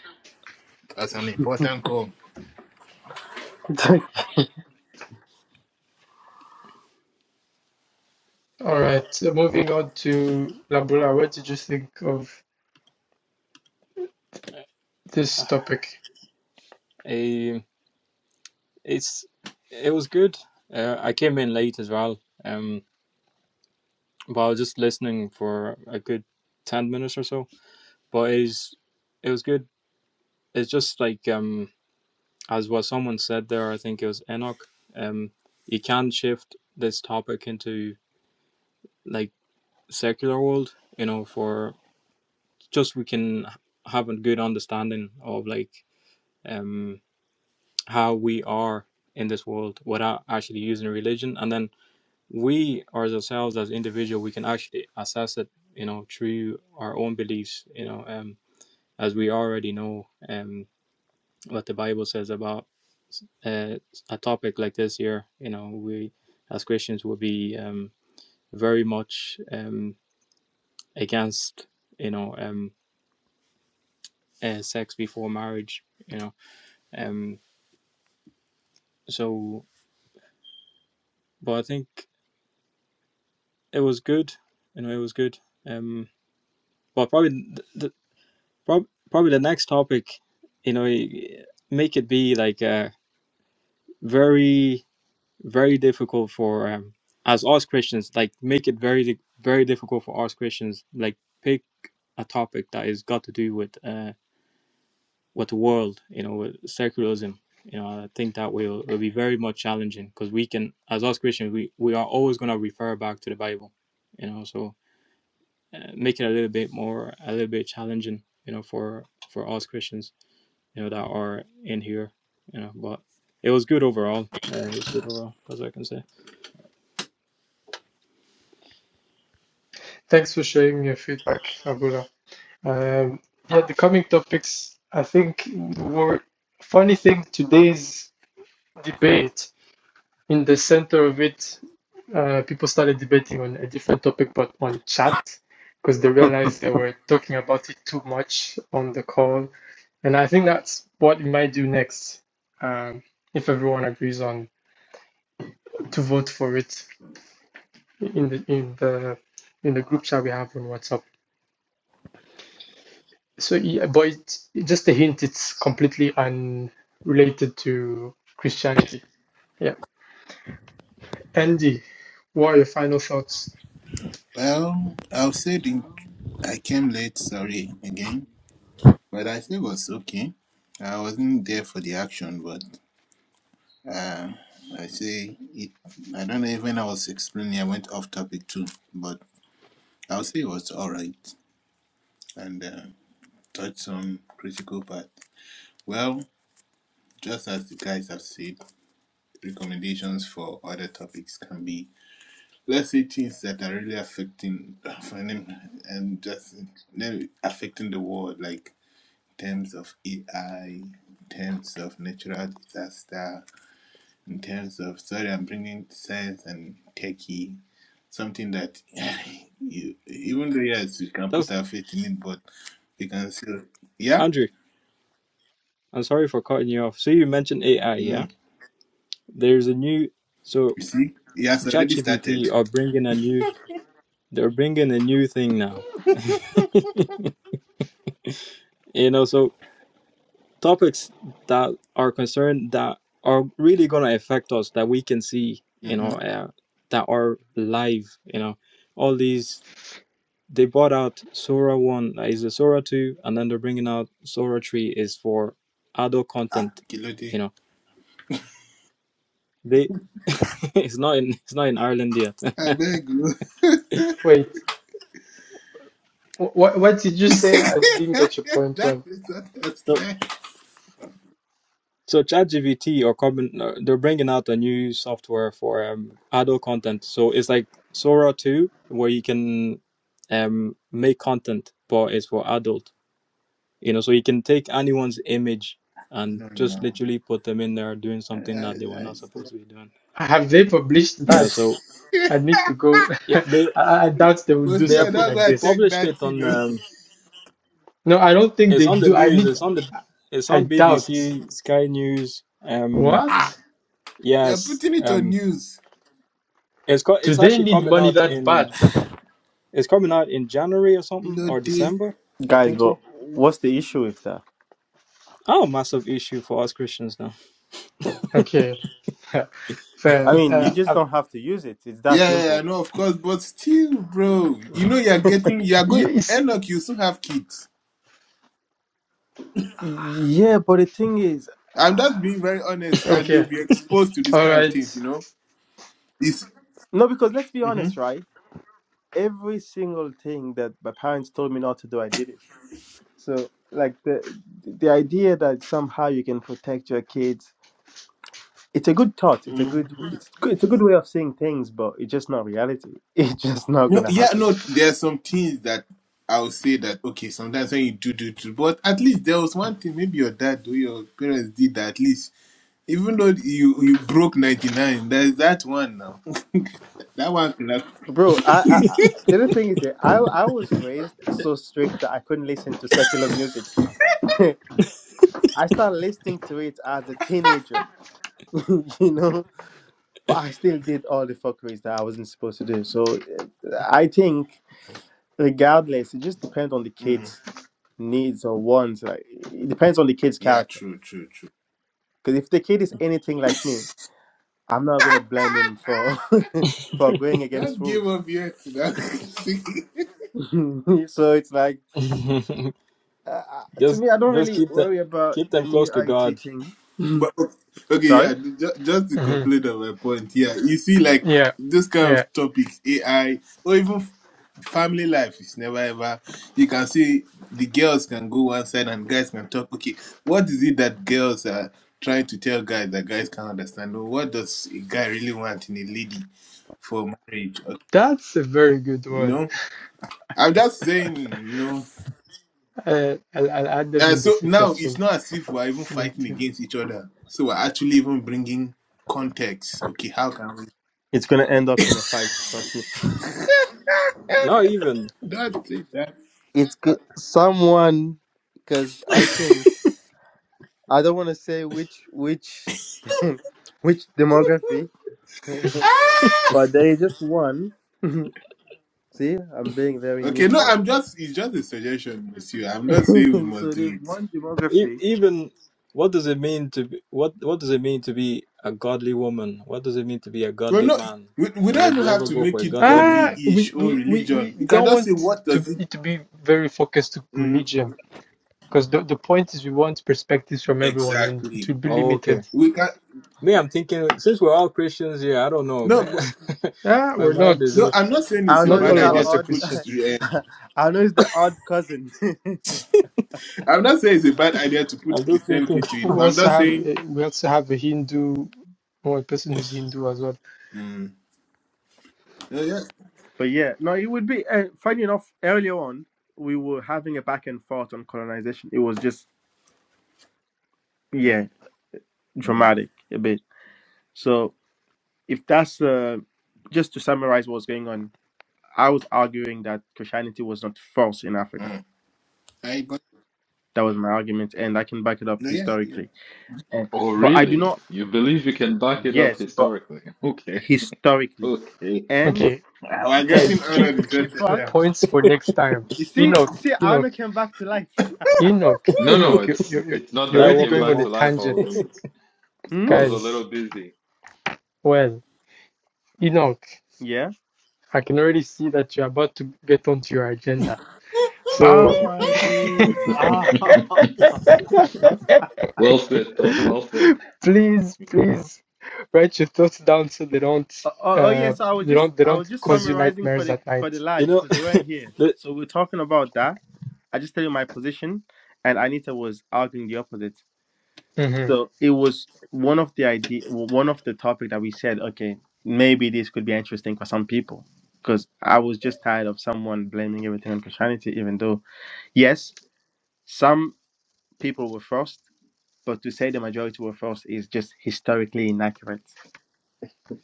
Speaker 12: that's an important call
Speaker 1: All right, so moving on to Labula. What did you think of this topic?
Speaker 13: Um, it's it was good. Uh, I came in late as well. Um, Well, I was just listening for a good ten minutes or so, but it's it was good. It's just like um as what someone said there. I think it was Enoch. Um, you can shift this topic into like secular world. You know, for just we can h- have a good understanding of like um how we are in this world without actually using religion, and then we as ourselves as individual we can actually assess it. You know, through our own beliefs. You know, um as we already know um, what the Bible says about uh, a topic like this here, you know, we as Christians will be um, very much um, against, you know, um, uh, sex before marriage, you know. Um, so, but I think it was good, you know, it was good. Um, but probably the, the probably the next topic, you know, make it be like a very very difficult for um, as us Christians, like make it very di- very difficult for us Christians, like pick a topic that is got to do with uh with the world, you know, with secularism. You know, I think that will will be very much challenging because we can, as us Christians, we we are always going to refer back to the Bible, you know. So uh, make it a little bit more, a little bit challenging, you know, for for us Christians, you know, that are in here, you know. But it was good overall. Uh, it was good overall, as I can say.
Speaker 1: Thanks for sharing your feedback, Labula. Um, yeah, the coming topics, I think, were funny thing today's debate. In the center of it, uh, people started debating on a different topic, but on chat, because they realized they were talking about it too much on the call. And I think that's what we might do next, um, if everyone agrees on. to vote for it in the in the in the group chat we have on WhatsApp. So yeah, but it's, just a hint, it's completely unrelated to Christianity. Yeah, Andy, what are your final thoughts?
Speaker 12: well i'll say the i came late sorry again But I say it was okay. I wasn't there for the action, but uh, I say it. I don't know if when I was explaining, I went off topic too, but I'll say it was all right and uh, touched on critical part. Well, just as the guys have said, recommendations for other topics can be, let's say, things that are really affecting and just really affecting the world, like terms of AI, terms of natural disaster in terms of sorry i'm bringing science and techie something that you even though yes we can put
Speaker 13: That's
Speaker 12: our faith in it but you can still yeah
Speaker 13: Andrew. I'm sorry for cutting you off. So you mentioned AI, yeah?
Speaker 12: mm,
Speaker 13: There's a new so
Speaker 12: you see he has already started
Speaker 13: ChatGPT are bringing a new they're bringing a new thing now. you know, so topics that are concerned that are really going to affect us that we can see, you
Speaker 12: mm-hmm.
Speaker 13: know, uh, that are live, you know, all these they bought out Sora 1 uh, is a Sora 2 and then they're bringing out Sora 3 is for adult
Speaker 12: ah
Speaker 13: content, you
Speaker 12: kilode
Speaker 13: know. They it's not in it's not in Ireland yet
Speaker 12: i beg you
Speaker 1: Wait, what what did you say? I didn't get your point.
Speaker 12: that
Speaker 1: Well,
Speaker 12: is not a strength.
Speaker 13: So, so ChatGPT or Carbon, uh, they're bringing out a new software for um, adult content. So it's like Sora 2, where you can um, make content, but it's for adult. You know, so you can take anyone's image and
Speaker 12: no
Speaker 13: just
Speaker 12: no
Speaker 13: literally put them in there doing
Speaker 12: Ah,
Speaker 13: something that they were not
Speaker 12: that I,
Speaker 13: supposed to be doing.
Speaker 1: have they published
Speaker 13: You know,
Speaker 1: that?
Speaker 13: so
Speaker 1: I need to go.
Speaker 13: yeah, they
Speaker 1: I, I doubt they will
Speaker 12: well,
Speaker 1: do
Speaker 13: they
Speaker 12: see,
Speaker 13: have
Speaker 12: I'm
Speaker 1: something
Speaker 13: pu-
Speaker 12: not
Speaker 1: like
Speaker 12: gonna
Speaker 1: this.
Speaker 12: check
Speaker 13: published
Speaker 12: that,
Speaker 13: it
Speaker 12: you
Speaker 13: on.
Speaker 12: know.
Speaker 13: Um,
Speaker 1: No, I don't think
Speaker 13: it's
Speaker 1: they
Speaker 13: on the
Speaker 1: do. I
Speaker 13: news.
Speaker 1: need.
Speaker 13: It's on the. It's
Speaker 1: I
Speaker 13: on
Speaker 1: doubt.
Speaker 13: BBC, Sky News. Um,
Speaker 12: Ah,
Speaker 1: What?
Speaker 12: they're
Speaker 13: yes.
Speaker 12: putting it on
Speaker 13: Um,
Speaker 12: news.
Speaker 13: it's co-
Speaker 1: Do
Speaker 13: it's
Speaker 1: they
Speaker 13: actually
Speaker 1: need
Speaker 13: coming
Speaker 1: money
Speaker 13: out
Speaker 1: that
Speaker 13: in
Speaker 1: bad?
Speaker 13: It's coming out in January or something or
Speaker 12: Lode.
Speaker 13: December. I
Speaker 3: Guys,
Speaker 13: think
Speaker 3: but
Speaker 13: so.
Speaker 3: what's the issue with that?
Speaker 13: Oh, massive issue for us Christians now.
Speaker 1: Okay.
Speaker 3: I
Speaker 1: Fair.
Speaker 3: mean,
Speaker 1: Uh,
Speaker 3: you just
Speaker 1: um,
Speaker 3: don't have to use it. It's that
Speaker 12: Yeah, yeah, yeah,
Speaker 3: simple.
Speaker 12: no, of course, but still, bro, you
Speaker 13: Yeah.
Speaker 12: know you're getting you're going
Speaker 1: you, you see,
Speaker 12: Enoch, you still have kids.
Speaker 3: Yeah, but the thing is,
Speaker 12: I'm
Speaker 3: ah,
Speaker 12: just being very honest, and they'll
Speaker 1: okay.
Speaker 12: be exposed to this
Speaker 1: All
Speaker 12: kind of things,
Speaker 1: right.
Speaker 12: you know? It's
Speaker 3: no, because let's be
Speaker 12: hmm
Speaker 3: honest, right? Every single thing that my parents told me not to do, I did it. So, like the the idea that somehow you can protect your kids it's a good thought. It's a good it's good it's a good way of saying things, but it's just not reality. It's just not
Speaker 12: no
Speaker 3: gonna
Speaker 12: yeah,
Speaker 3: happen.
Speaker 12: no, there's some things that I'll say that okay, sometimes when you do do do but at least there was one thing, maybe your dad or your parents did that at least. Even though you you broke ninety nine, there's that one now. that one can have-
Speaker 3: Bro, I, I, I the other thing is that I I was raised so strict that I couldn't listen to secular music. I started listening to it as a teenager, you know, but I still did all the fuckeries that I wasn't supposed to do. So uh, I think, regardless, it just depends on the
Speaker 12: Mm.
Speaker 3: kid's needs or wants. Like it depends on the kid's
Speaker 12: Yeah,
Speaker 3: character.
Speaker 12: true, true, true.
Speaker 3: Because if the kid is anything like me, I'm not gonna blame him for for going against
Speaker 12: Don't give
Speaker 3: rules.
Speaker 12: up yet.
Speaker 3: so it's like uh, uh, to
Speaker 13: just
Speaker 3: me, I don't
Speaker 13: just
Speaker 3: really
Speaker 13: keep that
Speaker 3: worry about
Speaker 13: keep
Speaker 3: the
Speaker 13: them close
Speaker 3: new
Speaker 13: to God.
Speaker 3: IT thing.
Speaker 12: but okay,
Speaker 3: Sorry,
Speaker 12: yeah. Just just to
Speaker 1: Mhm.
Speaker 12: conclude on my point, yeah. You see, like
Speaker 1: Yeah.
Speaker 12: this kind
Speaker 1: Yeah.
Speaker 12: of topics, AI or even f- family life is never ever. You can see the girls can go one side and guys can talk. Okay, what is it that girls are trying to tell guys that guys can understand? Or what does a guy really want in a lady for marriage? Uh,
Speaker 1: That's a very good
Speaker 12: You
Speaker 1: one.
Speaker 12: know, I'm just saying. You know.
Speaker 1: Uh, I'll, I'll add them
Speaker 12: Uh,
Speaker 1: in the
Speaker 12: so now it's
Speaker 1: suggestions
Speaker 12: not as if we're even fighting
Speaker 1: later.
Speaker 12: against each other. So we're actually even bringing context. Okay, how can we?
Speaker 3: it's gonna end up in a fight. Trust me.
Speaker 13: Not even
Speaker 12: That's it. That.
Speaker 3: It's
Speaker 13: uh,
Speaker 3: g- someone because I think I don't want to say which which which demography, but
Speaker 12: Ah!
Speaker 3: there is just one. See, I'm being very
Speaker 12: Okay, no,
Speaker 3: neutral.
Speaker 12: I'm just. It's just a suggestion, Monsieur. I'm not saying we must
Speaker 3: so
Speaker 12: do
Speaker 3: there's
Speaker 12: it.
Speaker 3: one
Speaker 13: e-
Speaker 3: demography
Speaker 13: even what does it mean to be, what what does it mean to be a godly woman? What does it mean to be a
Speaker 12: We're
Speaker 13: godly
Speaker 12: not.
Speaker 13: man?
Speaker 12: We, we
Speaker 13: And
Speaker 12: don't
Speaker 13: would
Speaker 12: even
Speaker 13: you
Speaker 12: have
Speaker 13: ever
Speaker 12: to
Speaker 13: go for
Speaker 12: make
Speaker 13: a
Speaker 12: it
Speaker 13: godly
Speaker 1: Ah,
Speaker 13: man?
Speaker 1: we,
Speaker 12: godly-ish or
Speaker 1: we, we, we
Speaker 12: religion. We can
Speaker 1: don't
Speaker 12: just say
Speaker 1: want
Speaker 12: what
Speaker 1: to
Speaker 12: does it
Speaker 1: it to be very focused to
Speaker 12: mm,
Speaker 1: religion because the, the point is we want perspectives from everyone and it
Speaker 12: exactly.
Speaker 1: will be
Speaker 13: Oh, okay.
Speaker 1: limited.
Speaker 12: We can
Speaker 13: Me, I'm thinking since we're all Christians here, I don't know.
Speaker 12: no,
Speaker 13: man.
Speaker 12: but,
Speaker 1: Ah,
Speaker 13: My
Speaker 1: we're
Speaker 13: mind is
Speaker 1: not.
Speaker 12: no. I'm
Speaker 13: just
Speaker 12: not saying
Speaker 3: I
Speaker 12: it's a
Speaker 3: know
Speaker 13: it's
Speaker 1: Not
Speaker 3: it's
Speaker 12: bad
Speaker 1: all
Speaker 13: just
Speaker 1: of
Speaker 3: that
Speaker 12: idea
Speaker 13: God.
Speaker 1: us
Speaker 12: to
Speaker 1: are
Speaker 3: odd.
Speaker 12: put.
Speaker 1: Christians.
Speaker 12: Uh,
Speaker 3: I know it's the odd cousin.
Speaker 12: I'm not saying it's a bad idea to
Speaker 13: I'm
Speaker 12: put
Speaker 13: just
Speaker 12: Christianity
Speaker 13: thinking
Speaker 12: into it,
Speaker 1: We
Speaker 12: but I'm
Speaker 1: also
Speaker 12: just
Speaker 1: have
Speaker 12: saying.
Speaker 1: a, we also have a Hindu, one person who's Hindu as well.
Speaker 12: Mm, yeah, yeah.
Speaker 3: but yeah, no, it would be uh, funny enough. Earlier on, we were having a back and forth on colonization. It was just yeah,
Speaker 12: Mm, mm,
Speaker 3: dramatic a bit. So if that's uh, just to summarize what's going on, I was arguing that Christianity was not false in Africa.
Speaker 12: mm. I but
Speaker 3: That was my argument, and I can back it up
Speaker 12: no, yeah, yeah.
Speaker 3: historically. Eh,
Speaker 10: Oh,
Speaker 3: But I do not.
Speaker 10: really? You believe you can back it up
Speaker 3: Yes, but
Speaker 10: historically? Okay.
Speaker 3: historically,
Speaker 10: Okay.
Speaker 3: and
Speaker 1: Okay,
Speaker 12: We're
Speaker 3: and
Speaker 1: guys,
Speaker 12: getting
Speaker 1: keep
Speaker 12: honored
Speaker 1: keep
Speaker 12: interested
Speaker 1: your
Speaker 3: but
Speaker 12: now.
Speaker 1: points for next time.
Speaker 3: You see, you
Speaker 1: Enoch,
Speaker 3: see, Anna
Speaker 1: Enoch,
Speaker 3: came back to life.
Speaker 1: Enoch,
Speaker 10: No, no,
Speaker 1: Enoch, you're
Speaker 10: it's
Speaker 1: you're you're
Speaker 10: it's not that
Speaker 13: that
Speaker 10: I
Speaker 1: already
Speaker 13: walk
Speaker 10: came
Speaker 1: going
Speaker 10: back
Speaker 1: on a
Speaker 13: and
Speaker 10: to life. I
Speaker 1: tangent,
Speaker 10: was I
Speaker 3: Hmm.
Speaker 10: was a little
Speaker 1: guys.
Speaker 10: busy.
Speaker 1: Well, Enoch,
Speaker 3: Yeah.
Speaker 1: I can already see that you're about to get onto your agenda.
Speaker 3: Oh
Speaker 1: So,
Speaker 3: my goodness. Ah.
Speaker 10: Well said, Tom. Well said.
Speaker 1: please, please write your thoughts down so they don't
Speaker 3: Oh, oh, oh, yeah.
Speaker 1: uh
Speaker 3: So I was
Speaker 1: they
Speaker 3: just,
Speaker 1: don't they
Speaker 3: I was
Speaker 1: don't
Speaker 3: just
Speaker 1: cause you
Speaker 3: summarizing for
Speaker 1: nightmares
Speaker 3: the
Speaker 1: at
Speaker 3: for the
Speaker 1: night.
Speaker 13: You
Speaker 3: lads
Speaker 13: know,
Speaker 3: because they weren't here.
Speaker 13: the-
Speaker 3: So we are talking about that. I just tell you my position, and Anita was arguing the opposite.
Speaker 1: hmm
Speaker 3: So it was one of the idea, one of the topic that we said, okay, maybe this could be interesting for some people, because I was just tired of someone blaming everything on Christianity, even though yes, some people were forced but to say the majority were false is just historically inaccurate.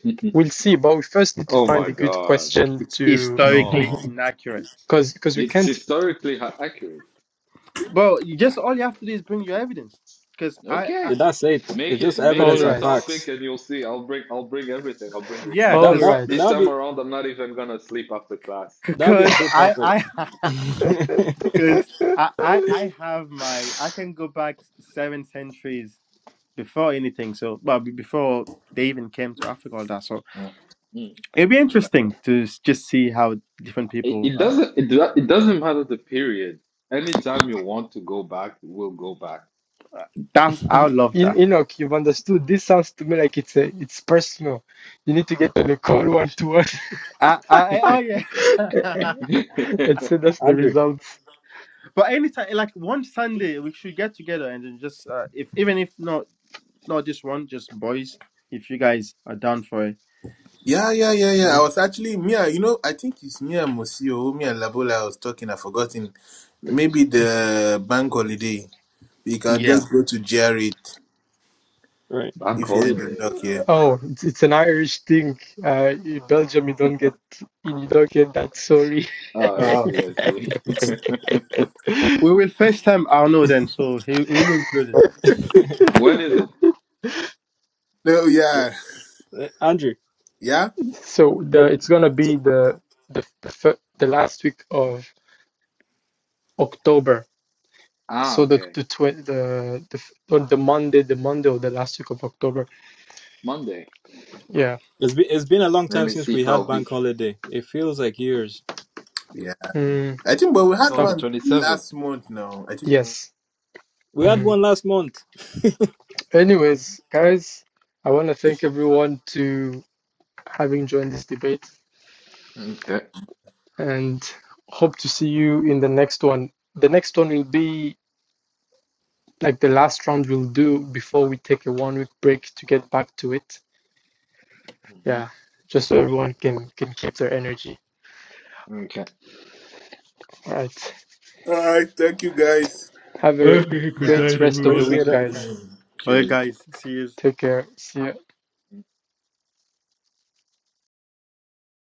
Speaker 1: We'll see, but we first need to
Speaker 10: Oh
Speaker 1: find
Speaker 10: my
Speaker 1: a good
Speaker 10: God.
Speaker 1: question
Speaker 3: It's
Speaker 1: to
Speaker 3: historically
Speaker 10: No,
Speaker 3: inaccurate.
Speaker 1: because because we
Speaker 10: it's
Speaker 1: can't.
Speaker 10: historically ha- accurate.
Speaker 3: Bro, you just all you have to do is bring your evidence. Cause I,
Speaker 10: Okay.
Speaker 3: I
Speaker 13: that's it.
Speaker 10: Make
Speaker 13: It's just
Speaker 10: it make it
Speaker 1: All
Speaker 13: evidence
Speaker 10: a
Speaker 13: and
Speaker 1: right,
Speaker 10: topic
Speaker 13: facts.
Speaker 10: and you'll see. I'll bring I'll bring everything. I'll bring
Speaker 3: yeah,
Speaker 10: receipt.
Speaker 1: all
Speaker 13: That
Speaker 3: cause,
Speaker 13: that
Speaker 1: right.
Speaker 10: This
Speaker 13: that'll
Speaker 10: time
Speaker 13: be
Speaker 10: around, I'm not even gonna sleep after class.
Speaker 3: c-
Speaker 13: that'll be a
Speaker 3: cause
Speaker 13: good
Speaker 3: I,
Speaker 13: topic.
Speaker 3: I, cause I, I,
Speaker 1: In
Speaker 3: I have my. I can go back seven centuries before anything. So, well, be- before they even came to Africa, all that. So
Speaker 12: Mm.
Speaker 10: Mm.
Speaker 3: it'd be interesting to s- just see how different
Speaker 10: It,
Speaker 3: people.
Speaker 10: it
Speaker 3: Uh,
Speaker 10: doesn't it, do- it doesn't matter the period. Anytime you want to go back, we'll go back.
Speaker 3: that's I
Speaker 1: Y-
Speaker 3: would love that.
Speaker 1: Enoch, you've understood. This sounds to me like it's a it's personal. You need to get on a call one to
Speaker 3: I, I, oh
Speaker 1: one
Speaker 3: yeah.
Speaker 1: and send us the
Speaker 13: Andrew,
Speaker 1: results.
Speaker 3: But anytime, like one Sunday, we should get together and then just uh, if even if not not just one, just boys. If you guys are down for it,
Speaker 12: Yeah, yeah, yeah, yeah. I
Speaker 13: Yeah,
Speaker 12: was actually Mia. You know, I think it's Mia Mosio, Mia Labola. I was talking. I forgotten. Maybe the bank holiday. You can
Speaker 3: yeah.
Speaker 12: just go to Jared
Speaker 13: right?
Speaker 10: Bank
Speaker 12: if you're in the
Speaker 10: holiday.
Speaker 12: dock here.
Speaker 1: Oh, it's, it's an Irish thing. Uh, in Belgium, you don't get you don't get that. Sorry.
Speaker 10: Oh, I
Speaker 3: Uh,
Speaker 10: see, I see.
Speaker 3: we will FaceTime Arno then, so he, he will be included.
Speaker 10: When is it?
Speaker 12: No,
Speaker 13: Yeah.
Speaker 12: yeah,
Speaker 13: Uh, Andrew,
Speaker 12: yeah,
Speaker 1: So the
Speaker 13: the-
Speaker 1: it's gonna be the the the, the last week of October.
Speaker 10: Ah,
Speaker 1: So the
Speaker 10: okay.
Speaker 1: the twi- the the f- or the Monday, the Monday of the last week of October.
Speaker 10: Monday.
Speaker 1: Yeah.
Speaker 13: it's been it's been a long
Speaker 10: Let
Speaker 13: time
Speaker 10: me
Speaker 13: since
Speaker 10: see
Speaker 13: we
Speaker 10: if
Speaker 13: had
Speaker 10: I'll be.
Speaker 13: bank holiday. It feels like years.
Speaker 12: yeah.
Speaker 1: Mm,
Speaker 12: I think, but we
Speaker 10: So
Speaker 12: had
Speaker 10: on the
Speaker 1: stuff.
Speaker 12: one
Speaker 10: 27th.
Speaker 12: last month now. I think. All
Speaker 1: Yes.
Speaker 13: We had
Speaker 1: Mhm.
Speaker 13: one last month.
Speaker 1: Anyways, guys, I want to thank everyone to having joined this debate
Speaker 10: Okay.
Speaker 1: and hope to see you in the next one. The next one will be like the last round we'll do before we take a one week break to get back to it.
Speaker 10: hmm
Speaker 1: Yeah. Just so everyone can can keep their energy.
Speaker 10: Okay.
Speaker 1: All right.
Speaker 12: right, thank you guys.
Speaker 1: Have a
Speaker 10: Okay, good
Speaker 12: Yeah.
Speaker 1: great
Speaker 10: night,
Speaker 1: rest
Speaker 12: Have
Speaker 1: of
Speaker 12: a
Speaker 1: the
Speaker 10: everyone.
Speaker 13: Appreciate
Speaker 1: week,
Speaker 13: it.
Speaker 12: lovely
Speaker 1: guys.
Speaker 12: evening.
Speaker 3: All right,
Speaker 12: Cheers.
Speaker 3: guys. See you.
Speaker 1: Take care. See ya.